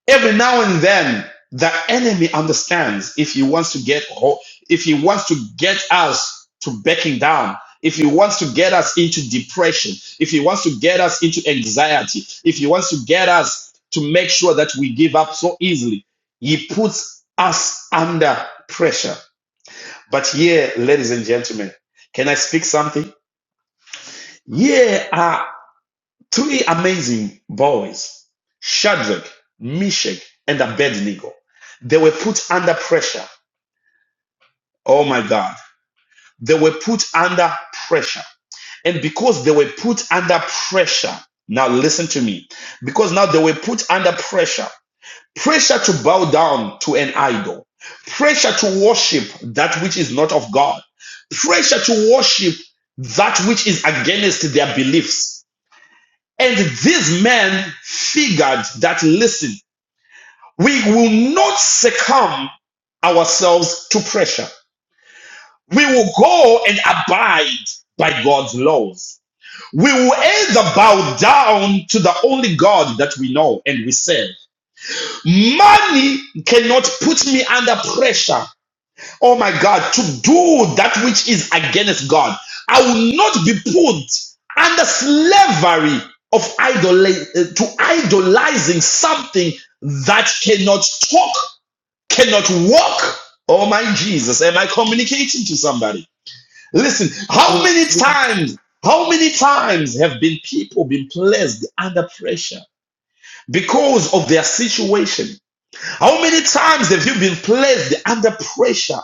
Speaker 4: Every now and then, the enemy understands if he wants to get ho- if he wants to get us to backing down, if he wants to get us into depression, if he wants to get us into anxiety, if he wants to get us to make sure that we give up so easily, he puts us under pressure. But here, ladies and gentlemen, can I speak something? Here are. Three amazing boys, Shadrach, Meshach, and Abednego, they were put under pressure. Oh my God. They were put under pressure. And because they were put under pressure, now listen to me, because now they were put under pressure, pressure to bow down to an idol, pressure to worship that which is not of God, pressure to worship that which is against their beliefs And these men figured that, listen, we will not succumb ourselves to pressure. We will go and abide by God's laws. We will either bow down to the only God that we know and we serve. Money cannot put me under pressure oh my God, to do that which is against God. I will not be put under slavery of idol- to idolizing something that cannot talk, cannot walk. Oh my Jesus, am I communicating to somebody? Listen,
Speaker 7: Mm,
Speaker 4: how many
Speaker 7: mm.
Speaker 4: times, how many times have been people been placed under pressure because of their situation? How many times have you been placed under pressure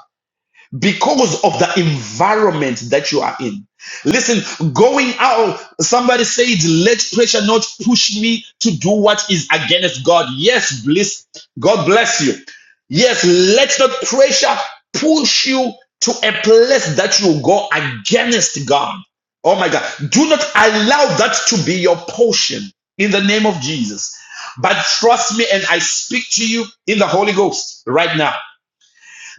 Speaker 4: because of the environment that you are in. Listen, going out, somebody said, let pressure not push me to do what is against God. Yes, bliss. God bless you. Yes, let not pressure push you to a place that you go against God. Oh my God. Do not allow that to be your portion in the name of Jesus. But trust me, and I speak to you in the Holy Ghost right now.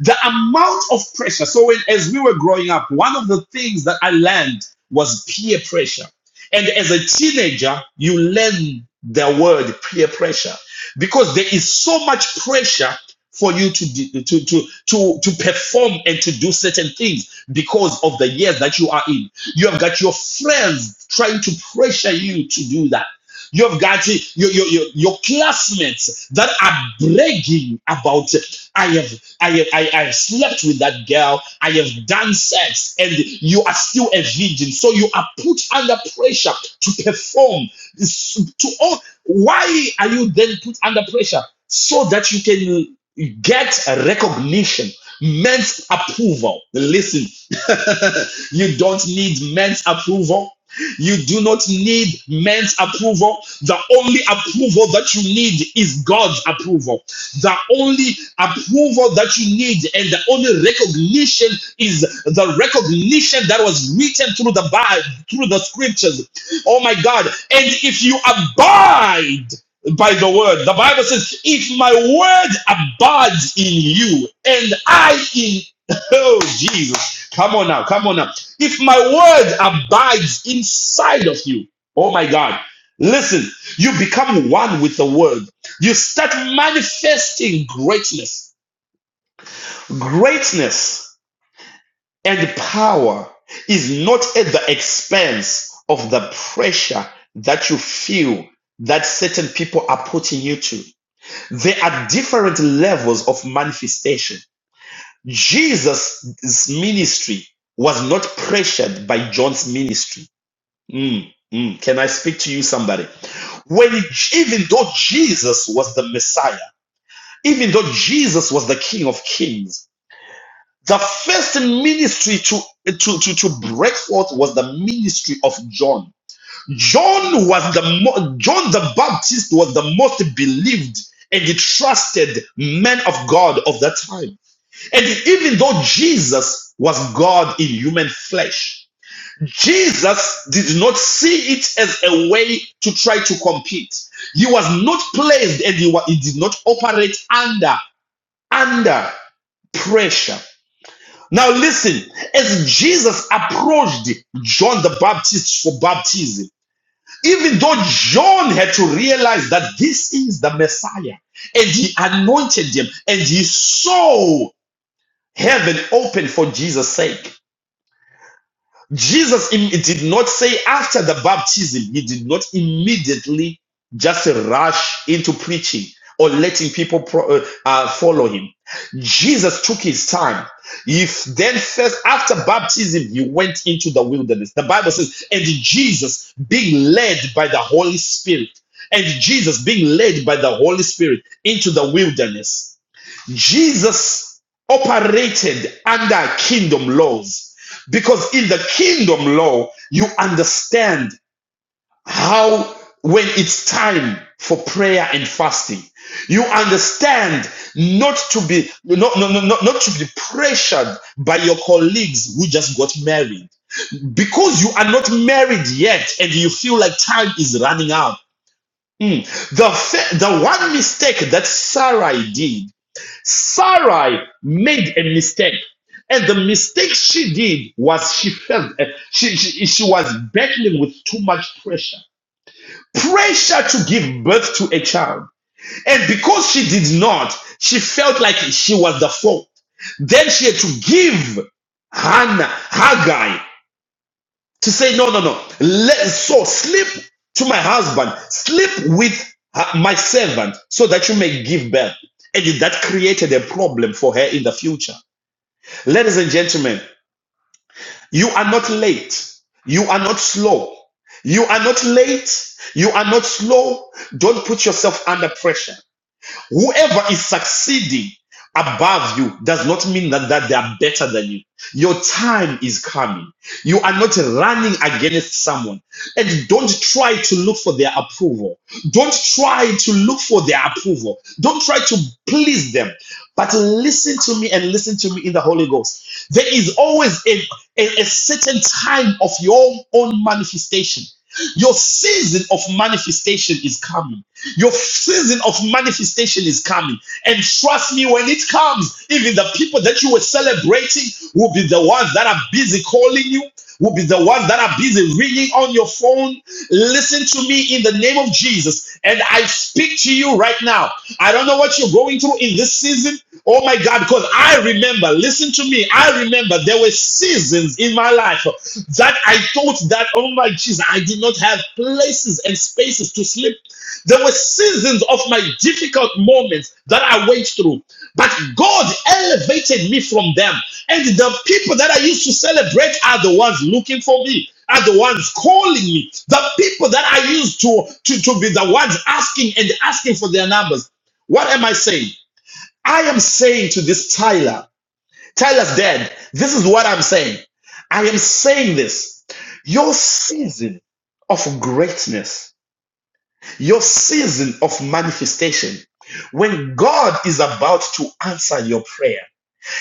Speaker 4: The amount of pressure. So when, as we were growing up, one of the things that I learned was peer pressure. And as a teenager, you learn the word peer pressure because there is so much pressure for you to, do- to, to, to, to perform and to do certain things because of the years that you are in. You have got your friends trying to pressure you to do that. You have got your, your, your, your classmates that are bragging about I have I have I, I have slept with that girl, I have done sex, and you are still a virgin. So you are put under pressure to perform. To all why are you then put under pressure? so that you can get a recognition, men's approval. Listen, you don't need men's approval. You do not need men's approval. The only approval that you need is God's approval. The only approval that you need and the only recognition is the recognition that was written through the Bible, through the scriptures. Oh my God. And if you abide, by the word. The Bible says, if my word abides in you and I in, oh Jesus, come on now, come on now. If my word abides inside of you, oh my God, listen, you become one with the word. You start manifesting greatness. Greatness and power is not at the expense of the pressure that you feel that certain people are putting you to there are different levels of manifestation. Jesus' ministry was not pressured by John's ministry. Mm, mm. Can I speak to you, somebody? When even though Jesus was the Messiah, even though Jesus was the King of Kings, the first ministry to, to, to, to break forth was the ministry of John. John was the mo- John the Baptist was the most believed and the trusted man of God of that time. And even though Jesus was God in human flesh, Jesus did not see it as a way to try to compete. He was not placed and he, wa- he did not operate under under pressure. Now listen, as Jesus approached John the Baptist for baptism, even though John had to realize that this is the Messiah, and he anointed him, and he saw heaven open for Jesus' sake. Jesus im- did not say after the baptism, he did not immediately just rush into preaching or letting people pro- uh, uh, follow him. Jesus took his time. If then first after baptism, he went into the wilderness. The Bible says, and Jesus being led by the Holy Spirit, and Jesus being led by the Holy Spirit into the wilderness. Jesus operated under kingdom laws because in the kingdom law, you understand how when it's time for prayer and fasting, you understand not to be not, not, not, not to be pressured by your colleagues who just got married because you are not married yet and you feel like time is running out. Mm. The, the one mistake that Sarai did Sarai made a mistake. And the mistake she did was she felt uh, she, she, she was battling with too much pressure. Pressure to give birth to a child. And because she did not, she felt like she was the fault. Then she had to give Hannah, Haggai, to say, no, no, no. Let, so sleep to my husband, sleep with her- my servant so that you may give birth. And that created a problem for her in the future. Ladies and gentlemen, you are not late. You are not slow. You are not late. You are not slow. Don't put yourself under pressure. Whoever is succeeding above you does not mean that, that they are better than you. Your time is coming. You are not running against someone. And don't try to look for their approval. Don't try to look for their approval. Don't try to please them. But listen to me and listen to me in the Holy Ghost. There is always a, a, a certain time of your own manifestation. Your season of manifestation is coming. Your season of manifestation is coming. And trust me, when it comes, even the people that you were celebrating will be the ones that are busy calling you, will be the ones that are busy ringing on your phone. Listen to me in the name of Jesus. And I speak to you right now. I don't know what you're going through in this season. Oh my God, because I remember, listen to me. I remember there were seasons in my life that I thought that, oh my Jesus, I did not have places and spaces to sleep. There were seasons of my difficult moments that I went through, but God elevated me from them. And the people that I used to celebrate are the ones looking for me, are the ones calling me, the people that I used to, to, to be the ones asking and asking for their numbers. What am I saying? I am saying to this Tyler, Tell us, Dad, this is what I'm saying. I am saying this. Your season of greatness, your season of manifestation, when God is about to answer your prayer,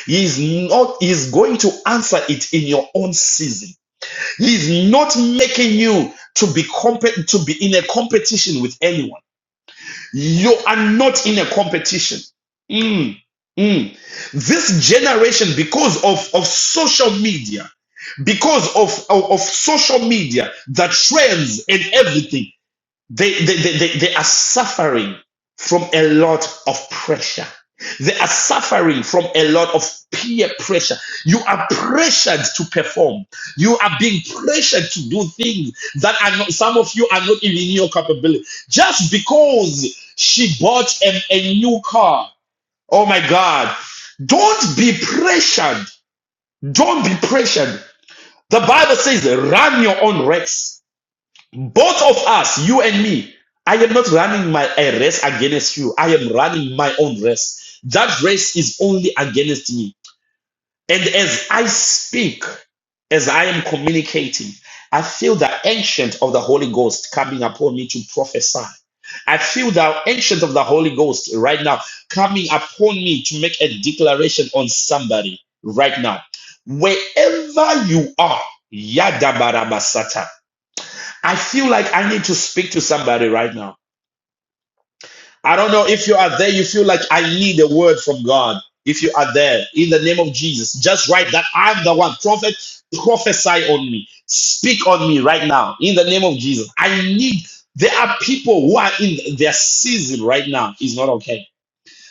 Speaker 4: He is not, He is going to answer it in your own season. He is not making you to be comp- to be in a competition with anyone. You are not in a competition. Mm, mm. This generation, because of, of social media, because of, of, of social media, the trends and everything, they, they, they, they, they are suffering from a lot of pressure. They are suffering from a lot of peer pressure. You are pressured to perform. You are being pressured to do things that are not, some of you are not even in your capability. Just because she bought a, a new car. Oh my God. Don't be pressured. Don't be pressured. The Bible says, run your own race. Both of us, you and me, I am not running my a race against you. I am running my own race. That race is only against me. And as I speak, as I am communicating, I feel the ancient of the Holy Ghost coming upon me to prophesy. I feel the ancient of the Holy Ghost right now coming upon me to make a declaration on somebody right now. Wherever you are, Yadabarabasata. I feel like I need to speak to somebody right now. I don't know if you are there, you feel like I need a word from God. If you are there, in the name of Jesus, just write that I'm the one. Prophet, prophesy on me. Speak on me right now, in the name of Jesus. I need, there are people who are in their season right now, It's not okay.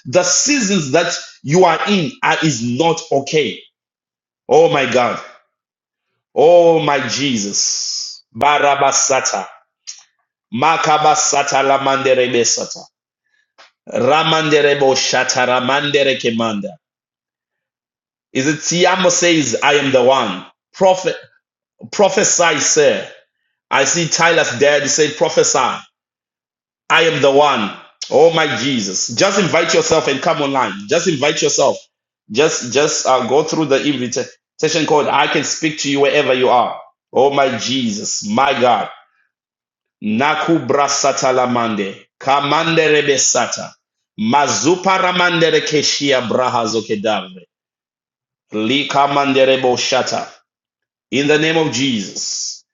Speaker 4: The seasons that you are in are, is not okay. Oh my God. Oh my Jesus. Barabasata. Makabasata la manderebesata. Ramanderebo shataramandere kemanda. Is it Tiamo says, I am the one. Prophet, prophesy, sir. I see Tyler's dad He said, prophesy. I am the one. Oh my Jesus. Just invite yourself and come online. Just invite yourself. Just just uh, go through the invitation code. I can speak to you wherever you are. Oh my Jesus. My God. Naku brasata la mande. Kamande rebesata. Mazupa ramandere keshia braha zokedavre. Lika mandere boshata. In the name of Jesus.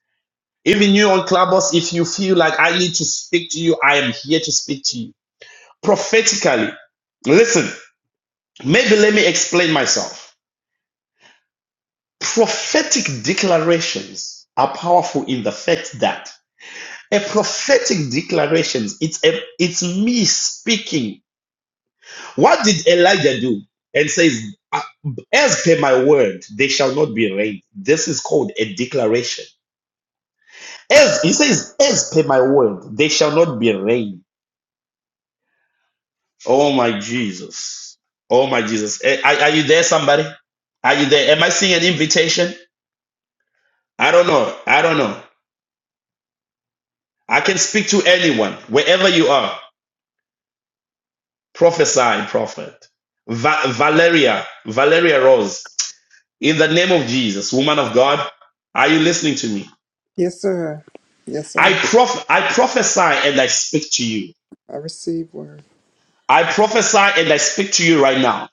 Speaker 4: Even you on Clubhouse, if you feel like I need to speak to you, I am here to speak to you. Prophetically, listen, maybe let me explain myself. Prophetic declarations are powerful in the fact that a prophetic declaration, it's a, it's me speaking What did Elijah do? And says, "Uh, As per my word, they shall not be rained. This is called a declaration. As he says, as per my word, they shall not be rained. Oh my Jesus. Oh my Jesus. Eh, Are, are you there, somebody? Are you there? Am I seeing an invitation? I don't know. I don't know. I can speak to anyone, wherever you are. Prophesy, prophet. Va- Valeria, Valeria Rose, in the name of Jesus, woman of God, are you listening to me?
Speaker 7: Yes, sir. Yes,
Speaker 4: I
Speaker 7: sir.
Speaker 4: prof- I prophesy and I speak to you.
Speaker 7: I receive word.
Speaker 4: I prophesy and I speak to you right now.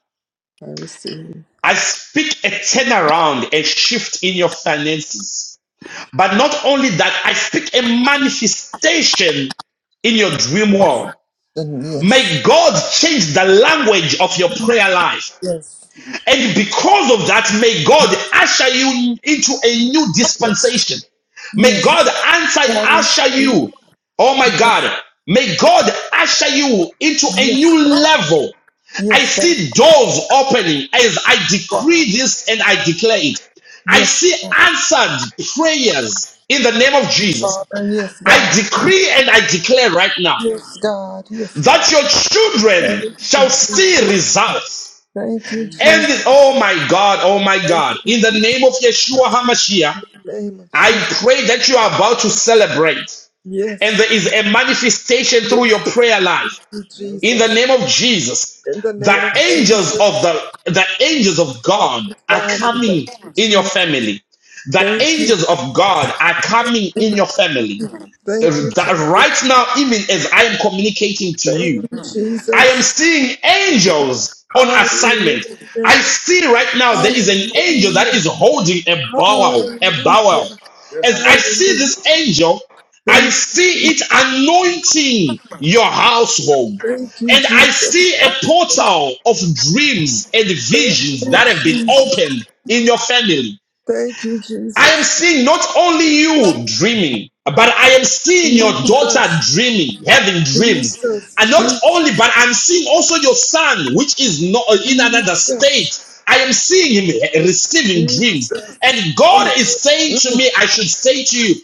Speaker 7: I receive.
Speaker 4: I speak a turnaround, a shift in your finances. But not only that, I speak a manifestation in your dream world.
Speaker 7: And yes,
Speaker 4: May God change the language of your prayer life.
Speaker 7: yes,
Speaker 4: And because of that, may God usher you into a new dispensation. May
Speaker 7: yes,
Speaker 4: God answer,
Speaker 7: Father.
Speaker 4: usher you. Oh my
Speaker 7: Yes,
Speaker 4: God. May God usher you into a new level.
Speaker 7: yes,
Speaker 4: I
Speaker 7: yes, God.
Speaker 4: see doors opening as I
Speaker 7: God.
Speaker 4: decree this and I declare it. I
Speaker 7: Yes,
Speaker 4: see
Speaker 7: God.
Speaker 4: answered prayers in the name of
Speaker 7: Yes,
Speaker 4: Jesus.
Speaker 7: Father. Yes,
Speaker 4: I
Speaker 7: God.
Speaker 4: decree and I declare right now
Speaker 7: Yes, God. Yes,
Speaker 4: that your children shall see
Speaker 7: God.
Speaker 4: results
Speaker 7: Thank you,
Speaker 4: and
Speaker 7: Jesus.
Speaker 4: this, oh my God, oh my God, in the name of Yeshua HaMashiach,
Speaker 7: Thank
Speaker 4: I pray that you are about to celebrate
Speaker 7: you,
Speaker 4: and there is a manifestation through your prayer life. In the
Speaker 7: Jesus.
Speaker 4: name of Jesus,
Speaker 7: In the
Speaker 4: the
Speaker 7: name of
Speaker 4: angels
Speaker 7: Jesus.
Speaker 4: of the, the angels of God are
Speaker 7: Yes, thank you, Jesus. In the name of Jesus, Father.
Speaker 4: coming
Speaker 7: Thank you,
Speaker 4: in your
Speaker 7: Jesus.
Speaker 4: family. The angels of God are coming in your family. Uh,
Speaker 7: Thank you. Thank you.
Speaker 4: that Right now, even as I am communicating to you,
Speaker 7: Thank you,
Speaker 4: I
Speaker 7: Jesus.
Speaker 4: am seeing angels on assignment.
Speaker 7: Hallelujah.
Speaker 4: I see right now there is an angel
Speaker 7: Hallelujah.
Speaker 4: that is holding a bowl, a bowl.
Speaker 7: Hallelujah.
Speaker 4: As I see
Speaker 7: Hallelujah.
Speaker 4: this angel, I
Speaker 7: Thank you.
Speaker 4: see it anointing your household.
Speaker 7: Thank you,
Speaker 4: And I
Speaker 7: Jesus.
Speaker 4: see a portal of dreams and
Speaker 7: Thank
Speaker 4: visions
Speaker 7: you,
Speaker 4: that have been
Speaker 7: Jesus.
Speaker 4: opened in your family.
Speaker 7: Thank you,
Speaker 4: I am
Speaker 7: Jesus.
Speaker 4: seeing not only you dreaming, but I am seeing your daughter
Speaker 7: Jesus.
Speaker 4: dreaming, having dreams. And
Speaker 7: Jesus.
Speaker 4: not
Speaker 7: Jesus.
Speaker 4: only, but I'm seeing also your son, which is not uh, in another state. I am seeing him eh,
Speaker 7: Jesus.
Speaker 4: receiving dreams.
Speaker 7: Jesus.
Speaker 4: And God is saying to me, I should say to you,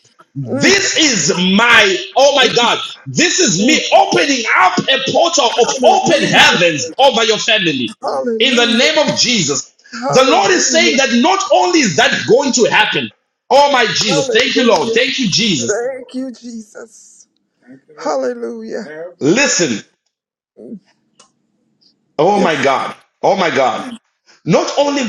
Speaker 7: Mm.
Speaker 4: this is my, oh my God, this is me opening up a portal of open
Speaker 7: Hallelujah.
Speaker 4: heavens over your family in the
Speaker 7: Hallelujah.
Speaker 4: name of Jesus. The Lord is saying
Speaker 7: Hallelujah.
Speaker 4: that not only is that going to happen, oh my Jesus, thank you, Lord,
Speaker 7: Hallelujah.
Speaker 4: thank you, Jesus.
Speaker 7: Thank you, Jesus. Hallelujah.
Speaker 4: Listen, Oh
Speaker 7: Yes,
Speaker 4: my God. Oh my God. Not only,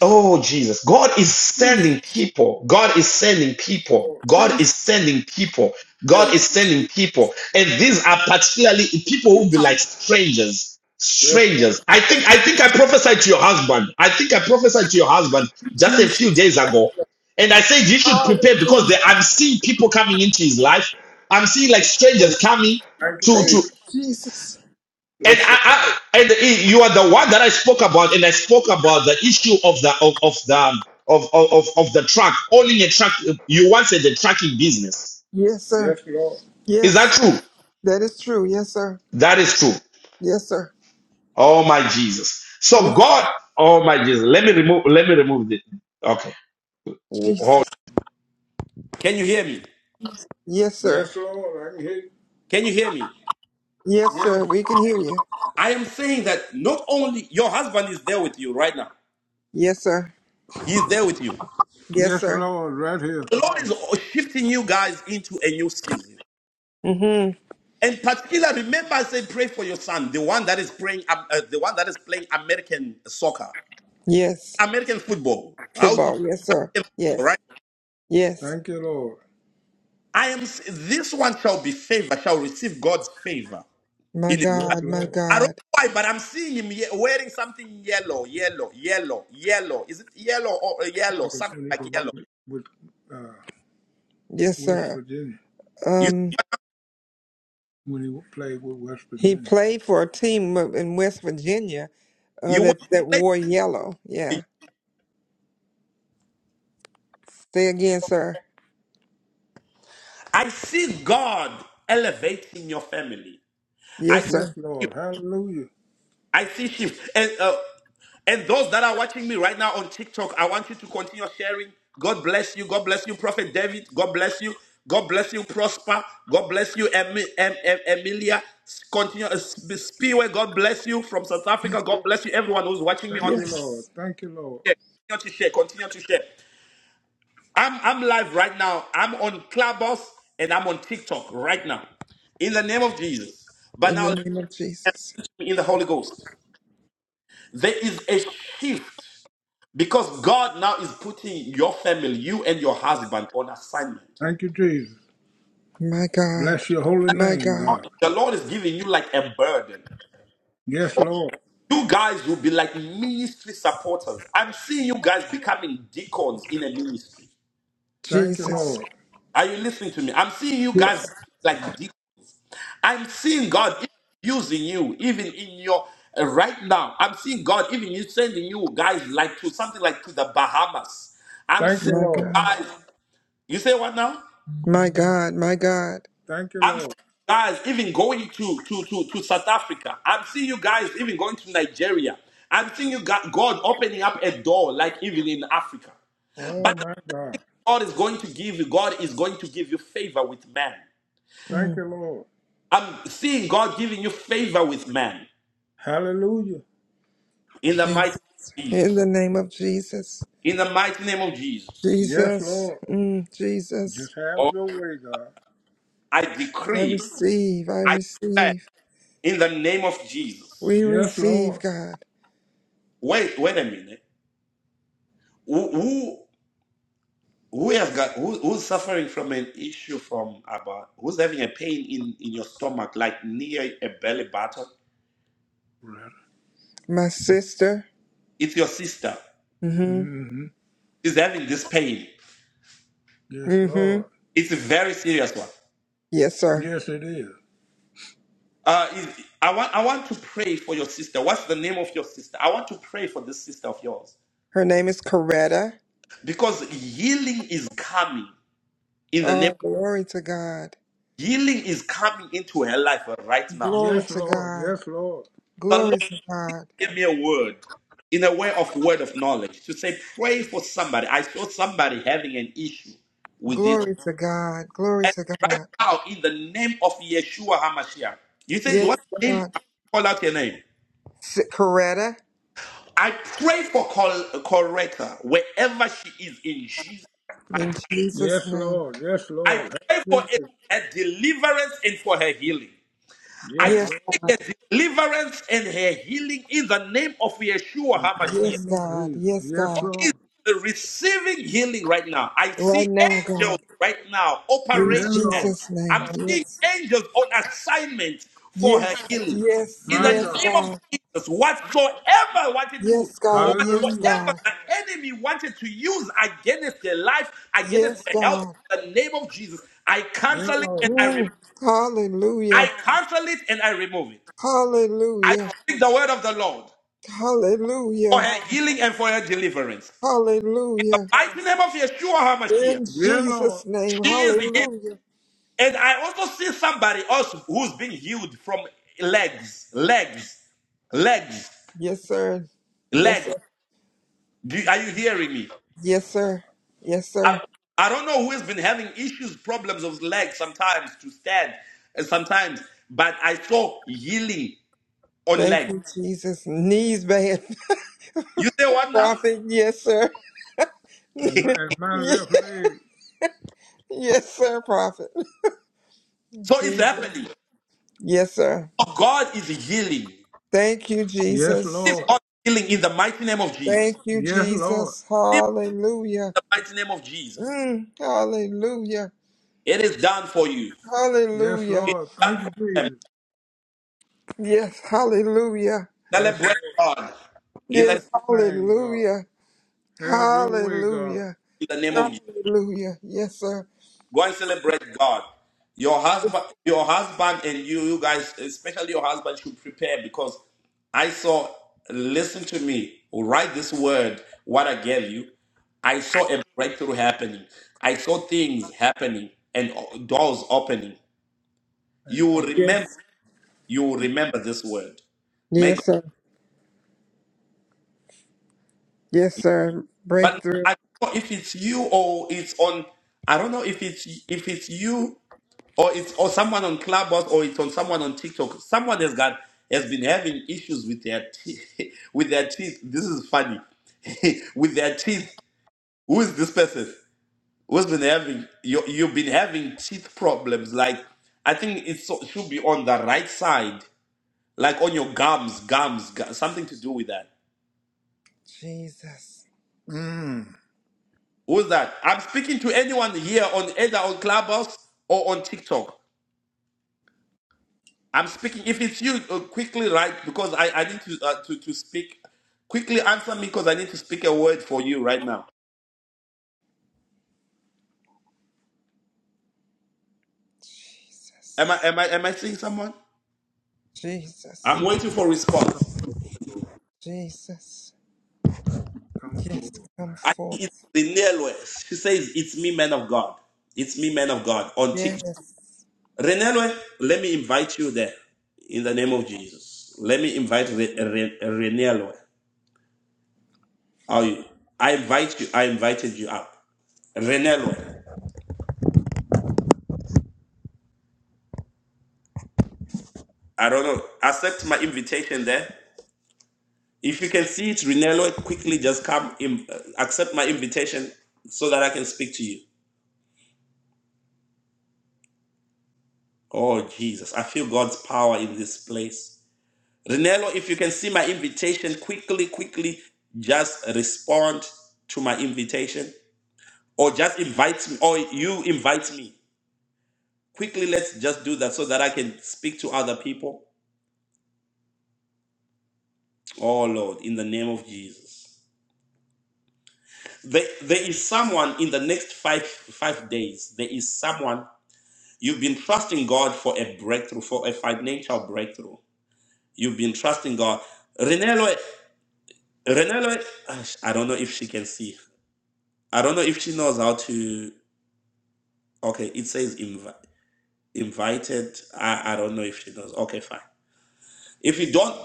Speaker 4: oh Jesus, God is
Speaker 7: Jesus.
Speaker 4: sending people. God is sending people. God is
Speaker 7: Jesus.
Speaker 4: sending people. God
Speaker 7: Thank
Speaker 4: is sending people. And these are particularly people who be like strangers.
Speaker 7: you.
Speaker 4: Strangers. I
Speaker 7: Thank
Speaker 4: think
Speaker 7: you,
Speaker 4: I think I prophesied to your husband. I think I prophesied to your husband just a
Speaker 7: Jesus.
Speaker 4: few days ago. And I said you should
Speaker 7: Hallelujah.
Speaker 4: prepare
Speaker 7: Praise
Speaker 4: because there, I'm seeing people coming into his life. I'm seeing like
Speaker 7: you.
Speaker 4: strangers coming
Speaker 7: Thank you,
Speaker 4: to
Speaker 7: Thank you,
Speaker 4: to.
Speaker 7: Jesus. Jesus.
Speaker 4: And
Speaker 7: Bless you.
Speaker 4: I, I and you are the one that I spoke about, and I spoke about the issue of the of, of the of, of of the truck owning a truck. You once said the trucking business.
Speaker 7: Yes, sir. Yes, Lord.
Speaker 4: Is that
Speaker 7: Yes,
Speaker 4: true?
Speaker 7: that is true. Yes, sir.
Speaker 4: That is true.
Speaker 7: Yes, sir.
Speaker 4: Oh my Jesus. So
Speaker 7: Yes,
Speaker 4: God, oh my Jesus. Let me remove. Let me remove this. Okay. Hold.
Speaker 7: Jesus.
Speaker 4: Can you hear me?
Speaker 7: Yes, sir. Yes, Lord. I can hear you.
Speaker 4: Can you hear me?
Speaker 7: Yes, Yes. sir. We can hear you.
Speaker 4: I am saying that not only your husband is there with you right now,
Speaker 7: Yes, sir.
Speaker 4: he's there with you.
Speaker 7: Yes, Yes, sir. Lord. Right here.
Speaker 4: The Lord is shifting you guys into a new season.
Speaker 7: Mm-hmm.
Speaker 4: And particularly, remember I said, pray for your son, the one that is praying up uh, the
Speaker 7: Yes.
Speaker 4: American
Speaker 7: Football. Yes, sir. Yes. Yes. Thank you, Lord.
Speaker 4: Times. This one shall be favored, receive God's favor.
Speaker 7: My Yes,
Speaker 4: In
Speaker 7: God. My Lord.
Speaker 4: I don't
Speaker 7: God.
Speaker 4: know why, but I'm seeing him ye- wearing something yellow, yellow, yellow, yellow. Is it yellow or uh, yellow?
Speaker 7: That was
Speaker 4: Some-
Speaker 7: when he was with, uh, Yes, West sir. Virginia. when he played with West He Virginia. played for a team up in West Virginia uh, that that wore yellow. Yeah. Say again, sir. Yes, Yes, sir. Lord. Hallelujah. Thank you, Lord. Yes. Thank you, Lord. In the name of Jesus. Thank you, Jesus. My God. Bless your holy My name, God. God. Yes, Lord. Thank you, Jesus. Lord. Yes. Thank you, My Lord. God. My God. My God. Thank you, Lord. Oh, my God. Thank Mm. you, Lord. Hallelujah. Jesus. In the name of Jesus. Yes, Jesus, Lord. mm, Jesus, Just have your way, God. I receive, I receive, we Yes, receive, Lord. God. My sister, mm-hmm, Mm-hmm. Yes, mm-hmm, Lord. yes, sir. Yes, it is. Her name is Coretta. Oh, glory to God, glory Yes, to Lord. God, Yes, Lord. glory to God, glory to God, glory to God. Yes, God, S- Coretta, in Jesus' Yes, name. Lord. Yes, Lord. Have your way. Yes, Yes, Lord. God. Yes, God. Hallelujah. Yes, Yes, God. Lord. Right now, God. In Yes, Lord. Jesus' name.
Speaker 4: I'm seeing
Speaker 7: Yes.
Speaker 4: angels on assignment for
Speaker 7: Yes.
Speaker 4: her healing.
Speaker 7: Yes.
Speaker 4: In
Speaker 7: My
Speaker 4: the
Speaker 7: Yes, God.
Speaker 4: name of
Speaker 7: God.
Speaker 4: Jesus, whatsoever wanted
Speaker 7: Yes,
Speaker 4: to,
Speaker 7: God. Yes, Hallelujah.
Speaker 4: whatsoever
Speaker 7: God.
Speaker 4: the enemy wanted to use against their life,
Speaker 7: Yes,
Speaker 4: against their health,
Speaker 7: God.
Speaker 4: in the name of Jesus, I
Speaker 7: Yes,
Speaker 4: cancel it
Speaker 7: Lord. Mm. Hallelujah. Hallelujah. Hallelujah. Hallelujah. In Yes, Lord. Jesus' name. Hallelujah. Yes, sir. Yes, sir. Yes, sir. Yes, sir. Thank you, Jesus. Knees bad. Prophet. Yes, sir. It well Yes, sir, Prophet. Jesus. Yes, sir. Thank you, Yes, Jesus. Lord. Thank you, Yes, Lord. Jesus. Hallelujah. Mm, hallelujah. Yes, Hallelujah. Lord. Thank you, Jesus. Yes, hallelujah. Yes, Lord. Yes, thing, God. hallelujah. Have your way, God. Hallelujah. Hallelujah. Yes, sir. Yeah. Yes. Yes, sir. Yes, sir. Breakthrough. Jesus. Mm. Jesus. Jesus. Oh, Lord, Jesus. come Yes, forward. come forth. Yes.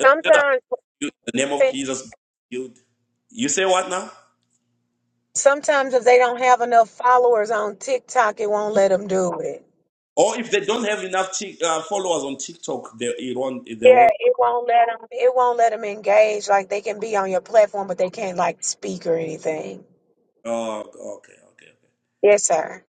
Speaker 3: Sometimes, sometimes if they don't have enough followers on TikTok, it won't let them do it. Yeah, it won't let them. It won't let them engage. Like they can be on your platform, but they can't like speak or anything. Yes, sir.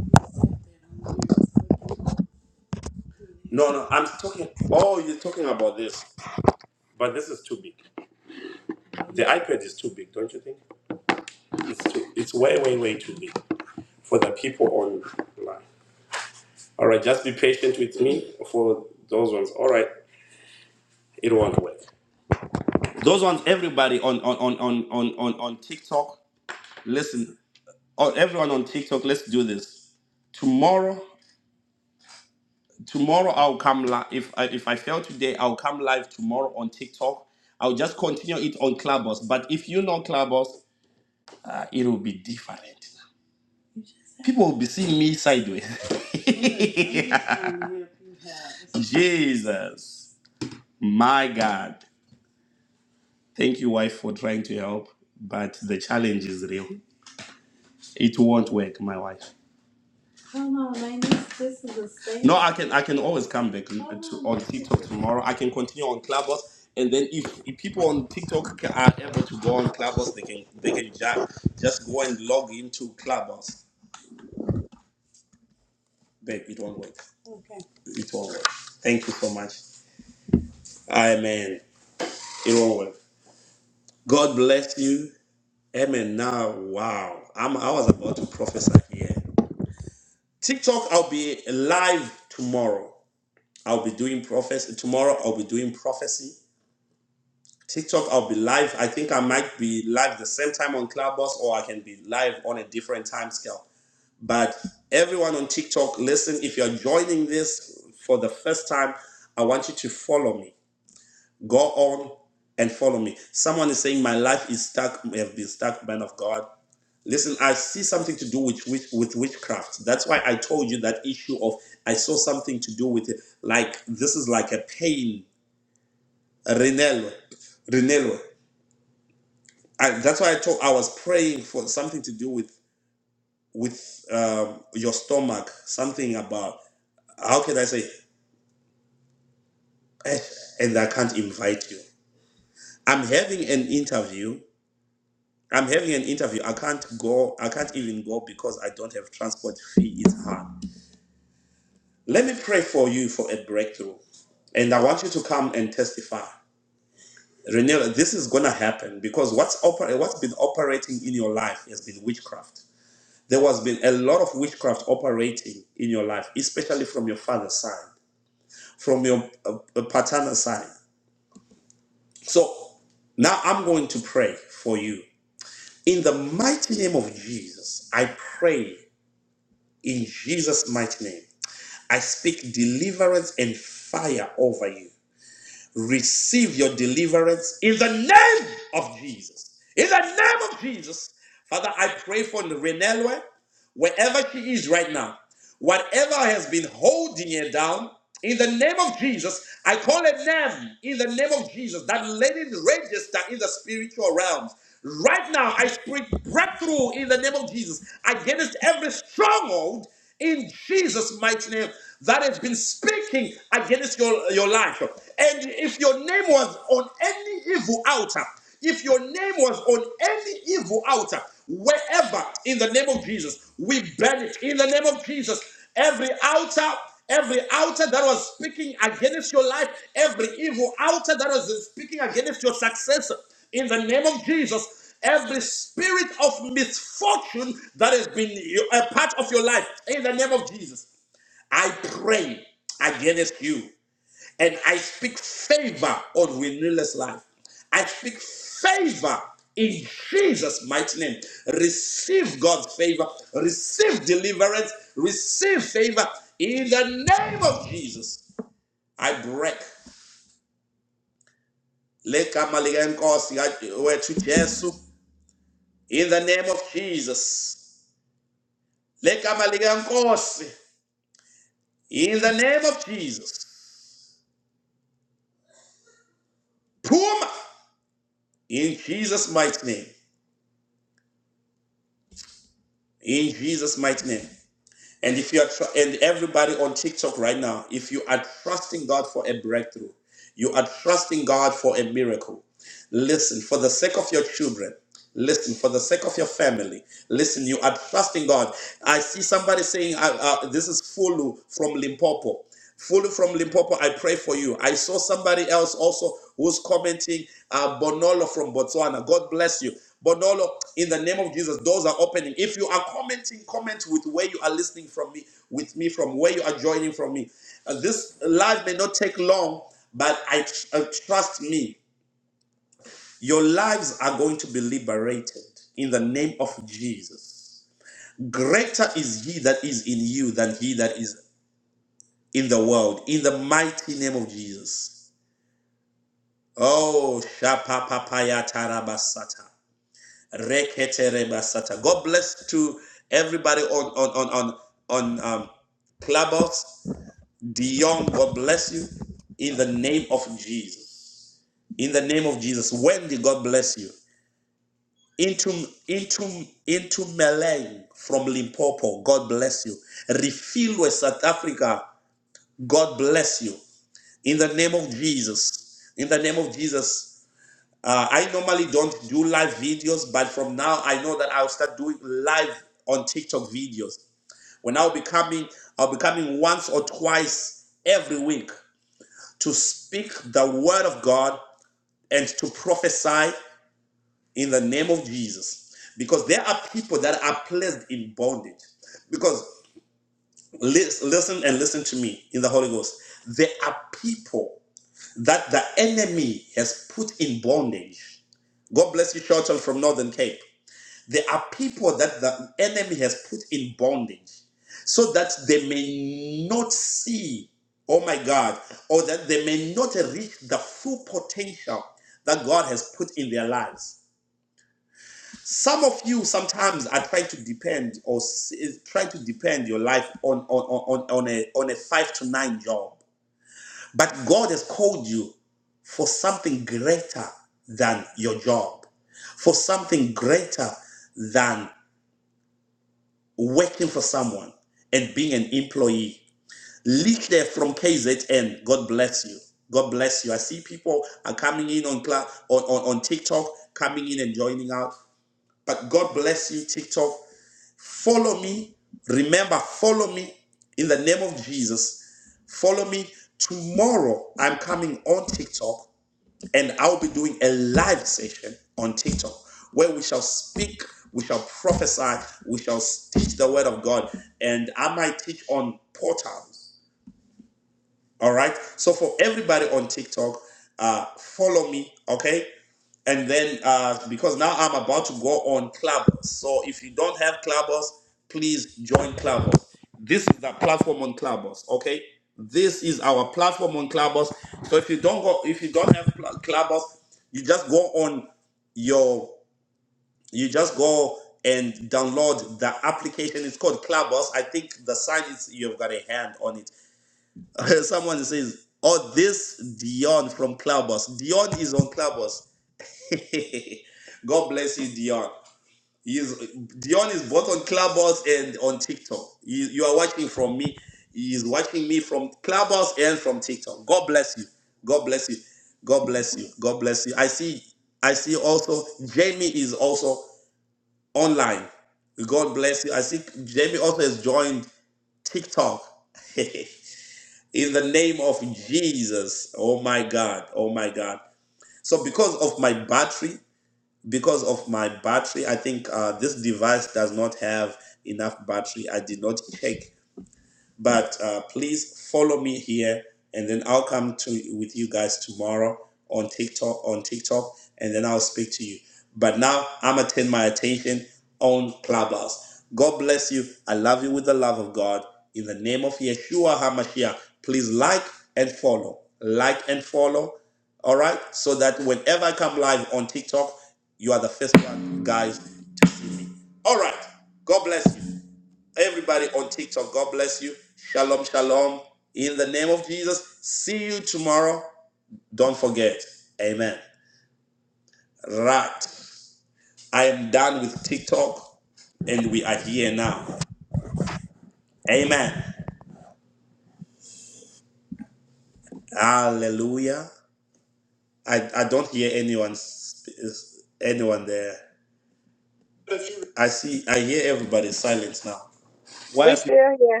Speaker 3: We still here.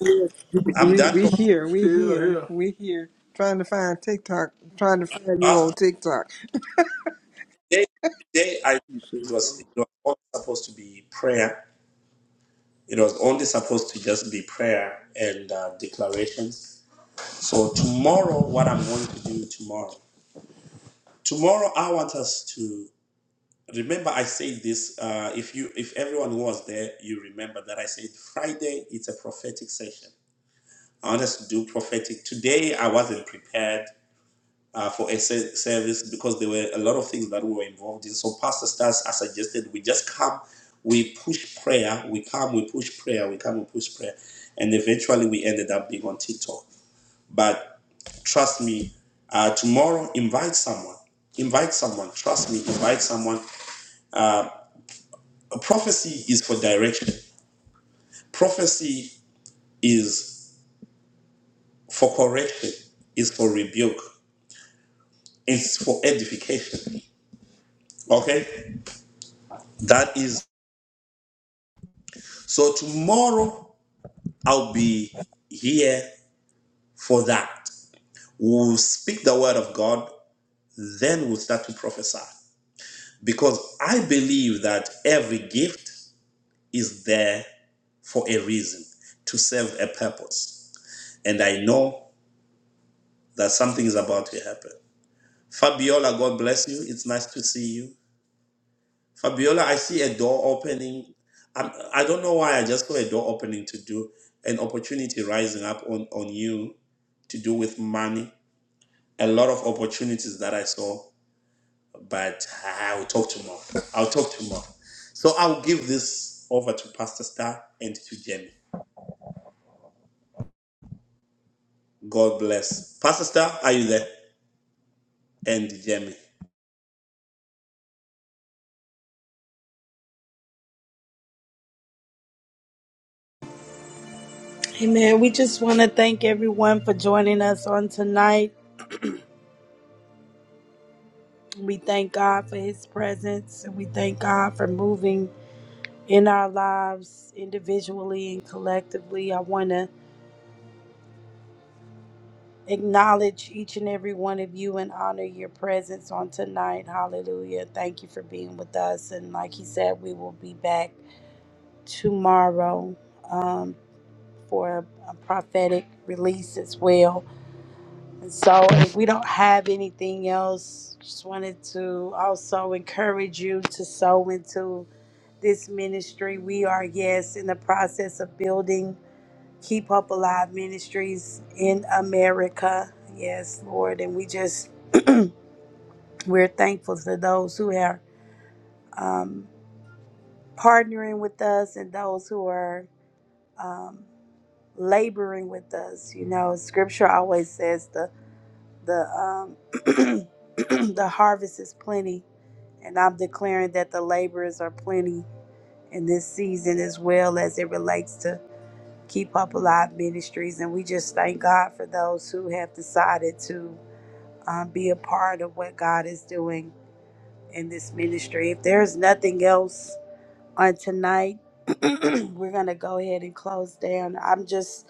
Speaker 7: Yes, We we here, we Sheila here, here. we here. Trying to find TikTok, trying to find you on TikTok. Yes, Lord.
Speaker 1: Amen. We just want to thank everyone for joining us on tonight. We thank God for his presence and we thank God for moving in our lives individually and collectively. I want to acknowledge each and every one of you and honor your presence on tonight. Hallelujah. Thank you for being with us. And like he said, we will be back tomorrow um, for a, prophetic release as well. And so if we don't have anything else, just wanted to also encourage you to sow into this ministry. We are, yes, in the process of building. Keep Up Alive Ministries in America. Yes, Lord. And we just, we're thankful to those who are um, partnering with us and those who are um, laboring with us. You know, scripture always says the, the, um, the harvest is plenty. And I'm declaring that the laborers are plenty in this season as well as it relates to Keep Up Alive Ministries. And we just thank God for those who have decided to uh, be a part of what God is doing in this ministry. If there's nothing else on tonight, we're gonna go ahead and close down. I'm just,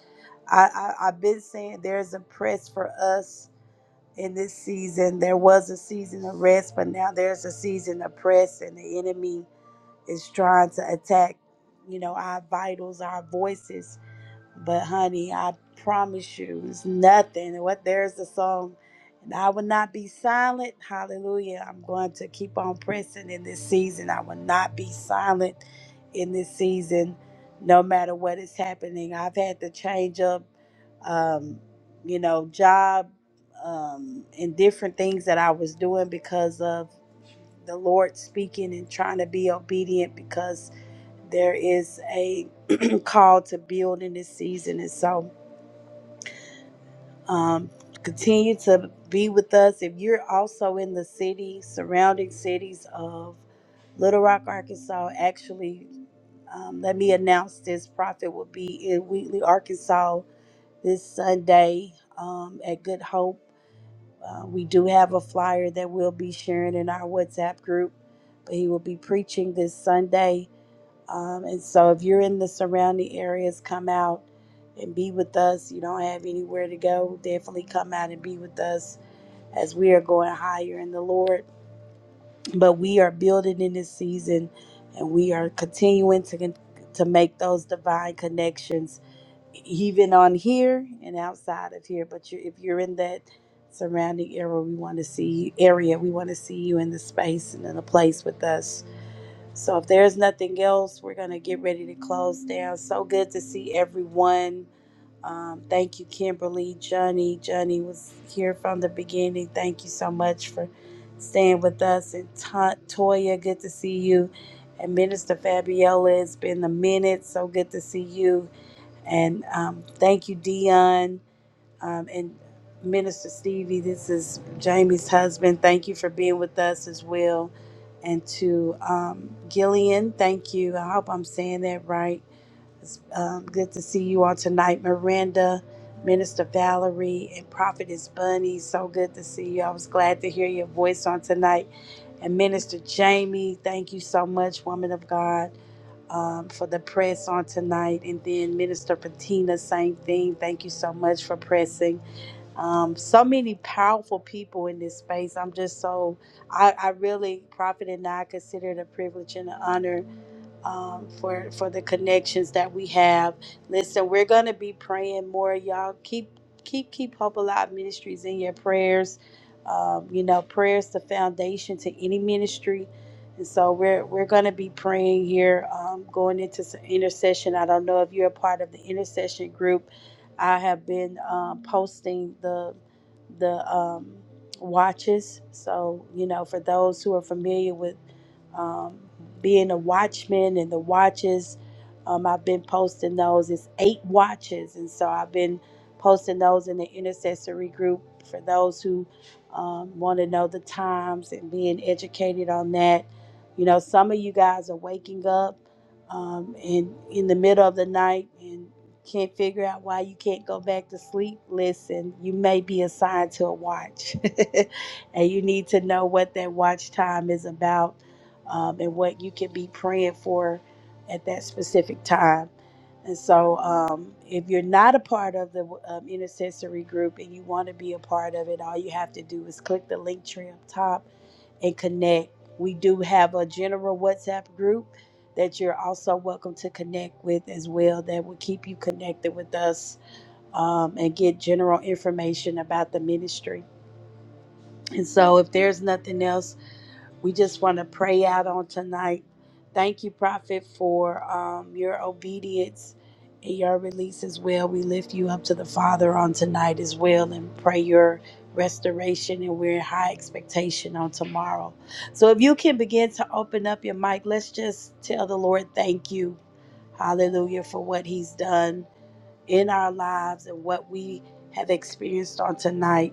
Speaker 1: I, I I've been saying there's a press for us in this season. There was a season of rest, but now there's a season of press, and the enemy is trying to attack, you know, our vitals, our voices but honey, I promise you, it's nothing. And What there's the song, and I will not be silent. Hallelujah! I'm going to keep on pressing in this season. I will not be silent in this season, no matter what is happening. I've had to change up, um, you know, job um, and different things that I was doing because of the Lord speaking and trying to be obedient because there is a call to build in this season. And so um, continue to be with us. If you're also in the city, surrounding cities of Little Rock, Arkansas, actually, um, let me announce this prophet will be in Wheatley, Arkansas this Sunday um, at Good Hope. Uh, we do have a flyer that we'll be sharing in our WhatsApp group, but he will be preaching this Sunday Um, and so if you're in the surrounding areas, come out and be with us. You don't have anywhere to go, definitely come out and be with us as we are going higher in the Lord. But we are building in this season and we are continuing to to make those divine connections even on here and outside of here. But you if you're in that surrounding area, we want to see area, we want to see you in the space and in the place with us. So if there's nothing else, we're going to get ready to close down. So good to see everyone. Um, thank you, Kimberly, Johnny. Johnny was here from the beginning. Thank you so much for staying with us. And Ta- Toya, good to see you. And Minister Fabiola, it's been a minute. So good to see you. And um, thank you, Dion. Um, and Minister Stevie, this is Jamie's husband. Thank you for being with us as well. And to um, Gillian, thank you. I hope I'm saying that right. It's um, good to see you all tonight. Miranda, Minister Valerie, and Prophetess Bunny, so good to see you. I was glad to hear your voice on tonight. And Minister Jamie, thank you so much, woman of God. Um, for the press on tonight, and then Minister Patina, same thing. Thank you so much for pressing um, so many powerful people in this space. I'm just so, I, I really, Prophet and I consider it a privilege and an honor um, for for the connections that we have. Listen, we're gonna be praying more, y'all. Keep keep keep Hope Alive Ministries in your prayers. Um, you know, prayers the foundation to any ministry, and so we're we're gonna be praying here, um, going into some intercession. I don't know if you're a part of the intercession group. I have been um, posting the the um, watches, so you know, for those who are familiar with. Um, being a watchman and the watches. Um, I've been posting those. It's eight watches, and so I've been posting those in the intercessory group for those who um, want to know the times and being educated on that. You know, some of you guys are waking up um, and in the middle of the night and can't figure out why you can't go back to sleep. Listen, you may be assigned to a watch, and you need to know what that watch time is about um, and what you can be praying for at that specific time. And so, um, if you're not a part of the um, intercessory group and you want to be a part of it, all you have to do is click the link tree up top and connect. We do have a general WhatsApp group that you're also welcome to connect with as well, that will keep you connected with us um, and get general information about the ministry. And so, if there's nothing else, we just want to pray out on tonight. Thank you, Prophet, for um, your obedience and your release as well. We lift you up to the Father on tonight as well and pray your restoration. And we're in high expectation on tomorrow. So if you can begin to open up your mic, let's just tell the Lord thank you. Hallelujah for what He's done in our lives and what we have experienced on tonight.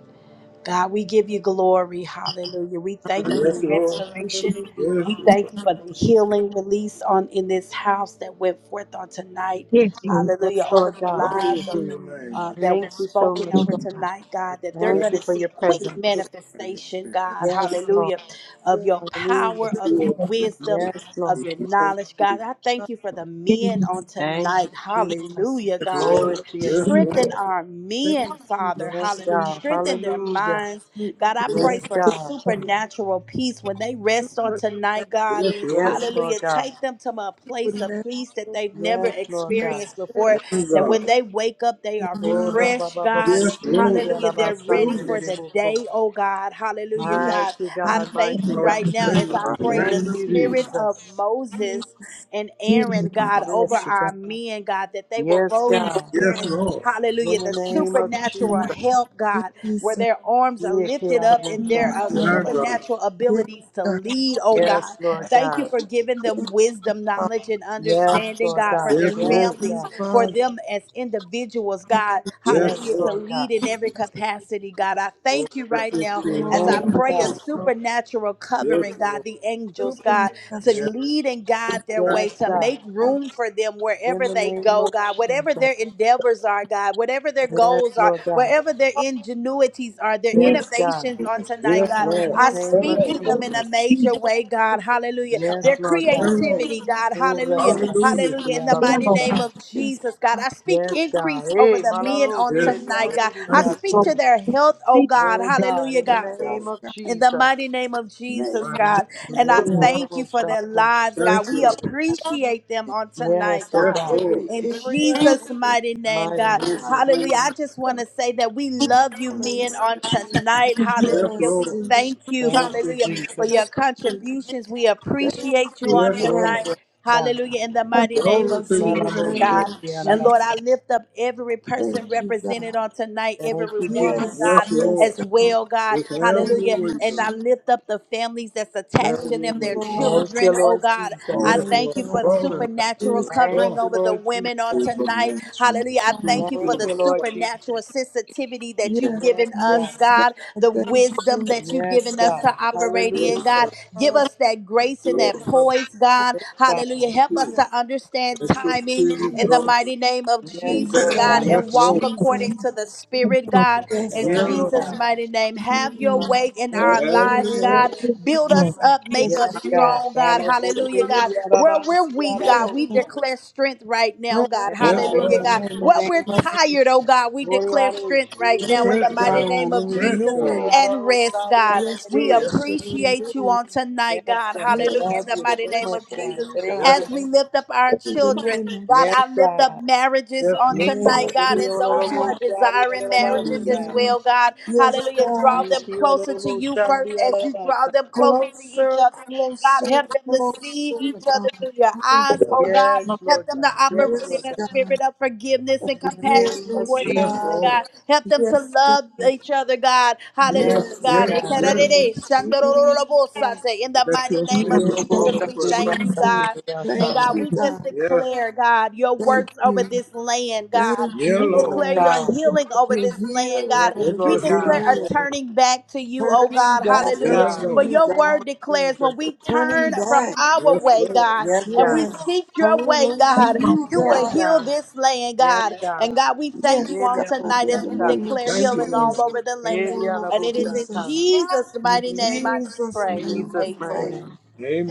Speaker 1: God, we give you glory. Hallelujah. We
Speaker 7: Yes,
Speaker 1: thank you for
Speaker 7: Hallelujah. Lord.
Speaker 1: restoration.
Speaker 7: Yes,
Speaker 1: We
Speaker 7: Lord.
Speaker 1: thank you for the healing release on in this house that went forth on tonight.
Speaker 3: Yes, yes,
Speaker 1: Hallelujah.
Speaker 5: Yes,
Speaker 1: Over
Speaker 5: Lord
Speaker 1: the
Speaker 5: God.
Speaker 7: Glory
Speaker 1: lives
Speaker 7: to
Speaker 1: of
Speaker 7: your name.
Speaker 1: uh, that
Speaker 5: Thank
Speaker 1: was
Speaker 5: you so
Speaker 1: spoken
Speaker 5: much,
Speaker 1: over
Speaker 5: God.
Speaker 1: tonight, God, that
Speaker 7: God.
Speaker 1: they're
Speaker 5: Thank
Speaker 1: going to
Speaker 5: you for your
Speaker 1: see quick
Speaker 5: presence.
Speaker 7: Bless you.
Speaker 1: manifestation, God,
Speaker 5: Yes, Lord.
Speaker 1: hallelujah, of
Speaker 7: Glory
Speaker 1: your power,
Speaker 5: Hallelujah.
Speaker 1: of
Speaker 7: to
Speaker 1: your
Speaker 7: your
Speaker 1: wisdom,
Speaker 5: Yes,
Speaker 1: of
Speaker 5: Lord.
Speaker 1: your
Speaker 7: name,
Speaker 1: knowledge, God. I thank you
Speaker 7: Jesus.
Speaker 1: for the men on
Speaker 5: Thank
Speaker 1: tonight,
Speaker 5: you, Jesus.
Speaker 1: hallelujah, God
Speaker 7: Yes,
Speaker 5: Glory to your name.
Speaker 7: yes, Lord.
Speaker 1: Strengthen our men,
Speaker 7: Thank you.
Speaker 1: Father.
Speaker 5: Yes,
Speaker 1: Hallelujah.
Speaker 5: God.
Speaker 1: Strengthen their
Speaker 5: Hallelujah.
Speaker 1: minds. God, I
Speaker 5: Yes,
Speaker 1: pray
Speaker 7: Yes,
Speaker 1: for
Speaker 5: God.
Speaker 1: supernatural peace when they rest on tonight,
Speaker 7: Yes,
Speaker 1: God.
Speaker 7: yes, Lord.
Speaker 5: Yes, Lord
Speaker 1: Hallelujah.
Speaker 5: God.
Speaker 1: Take them to a place of peace that they've never
Speaker 5: Yes, Lord God.
Speaker 1: experienced before.
Speaker 7: Thank
Speaker 1: That
Speaker 7: you,
Speaker 1: when they wake up, they are
Speaker 7: God.
Speaker 5: Ora
Speaker 1: refreshed,
Speaker 5: baba
Speaker 1: God.
Speaker 5: babu
Speaker 7: Yes,
Speaker 5: shiki
Speaker 7: Lord.
Speaker 1: Hallelujah. They're ready
Speaker 5: alabasande
Speaker 7: Hallelujah.
Speaker 1: for the
Speaker 5: lerebo.
Speaker 1: day, oh God. Hallelujah,
Speaker 7: Yes,
Speaker 1: God.
Speaker 5: Mighty
Speaker 1: I
Speaker 7: thank
Speaker 5: God,
Speaker 1: thank
Speaker 5: mighty
Speaker 1: you
Speaker 7: Hallelujah.
Speaker 5: God.
Speaker 1: right now as I
Speaker 7: In the
Speaker 1: pray the
Speaker 5: Thank
Speaker 7: name of
Speaker 5: you,
Speaker 7: Jesus.
Speaker 1: spirit of
Speaker 5: Jesus.
Speaker 7: you,
Speaker 1: Moses and Aaron,
Speaker 3: yes,
Speaker 1: God, over
Speaker 5: Yes, God.
Speaker 1: our men, God, that they will
Speaker 5: Yes,
Speaker 1: both
Speaker 5: God.
Speaker 7: Yes,
Speaker 1: experience,
Speaker 7: Lord.
Speaker 5: In
Speaker 1: hallelujah,
Speaker 5: the
Speaker 1: the
Speaker 5: name of
Speaker 1: supernatural
Speaker 5: Jesus.
Speaker 1: help, God, where
Speaker 7: Jesus.
Speaker 1: their arms are
Speaker 5: Yeke
Speaker 1: lifted up
Speaker 5: alabo
Speaker 1: and their uh,
Speaker 5: shaki
Speaker 7: My
Speaker 5: alaba.
Speaker 7: God.
Speaker 1: supernatural
Speaker 7: Yes,
Speaker 1: abilities to
Speaker 7: God.
Speaker 1: lead, oh God.
Speaker 5: Yes, Lord
Speaker 1: Thank you
Speaker 5: God.
Speaker 1: for giving them wisdom,
Speaker 7: Father.
Speaker 1: knowledge, and
Speaker 5: Yes,
Speaker 1: understanding,
Speaker 5: Lord
Speaker 1: God, for
Speaker 5: God.
Speaker 7: Yes,
Speaker 1: their
Speaker 7: Thank
Speaker 5: Yes,
Speaker 7: Lord. you,
Speaker 1: families,
Speaker 5: God.
Speaker 1: for
Speaker 7: Father
Speaker 1: them as individuals, God,
Speaker 7: Yes,
Speaker 5: Yes,
Speaker 7: Jesus.
Speaker 1: hallelujah, to
Speaker 7: Lord.
Speaker 5: Lord
Speaker 1: lead
Speaker 5: God.
Speaker 1: in every capacity, God. I
Speaker 7: Lord,
Speaker 1: thank you
Speaker 7: let your
Speaker 1: right now
Speaker 7: spirit Lord,
Speaker 1: as I
Speaker 5: Thank
Speaker 7: fall.
Speaker 5: you,
Speaker 1: pray a
Speaker 5: God.
Speaker 1: supernatural
Speaker 7: Yes,
Speaker 1: covering, God,
Speaker 7: Lord.
Speaker 1: the
Speaker 7: Yes,
Speaker 1: angels, God to
Speaker 7: supernatural
Speaker 1: lead and guide their way,
Speaker 5: Yes,
Speaker 1: to
Speaker 5: God.
Speaker 1: make room for them
Speaker 5: In
Speaker 1: wherever
Speaker 5: the
Speaker 1: they
Speaker 5: name
Speaker 1: go,
Speaker 5: of
Speaker 1: God, whatever their
Speaker 5: Jesus.
Speaker 1: endeavors are, God, whatever their
Speaker 5: Yes,
Speaker 1: goals are,
Speaker 5: Lord God.
Speaker 1: wherever their ingenuities are, their
Speaker 5: Yes, God.
Speaker 1: innovations on tonight,
Speaker 7: Yes, God. yes,
Speaker 1: God.
Speaker 5: In
Speaker 1: I
Speaker 7: power.
Speaker 5: the name of
Speaker 1: speak to
Speaker 7: Lord.
Speaker 1: them in a
Speaker 5: Jesus.
Speaker 1: major way, God. Hallelujah.
Speaker 5: Yes,
Speaker 1: Their
Speaker 5: Lord God.
Speaker 7: Come
Speaker 1: creativity,
Speaker 7: on.
Speaker 1: God.
Speaker 5: Oh,
Speaker 1: Hallelujah.
Speaker 7: Hallelujah.
Speaker 5: Rababashiki,
Speaker 7: on.
Speaker 1: Hallelujah. In the mighty name
Speaker 5: Yarabosa.
Speaker 1: of
Speaker 7: In Come the
Speaker 1: Jesus, God. I speak
Speaker 5: Yes, God.
Speaker 1: increase over
Speaker 5: Hey,
Speaker 1: the men
Speaker 5: Malaro,
Speaker 1: on
Speaker 7: Come on. name of Jesus. Hallelujah. Yes, God. Yes,
Speaker 1: tonight,
Speaker 7: Lord.
Speaker 1: God.
Speaker 5: Seriandi,
Speaker 1: I
Speaker 7: Thank you, Father.
Speaker 1: speak
Speaker 5: Dibiasa.
Speaker 1: to their health, oh God.
Speaker 5: Oh, God,
Speaker 1: Hallelujah,
Speaker 5: in
Speaker 1: God
Speaker 5: the
Speaker 7: Yes,
Speaker 5: name
Speaker 7: Lord.
Speaker 5: of
Speaker 7: God.
Speaker 1: in the
Speaker 5: Jesus.
Speaker 1: mighty name of
Speaker 7: Name of
Speaker 1: Jesus,
Speaker 7: Father,
Speaker 1: God. And I
Speaker 5: Yeri,
Speaker 1: thank you for
Speaker 5: Yarabosa.
Speaker 1: their lives,
Speaker 7: Thank
Speaker 1: God.
Speaker 7: Jesus. you,
Speaker 1: We
Speaker 7: Jesus. Lord. Touch
Speaker 1: appreciate them on tonight,
Speaker 5: Yes, oh,
Speaker 7: Yes,
Speaker 1: God.
Speaker 5: God.
Speaker 7: Lord.
Speaker 1: In
Speaker 7: every area,
Speaker 1: Jesus'
Speaker 7: every
Speaker 1: mighty name,
Speaker 5: Mighty
Speaker 1: God.
Speaker 7: Yes, Lord. Yes, Yes, Lord. Jesus. Thank you. Yes, Lord. Yes. Lord. Glory Praise Yes, in your the
Speaker 5: name.
Speaker 1: Hallelujah. I just want to say that we love you, men, on tonight. Hallelujah. We thank you,
Speaker 5: Thank you,
Speaker 1: hallelujah, for your
Speaker 5: Jesus.
Speaker 1: contributions. We appreciate you on
Speaker 5: Thank
Speaker 1: tonight.
Speaker 5: God.
Speaker 1: Hallelujah. In the mighty name of
Speaker 7: name, name God.
Speaker 1: Jesus,
Speaker 5: Malaboshiki,
Speaker 1: God.
Speaker 7: of
Speaker 1: And
Speaker 5: Yarara.
Speaker 1: Lord,
Speaker 7: Jesus.
Speaker 1: I lift up every person
Speaker 7: Thank you,
Speaker 1: represented
Speaker 7: God.
Speaker 1: on tonight, every
Speaker 5: Thank you,
Speaker 7: Yes,
Speaker 5: Jesus.
Speaker 7: Yes,
Speaker 1: woman, God
Speaker 7: yes, Lord.
Speaker 1: as
Speaker 7: God.
Speaker 1: well, God.
Speaker 7: Just have Thank your
Speaker 1: Hallelujah.
Speaker 7: you, way, you, God.
Speaker 1: And I
Speaker 7: Jesus.
Speaker 1: lift up the families that's
Speaker 7: Have
Speaker 1: attached
Speaker 7: Thank
Speaker 1: to
Speaker 7: your you,
Speaker 1: them,
Speaker 7: way.
Speaker 1: their
Speaker 7: Lord.
Speaker 5: Thank you,
Speaker 1: children, oh
Speaker 5: Lord
Speaker 1: God.
Speaker 7: Yes, Oh,
Speaker 1: I
Speaker 7: Lord.
Speaker 5: Jesus.
Speaker 1: thank you for
Speaker 7: Draw the God. them,
Speaker 1: supernatural
Speaker 7: Yes,
Speaker 5: Thank
Speaker 1: covering
Speaker 7: Lord.
Speaker 5: you,
Speaker 1: over the
Speaker 5: Lord Jesus.
Speaker 1: women on
Speaker 7: Draw.
Speaker 1: tonight.
Speaker 7: supernatural,
Speaker 1: Hallelujah. I
Speaker 7: King
Speaker 1: thank you
Speaker 7: God.
Speaker 5: Thank
Speaker 1: for the
Speaker 7: Lord.
Speaker 5: you, Lord Jesus.
Speaker 1: supernatural sensitivity that you've
Speaker 7: Yes,
Speaker 5: Yes,
Speaker 1: given us,
Speaker 5: God.
Speaker 7: yes, God.
Speaker 1: God, the
Speaker 7: Thank
Speaker 1: wisdom
Speaker 7: you.
Speaker 1: that you've
Speaker 5: Yes,
Speaker 1: given us to
Speaker 5: God.
Speaker 1: operate
Speaker 7: Yes,
Speaker 1: in,
Speaker 5: Hallelujah.
Speaker 7: Yes, Lord.
Speaker 1: God.
Speaker 7: God.
Speaker 1: Give
Speaker 7: Lord, Yes,
Speaker 1: us that
Speaker 7: have
Speaker 1: grace
Speaker 7: your
Speaker 1: and that poise, God.
Speaker 5: Yes,
Speaker 7: way.
Speaker 1: Hallelujah.
Speaker 5: God.
Speaker 1: Help us
Speaker 7: yes,
Speaker 1: to understand
Speaker 7: Let your
Speaker 1: timing
Speaker 7: spirit
Speaker 1: in the
Speaker 7: draw. Jesus.
Speaker 1: mighty name of
Speaker 5: Yes,
Speaker 7: In the
Speaker 1: Jesus,
Speaker 5: Lord
Speaker 7: name of
Speaker 1: God,
Speaker 5: God.
Speaker 1: and
Speaker 7: Yes,
Speaker 1: walk
Speaker 7: Lord. Jesus.
Speaker 1: according to the Spirit, God.
Speaker 7: Yes,
Speaker 1: In
Speaker 7: Yeah,
Speaker 5: Yes,
Speaker 7: God.
Speaker 1: Jesus'
Speaker 5: God.
Speaker 7: Lord.
Speaker 1: mighty name, have your
Speaker 5: My
Speaker 7: Mm.
Speaker 1: way in
Speaker 5: name of
Speaker 1: our
Speaker 7: Have
Speaker 1: lives, God.
Speaker 5: Jesus.
Speaker 1: Build us up, make
Speaker 5: Yes,
Speaker 1: us
Speaker 7: your Have your
Speaker 5: God.
Speaker 1: strong, God. Hallelujah,
Speaker 5: Hallelujah.
Speaker 1: God. Where we're
Speaker 5: Kiarabansi,
Speaker 1: weak,
Speaker 7: way,
Speaker 1: God, we
Speaker 5: Arabosha.
Speaker 1: declare strength right now, God.
Speaker 5: Yes,
Speaker 7: Yes, God.
Speaker 5: God.
Speaker 1: Hallelujah, God.
Speaker 7: Your spirit gives
Speaker 5: In the
Speaker 7: strength,
Speaker 1: Where
Speaker 5: name
Speaker 1: we're
Speaker 5: of
Speaker 1: tired, oh
Speaker 5: Jesus.
Speaker 1: God, we
Speaker 5: Glory,
Speaker 1: declare
Speaker 5: hallelujah.
Speaker 1: strength
Speaker 5: Glory,
Speaker 1: right now in
Speaker 7: Yes,
Speaker 1: the
Speaker 5: hallelujah.
Speaker 7: God, in Lord. the Lord. name of strength, Strength, God. God, and Strength,
Speaker 1: mighty name
Speaker 7: God.
Speaker 1: of Jesus
Speaker 5: Glory,
Speaker 7: renewal, God,
Speaker 1: and
Speaker 5: hallelujah.
Speaker 1: rest,
Speaker 5: Sorry,
Speaker 7: Yes,
Speaker 1: God. We
Speaker 5: Hallelujah.
Speaker 7: restoration,
Speaker 1: appreciate you
Speaker 7: renewal.
Speaker 1: on tonight,
Speaker 5: Yes,
Speaker 1: God.
Speaker 5: God. We
Speaker 1: Hallelujah, in
Speaker 5: love
Speaker 7: Yes,
Speaker 1: the
Speaker 5: you
Speaker 7: we
Speaker 1: mighty
Speaker 5: so
Speaker 1: name
Speaker 5: much,
Speaker 1: of
Speaker 7: appreciate
Speaker 5: God.
Speaker 1: Jesus.
Speaker 7: you, yes,
Speaker 5: Thank you.
Speaker 1: As
Speaker 7: God,
Speaker 1: we
Speaker 7: Lord.
Speaker 1: lift up our
Speaker 7: in the
Speaker 1: children,
Speaker 7: name of
Speaker 1: God,
Speaker 7: Jesus.
Speaker 5: Yes,
Speaker 1: I lift
Speaker 5: God.
Speaker 1: up marriages
Speaker 7: yes, yes,
Speaker 1: on
Speaker 7: Let
Speaker 1: tonight,
Speaker 7: Lord. us be
Speaker 1: God,
Speaker 5: Glory,
Speaker 1: and those who are
Speaker 5: hallelujah. Sorry,
Speaker 1: desiring marriages as
Speaker 5: Hallelujah.
Speaker 7: children. God.
Speaker 1: well, God.
Speaker 7: Yes,
Speaker 1: Hallelujah. Draw
Speaker 7: God,
Speaker 5: Thank
Speaker 1: them
Speaker 5: you,
Speaker 1: closer to
Speaker 5: Lord.
Speaker 1: you
Speaker 5: Shandi
Speaker 1: first as you draw
Speaker 5: alabasa.
Speaker 1: them closer to each
Speaker 7: closer,
Speaker 1: other. God,
Speaker 7: closer,
Speaker 1: help them to see
Speaker 7: closer,
Speaker 1: each other
Speaker 7: God.
Speaker 1: through your
Speaker 7: Oh,
Speaker 1: eyes, oh God.
Speaker 5: Yes,
Speaker 1: Help
Speaker 5: Lord
Speaker 1: them to
Speaker 5: God. Yes,
Speaker 1: operate
Speaker 5: Lord
Speaker 1: in
Speaker 7: yes,
Speaker 1: a
Speaker 5: God.
Speaker 1: spirit
Speaker 7: God,
Speaker 1: of forgiveness and
Speaker 5: In the
Speaker 1: compassion
Speaker 7: forgive
Speaker 5: name of
Speaker 7: us,
Speaker 1: toward
Speaker 7: Yes,
Speaker 1: each other,
Speaker 5: Jesus.
Speaker 7: God.
Speaker 1: God.
Speaker 7: Lord.
Speaker 1: Help them to
Speaker 7: Yes,
Speaker 1: love each other, God.
Speaker 5: Yes,
Speaker 7: Yes,
Speaker 1: Hallelujah,
Speaker 5: Lord
Speaker 1: God.
Speaker 7: Yes, yes,
Speaker 1: In
Speaker 7: in
Speaker 5: God.
Speaker 7: the yes. name of Jesus.
Speaker 1: the
Speaker 7: Let
Speaker 1: mighty
Speaker 7: your In
Speaker 1: name
Speaker 7: spirit
Speaker 1: of
Speaker 7: the
Speaker 5: Miracle
Speaker 7: fall name fall of
Speaker 1: Jesus, we
Speaker 7: upon us.
Speaker 5: Sunday,
Speaker 1: thank
Speaker 5: yes,
Speaker 1: you,
Speaker 7: Jesus.
Speaker 5: Sunday,
Speaker 1: God.
Speaker 5: yes,
Speaker 1: And
Speaker 7: Thank
Speaker 1: God,
Speaker 5: Sunday.
Speaker 7: you,
Speaker 1: we just
Speaker 7: God. Yes,
Speaker 1: declare, God, your
Speaker 7: Thank
Speaker 1: works
Speaker 7: you.
Speaker 1: over this land,
Speaker 7: Thank
Speaker 1: God.
Speaker 7: yeah,
Speaker 1: We
Speaker 7: you, Lord.
Speaker 1: declare
Speaker 7: Lord.
Speaker 1: your
Speaker 5: God.
Speaker 1: healing over
Speaker 7: You're
Speaker 1: this land,
Speaker 7: healing
Speaker 1: God.
Speaker 5: Yes,
Speaker 7: Let over your
Speaker 1: We
Speaker 5: Lord
Speaker 7: this
Speaker 1: declare
Speaker 5: God.
Speaker 7: healing land. fall
Speaker 1: a turning back to you, oh
Speaker 7: Turning
Speaker 1: God.
Speaker 7: back
Speaker 5: Yes,
Speaker 7: Yeah,
Speaker 1: Hallelujah.
Speaker 7: unto
Speaker 5: God.
Speaker 1: For
Speaker 7: Lord.
Speaker 5: In
Speaker 7: you,
Speaker 5: the
Speaker 1: your
Speaker 7: God.
Speaker 5: name
Speaker 1: word
Speaker 5: of
Speaker 1: declares
Speaker 5: Jesus.
Speaker 1: when we
Speaker 7: Turning
Speaker 1: turn from
Speaker 7: back.
Speaker 1: our
Speaker 7: Yes,
Speaker 1: way,
Speaker 7: Lord.
Speaker 1: God,
Speaker 5: Yes,
Speaker 1: and
Speaker 5: God.
Speaker 1: we
Speaker 7: Yes.
Speaker 1: seek your
Speaker 7: Turning
Speaker 1: way,
Speaker 7: unto
Speaker 1: God,
Speaker 3: yes.
Speaker 7: you,
Speaker 1: you
Speaker 5: Yes,
Speaker 1: will
Speaker 7: God.
Speaker 1: heal
Speaker 5: God.
Speaker 1: this land,
Speaker 5: Yes,
Speaker 1: God.
Speaker 5: God.
Speaker 1: And God, we thank you
Speaker 7: Yes,
Speaker 1: on
Speaker 5: Elia
Speaker 7: God.
Speaker 1: tonight
Speaker 7: In
Speaker 1: as
Speaker 7: the
Speaker 1: we
Speaker 5: Bosata.
Speaker 7: name of
Speaker 1: declare
Speaker 7: Thank you,
Speaker 1: healing
Speaker 7: Lord.
Speaker 1: all
Speaker 7: Jesus.
Speaker 1: over the
Speaker 7: In the
Speaker 1: land.
Speaker 7: name
Speaker 5: Elia La
Speaker 7: of
Speaker 1: And it is in
Speaker 7: Jesus.
Speaker 5: Bosata.
Speaker 1: Jesus'
Speaker 7: In
Speaker 1: mighty name I do
Speaker 7: Jesus'
Speaker 1: pray.
Speaker 7: name
Speaker 5: Jesus,
Speaker 7: we
Speaker 5: mighty
Speaker 7: pray.
Speaker 1: Amen.
Speaker 5: name.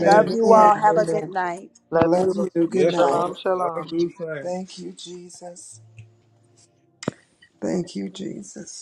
Speaker 1: Love you
Speaker 7: Amen.
Speaker 1: all.
Speaker 5: Amen.
Speaker 1: Have a good
Speaker 5: Amen.
Speaker 1: night.
Speaker 5: Love
Speaker 7: Love you.
Speaker 5: you.
Speaker 7: Good Yes, night. Lord.
Speaker 5: Shalom,
Speaker 7: I'll
Speaker 5: shalom.
Speaker 7: do the same. Thank you, Jesus. Thank you, Jesus.